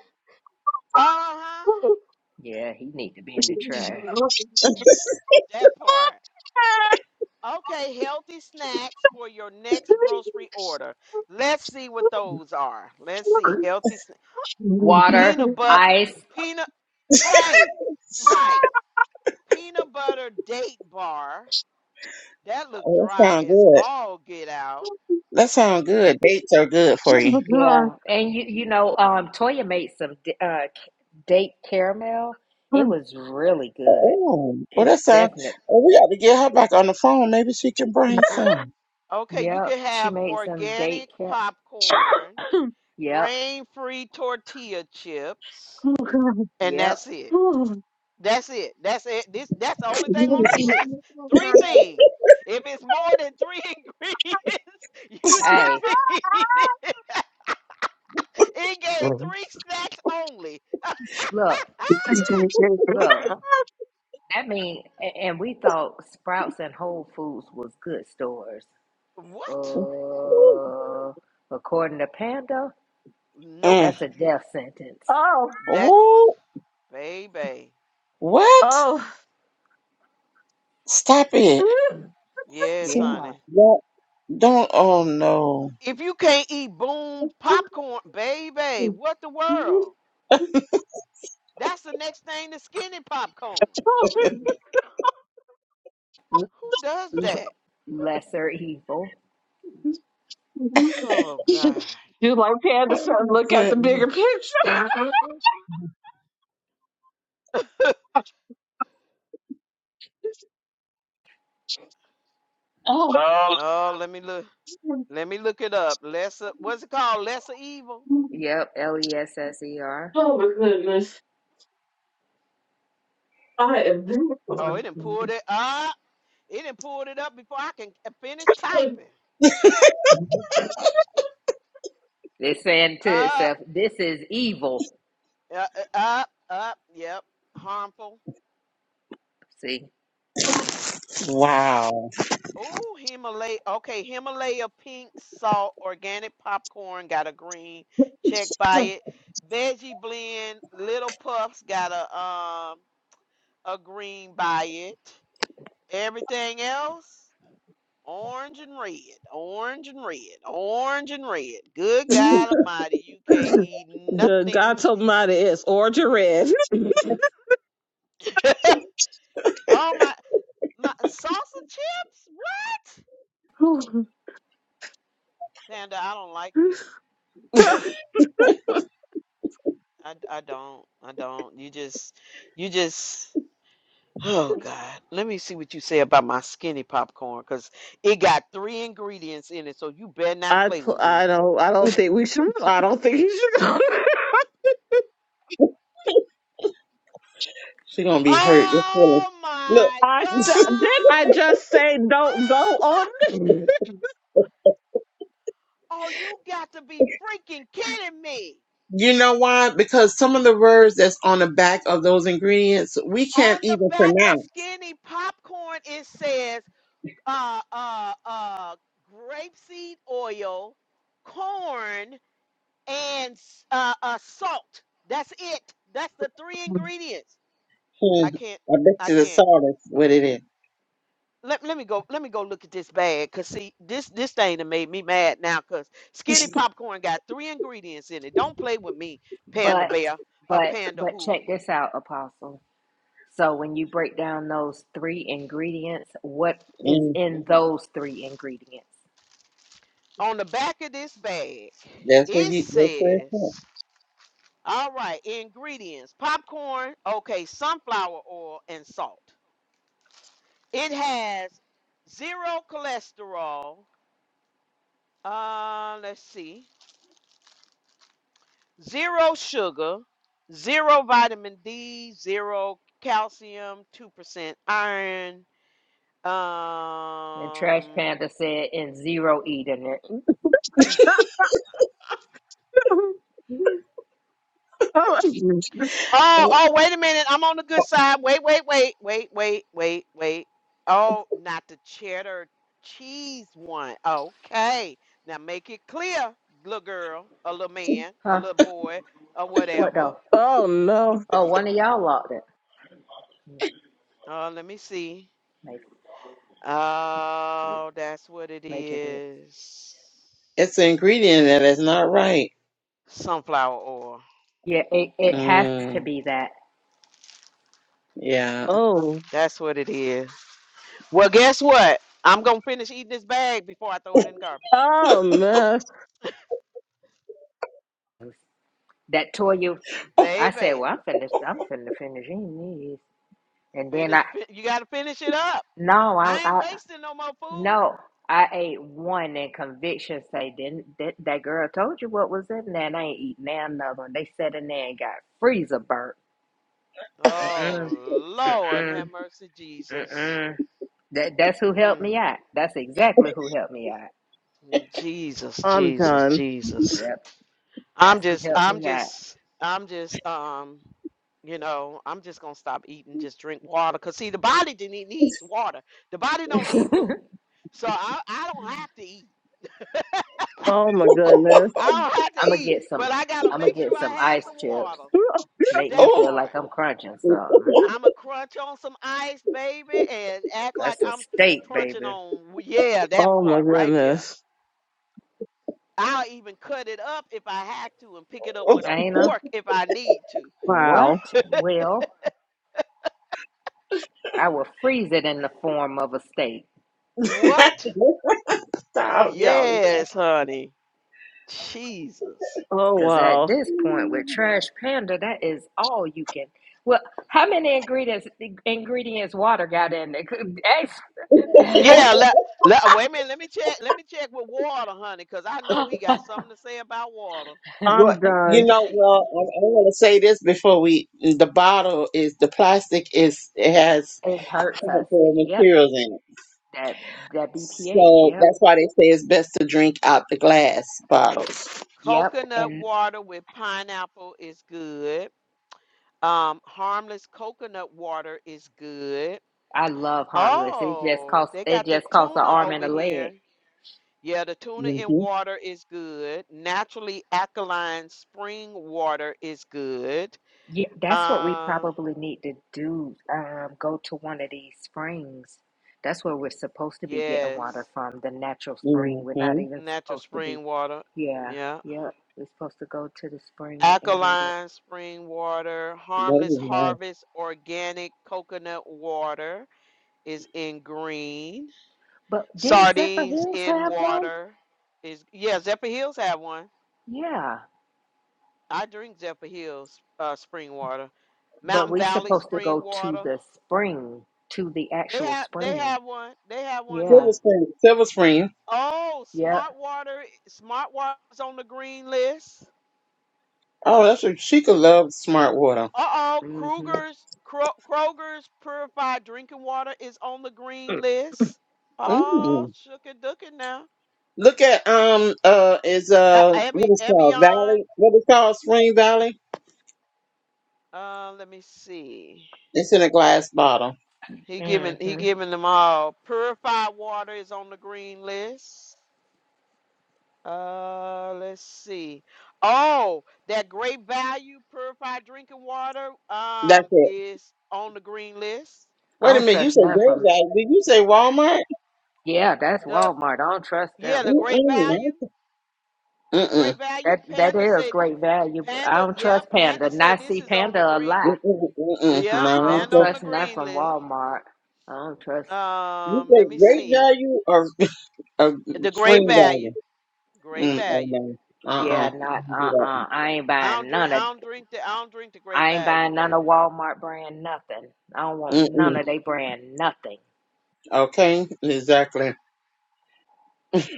Uh-huh.
Yeah, he need to be in the trash.
That part. Okay, healthy snacks for your next grocery order. Let's see what those are. Let's see. Healthy sna-
Water,
peanut butter
ice.
peanut right. Right. Peanut butter date bar. That look
Oh, that
dry
sounds
as
good.
all get out.
That sounds good. Dates are good for you.
Yeah. And you you know, um Toya made some d- uh c- date caramel. It was really good.
Oh, well,
It
that sounds.
definitely
Well, we got to get her back on the phone. Maybe she can bring some.
Okay, you
Yep,
can
she
have
made some
organic
date cap.
popcorn,
Yep,
grain-free tortilla chips,
Oh, God.
and
yep.
that's it.
Oh,
That's it. That's it. This that's the only thing on this list. Three things. If it's more than three ingredients, you should
Hey,
be eating it. It gave three snacks only.
look, look. I mean, a- and we thought Sprouts and Whole Foods was good stores.
what?
Uh, according to Panda,
Mm.
Nope.
that's a death sentence.
Oh,
That
Oh,
baby.
what?
oh.
Stop it.
Yes,
See,
Yeah,
honey.
don't, don't. Oh no.
If you can't eat boom popcorn, baby, what the world? That's the next thing to skinny popcorn.
L-
Who does
l-
that?
lesser evil.
Oh God.
Do like panda said,
Oh my
look at the
goodness.
bigger picture. Oh,
Oh, let me look. Let me look it up. Lesser, what's it called? Lesser evil.
Yep, L E S S E
Oh,
R.
oh my goodness. I am good.
Oh, it didn't pull it up. It didn't pull it up before I can uh, finish typing.
It's saying to
Up,
itself, "This is evil."
uh, uh, up, up. Yep. Harmful.
See,
Wow.
Oh, Himalaya. Okay, Himalaya pink salt organic popcorn got a green. Check by it. Veggie blend little puffs got a um a green by it. Everything else. Orange and red, orange and red, orange and red. Good God Almighty, you can't eat
God
nothing.
told me mine is orange or red.
Oh my, my salsa chips? What? Panda, I don't like you. I, I don't. I don't. You just, you just. Oh God, let me see what you say about my skinny popcorn, cause it got three ingredients in it, so you better not
I
play
pl-
with
I
me.
don't I don't think we should I don't think he should go.
She gonna be hurt. That's what it-
Oh my
I
Look.
sa- did I
God!
just say don't go
Oh!
on?
Oh, you got to be freaking kidding me.
You know why? Because some of the words that's on the back of those ingredients we can't
On the
even
back of
pronounce.
skinny popcorn, it says uh uh uh grapeseed oil, corn, and uh, uh salt. That's it. That's the three ingredients.
Hmm.
I can't
I bet
I
you the
can't.
salt is what it is.
Let, let me go let me go look at this bag cause see this this thing that made me mad now cause skinny popcorn got three ingredients in it. Don't play with me, panda
but
bear, uh
but
panda
but
who.
check this out, Apostle. So when you break down those three ingredients, what is
Mm.
in those three ingredients?
on the back of this bag,
That's what
it
you. That's what
says, all right, ingredients popcorn, okay, sunflower oil, and salt. It has zero cholesterol, uh, let's see, zero sugar, zero vitamin D, zero calcium, 2% iron.
And Trash
Um,
Panda said, and zero eating it.
oh,
it's.
Oh,
at.
oh, wait a minute. I'm on the good side. Wait, wait, wait, wait, wait, wait, wait. Oh, not the cheddar cheese one. Okay. Now make it clear, little girl, a little man, a
Huh?
little boy, or
What
whatever.
though?
oh no.
Oh, one of y'all locked it.
Uh, let me see.
Major did.
Oh, that's what it
Major did.
is.
It's an ingredient that is not right.
Sunflower oil.
Yeah, it, it has to
Mm.
be that.
Yeah.
Oh.
That's what it is. Well, guess what? I'm gonna finish eating this bag before I throw it in the garbage.
Oh man!
That Toya, I said,
Baby.
well, I'm finished. I'm finna finish eating these. And then
Finish.
I,
Fi- you got to finish it up.
no, i
I ain't
I,
wasting no more food.
No, I ate one and conviction say didn't that, that girl told you what was in there and I ain't eating now another one. They sat in there and got freezer burnt. Mm-mm,
Oh Lord, have
mm-mm,
mercy, Jesus.
mm-mm. That that's who helped
Mm,
me out. That's exactly who helped me out.
Jesus,
I'm
Jesus,
done.
Jesus.
Yep.
I'm
That's who
just,
helped
I'm
me out.
just, I'm just, um, you know, I'm just gonna stop eating, just drink water. Cause see, the body didn't need- needs water. The body don't need food. So I, I don't have to eat.
Oh my goodness.
I don't have to
I'm gonna
eat,
get some
but I gotta
I'm gonna
make sure
get
I
some
have
ice
some
chips.
water.
Make me
That
Oh,
feel
part.
like I'm crunching something.
I'ma crunch on some ice, baby, and act like
That's a
I'm
steak,
crunching
baby.
on yeah, that
Oh my
part right there.
goodness.
I'll even cut it up if I have to and pick it up with a
Ain't a
fork if I need to.
Wow.
what? Well, I will freeze it in the form of a steak.
What?
stop, y'all.
Yes, honey. Jesus.
Oh
Because at
wow.
this point with Trash Panda, that is all you can. Well, how many ingredients ingredients water got in there?
Yeah, let, let wait a minute, let me check. Let me check with water, honey, because I know he got something to say about water.
Well,
I'm
you
done.
Let's
know,
see.
well, I, I want to say this before we. The bottle is the plastic is it has
it hurts us.
harmful
Yep.
materials in it,
That that BPH.
so
Yep.
that's why they say it's best to drink out the glass bottles.
Yep.
Coconut
And
water with pineapple is good. Um, harmless coconut water is good.
I love harmless. It just
Oh,
costs
they
it
got the
just costs an
tuna
arm
over
and a leg.
here. Yeah, the tuna in
hmm
water is good. Naturally alkaline spring water is good.
Yeah, that's what we
Uh,
probably need to do. Um, go to one of these springs. That's where we're supposed to be getting water
yes,
from, the natural spring. We're
hmm
not even
natural
supposed to be.
spring water.
Yeah,
Yeah.
yeah. We're supposed to go to the spring and get it.
Alkaline spring water,
That
harmless
is nice.
harvest organic coconut water is in green.
But didn't Zephyr
sardines
Hills
in
have one?
water is yeah zephyr hills have one
Yeah.
i drink zephyr hills uh, spring water
But
mountain
we're
valley
supposed to
spring
go to
water
the spring, to the
they
actual
have they
spring.
have one they have one
Yeah,
here
Silver Spring. Silver Spring.
oh
yep.
smart water smart water's on the green list
Oh, that's what she could love smart water.
uh-oh
Mm hmm.
kruger's Kro- kroger's purified drinking water is on the green list oh
Mm.
shook and now
Look at um uh is
E-
uh
Evi-
what is called
evian
Valley what is called Spring Valley?
uh let me see
It's in a glass bottle.
He giving
Mm
he
hmm.
giving them all. Purified water is on the green list. Uh, let's see. Oh, that great value purified drinking water
That's
um
it.
is on the green list.
I
Wait a
don't
minute, you
trust
said
none
Great
from.
Value. Did you say Walmart?
Yeah, that's
The
Walmart. I don't trust
yeah,
them.
the great
Mm-mm.
value, the great
Mm-mm.
value.
That that
Panda
is
said
great value. but I
Panda,
don't
yep,
trust Panda.
Panda say
Not
this
see
is on the
Panda a
green.
lie.
Mm-mm. Mm-mm.
Yep,
I
No.
don't
Panda
so
on the
trust none
green
from
list.
Walmart. I don't trust.
You
Um,
say
let me
Great
see.
Value or, or
The Great
Spring
Value,
Value?
Great
Mm, oh
Value.
no. Uh-uh.
Yeah, not. Uh, uh I ain't
I don't
buying
drink.
none
I
of.
don't drink the. I don't drink the Great
I ain't
Value,
buying none
baby.
of Walmart brand nothing. I don't want none
Mm-mm.
of
Nope.
they brand nothing.
Okay. Exactly.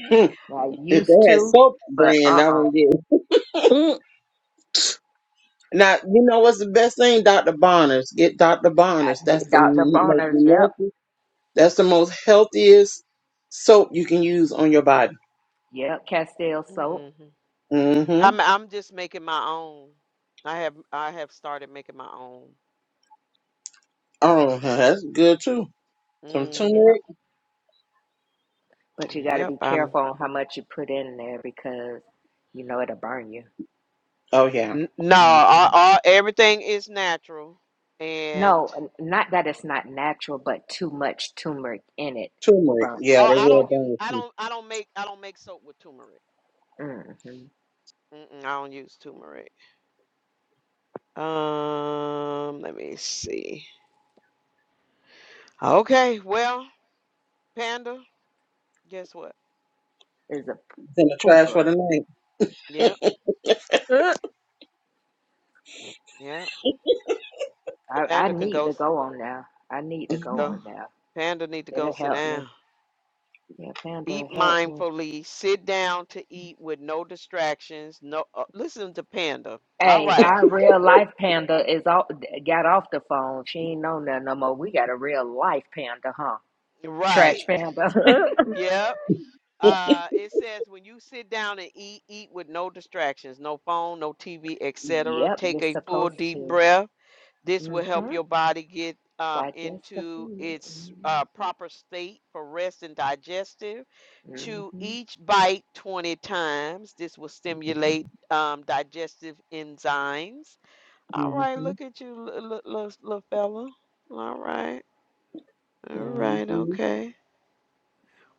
I
If
used
they had
to,
soap
but
brand,
uh,
I
uh
would get.
Mm.
Now you know what's the best thing, Doctor Bonners. Get Doctor Bonners. That's the
Dr.
most
Bronner's. Yep,
healthy. That's the most healthiest soap you can use on your body.
yep. Castile
hmm
soap.
Mm-hmm.
I'm. I'm just making my own. I have. I have started making my own.
Oh, huh, that's good too. Some
Yep.
Mm-hmm.
turmeric.
But you got to
Yep.
be
I'm.
careful on how much you put in there because you know it'll burn you.
Oh yeah,
n- No.
Mhm.
All,
Mm-hmm.
all, everything is natural. And
No, n- not that it's not natural, but too much turmeric in it will
turmeric.
burn.
Yeah,
oh,
they
I
will
Yeah.
don't use.
burn it
I
too.
don't. I don't make. I don't make soap with turmeric.
Mm-hmm.
Mm-mm, I don't use turmeric. Um. Let me see. Okay. Well, Panda. Guess what?
It's a
It's in the trash for
pooper.
the night.
Yep.
Uh, uh.
Yep.
I, I
Panda can
need
go.
to go on now. I need to go
Go.
on now.
Panda need to go
It'll
sit
help me.
down.
Yeah, Panda,
Eat
help me.
mindfully. Sit down to eat with no distractions. No, uh, listen to Panda. All
Hey,
right,
our real life Panda is all, got off the phone. She ain't know nothing no more. We got a real life Panda, huh? Trash
right.
Panda.
Yep. Uh, it says when you sit down and eat, eat with no distractions, no phone, no TV, etc.
Yep,
Take
you're
a full
supposed
deep
to.
breath This will
Mm-hmm.
help your body get um,
Digest the
into
food.
its uh, proper state for rest and digestive.
Mm-hmm.
Chew
Mm-hmm.
each bite 20 times. This will stimulate um, digestive enzymes. All
hmm
right, look at you, little, little, little fella. All right, all right,
hmm
okay.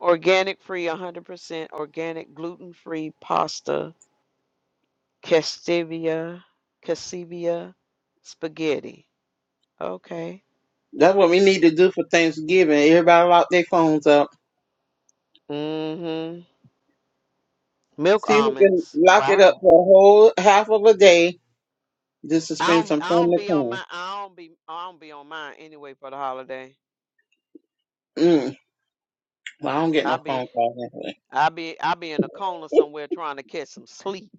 Organic free, 100% organic gluten free pasta, castivia, cassivia, spaghetti. Okay.
That's what we need to do for Thanksgiving. Everybody lock their phones up.
Mm hmm. Milk
See who can
almonds.
lock it up
Wow.
for a whole half of a day Just to
I
spend
don't
some
I don't
family
be on
time.
my I don't be I don't be on mine anyway for the holiday.
Mm. Well, I don't get
I
no phone
be
call
I be I be in a corner somewhere trying to catch some sleep,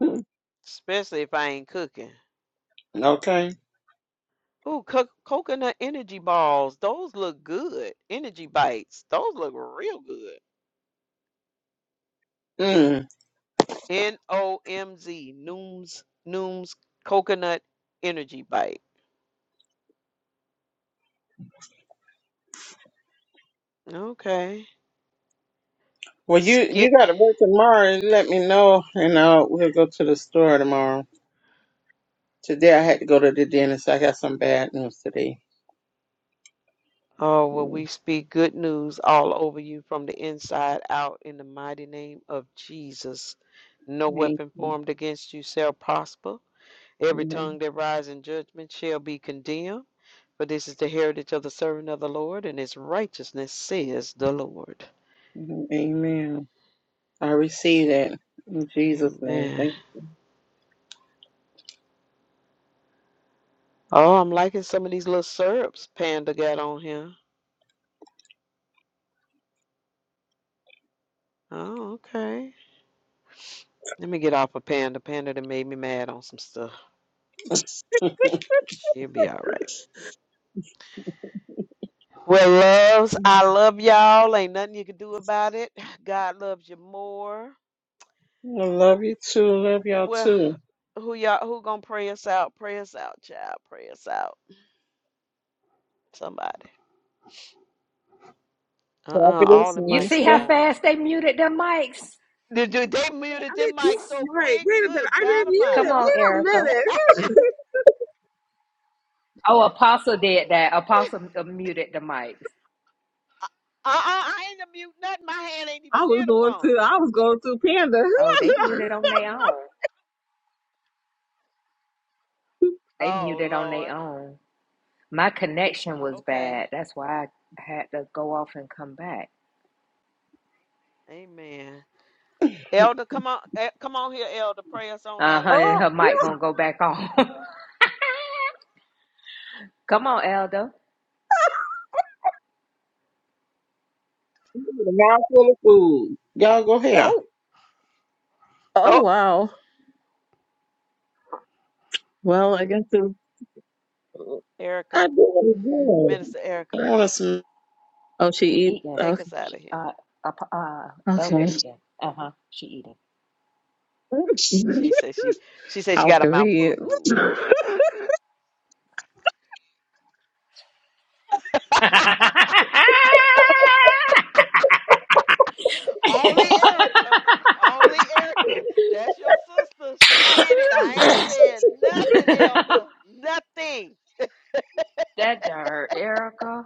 anyway.
especially if I ain't cooking.
Okay.
Ooh, co- coconut energy balls. Those look good. Energy bites. Those look real good.
Mm.
N O M Z Nooms Nooms coconut energy bite. Okay.
Well, you
Skin.
you got to work tomorrow. and Let me know, and I'll we'll go to the store tomorrow. Today I had to go to the dentist. I got some bad news today.
Oh, well, we
Mm,
speak good news all over you from the inside out in the mighty name of Jesus. No
Thank
weapon
you.
formed against you shall prosper. Every
Yeah.
tongue that rises in judgment shall be condemned. For this is the heritage of the servant of the Lord, and his righteousness says the Lord.
Mhm. Amen. I receive that in Jesus' name.
Amen.
Thank
Oh, I'm liking some of these little syrups Panda got on here. Oh, okay. Let me get off of Panda. Panda done made me mad on some stuff. She'll be all right. Well, loves, I love y'all. Ain't nothing you can do about it. God loves you more.
you. I love you too. Love y'all
Well,
too.
who y'all who gonna pray us out? Pray us out, child. Pray us out. Somebody. Uh-uh.
Prophetess
All the
You
mics
see
went
how
minister.
on. To
fast they muted their mics?
did, did they
I
muted them
didn't mute
mics
the
so
mic.
quick?
Wait a minute.
Good
I
God
didn't mute
Come
it.
Almighty.
on,
Wait a
Erica.
minute.
Oh, Apostle did that. Apostle uh, muted the mics.
Uh-uh. I ain't gonna mute nothing. My hand ain't
I
even
was
near the
going
phone.
through I was going through Panda.
Oh, they muted on their own. They
Oh
muted on
Lord.
their own. My connection was
Okay.
bad. That's why I had to go off and come back.
Amen. Elder, come on, eh, come on here, Elder. Pray us on
Uh
out of
huh.
here.
And
oh
her mic gonna go back on. come on, Elder.
The mouth full of food. Y'all go here.
oh oh
Oh,
wow. Well I guess it,
Erica,
I do it again.
Minister Erica.
I want to
oh she
She
eat
eating.
Take
okay
us out
She
of here.
uh ap- uh Elder
okay.
eating. Uh huh. She eating.
She said she she said she
How
got a mouth full of
convenient.
hmm
food.
that
Only Erica. Only Erica. That's your sister. She did it. I ain't saying nothing, Elder. Nothing.
to Erica.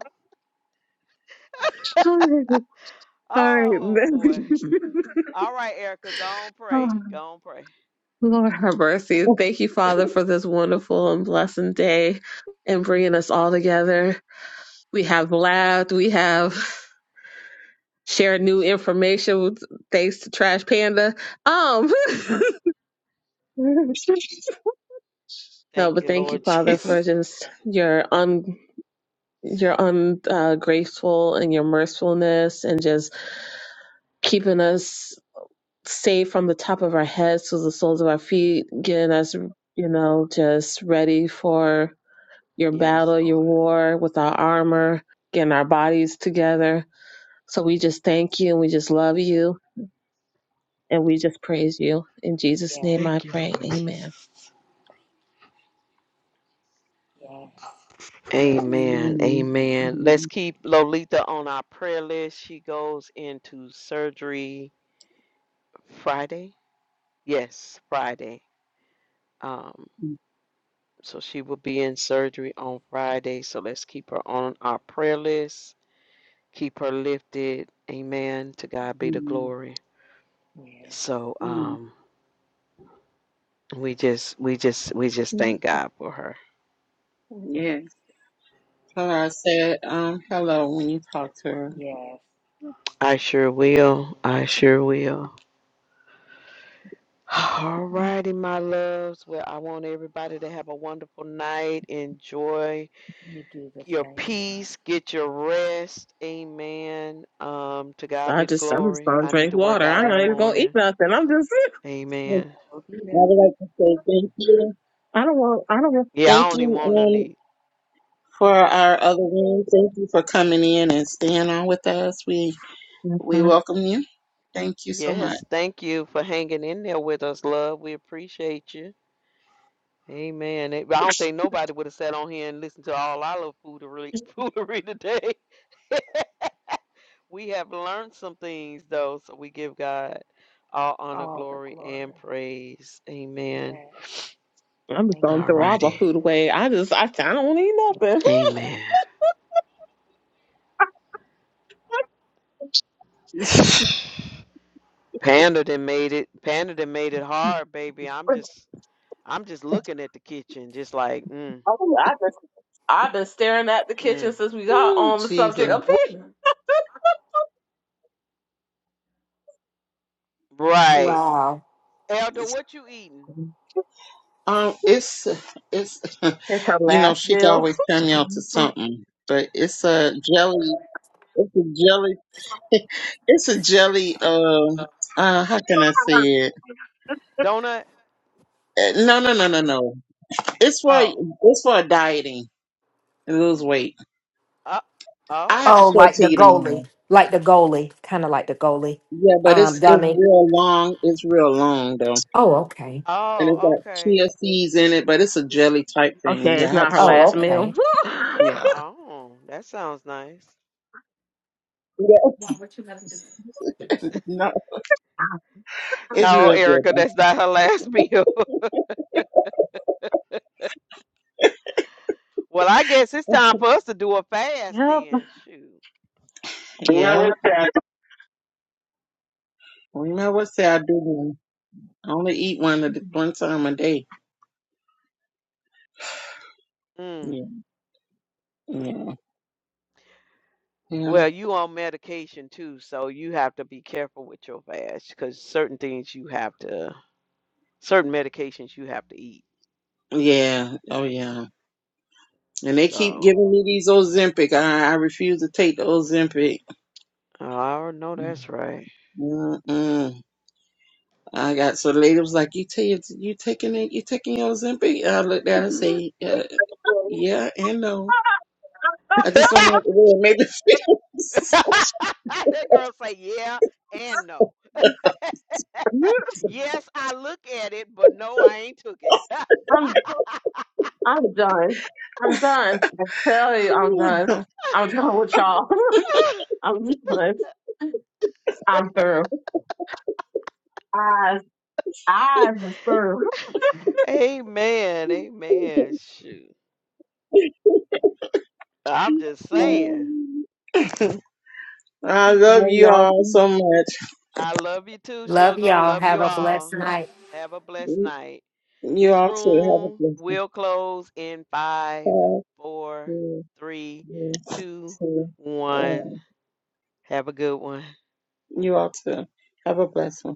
All right.
Oh boy. All right, Erica. Go on
Oh,
pray. Go on pray.
Lord have mercy. Thank you, Father, for this wonderful and blessed day and bringing us all together. We have laughed. We have shared new
yes, Lord.
information with, thanks to Trash Panda. Um, no,
Thank
but
you,
thank you,
Lord
Father, for
Jesus.
just your un your ungraceful uh, graceful and your mercifulness and just keeping us saved from the top of our heads to the soles of our feet, getting us, you know, just ready for your
Yes,
battle, your
Lord.
war with our armor, getting our bodies together. So we just thank you and we just love you and we just praise you. In Jesus'
Yes,
name I
Thank you,
pray.
Lord
Amen.
Jesus.
yes, yes.
Amen.
Thank
Amen.
Amen. Let's
Mhm.
keep Lolita on our prayer list. She goes into surgery Friday. Yes, Friday. Um, so she will be in surgery on Friday. So let's keep her on our prayer list. Keep her lifted. Amen. To God be the
Mhm.
glory.
you. Yes,
So
Mhm.
um, we just, we just, we just thank God for her.
Yes, Clara said um, hello when you talked to her.
yes.
I sure will. I sure will. All righty, my loves. Well, I want everybody to have a wonderful night. Enjoy.
You do the
your
same.
peace,
Lord.
get your rest. Amen. Um, to God
I
be the
just I'm just
glory.
gonna
I need
drink
to work
water.
out
I'm
in the
not even gonna eat
morning.
nothing. I'm just
Yes,
Amen.
We'll be
I
there.
would like to say thank you.
I don't want I don't want
Yeah,
Thank
I only want to
you um,
need.
for our other room. Thank you for coming in and staying on with us. We
that's
we
fine.
welcome you. Thank you so much.
Yes, thank you for hanging in there with us, love. We appreciate you. Amen. It- I don't think nobody would have sat on here and listened to all our little foodery, foodery today. We have learned some things, though, so we give God all honor,
All the
glory,
glory.
and praise.
Yes.
Amen.
I'm just
Thank
gonna
you
All
throw
for
all my
being
righty.
food
so
away.
gracious.
I just I, I don't want to eat
Thank
nothing.
Amen. Panda done made it. Panda done made it hard, baby. I'm just, I'm just looking at the kitchen, just like, mm,
I, I I've been staring at the kitchen
mm.
since we got
oh,
on the
Jesus.
subject of
Wh-
pizza.
right,
Wow.
Elder, what you eating?
Um, it's it's
It's her
you know
last
she can
meal.
always turn me on to something, but it's a jelly. It's a jelly It's a jelly. Uh, uh, how can I say it?
Donut?
Uh, No, no, no, no, no. It's for
Oh,
it's for dieting and lose weight.
uh,
I have
oh,
to
Oh,
show it
like
to
the
you
goalie,
tomorrow.
like the goalie, kind of like the goalie,
Yeah, but
um,
it's it's
dummy.
real long. It's real long though,
Oh, okay.
and it's
oh,
got chia
okay.
seeds in it. But it's a jelly type thing.
Okay,
Yeah,
it's
I have
not
to
her
show it
Oh,
last
to you.
meal.
okay.
Yeah,
Oh, that sounds nice.
yeah. No, it's
No,
real good.
Erica,
though.
that's not her last meal. well, I guess it's time for us to do a fast
yep.
then. Shoot.
No,
Yeah,
it's that.
well, you know what? Say I do. One. I only eat one at one time a day.
Mm.
Yeah, yeah, yeah.
Well, you on medication too, so you have to be careful with your fast because certain things you have to. Certain medications you have to eat.
Yeah. Oh yeah. And they keep
So,
giving me these Ozempic. I, I refuse to take the Ozempic.
oh, I already know that's right.
Mm-mm. I got so the lady was like, "You take you taking it? You taking your Ozempic?" I looked at her and say, uh, "Yeah and no. I just don't like the way it made me
that girl say, yeah and no. Yes, I look at it, but no, I ain't took it.
I'm I'm done. I'm done. I tell you, I'm done. I'm done with y'all. I'm done. I'm through. Eyes, eyes
feel."
is through.
amen, amen. Shoot, I'm just saying.
I love
Love
you all
y'all.
so much.
I love you too,
Love
sugar.
y'all.
Love
Have
you
a
all.
blessed night.
Have a blessed night.
You
This
all too. Have a
room
blessed one.
will close in
Five,
five,
four,
four,
three,
three, two,
two,
one.
one.
Have a good one.
You all too. Have a blessed one.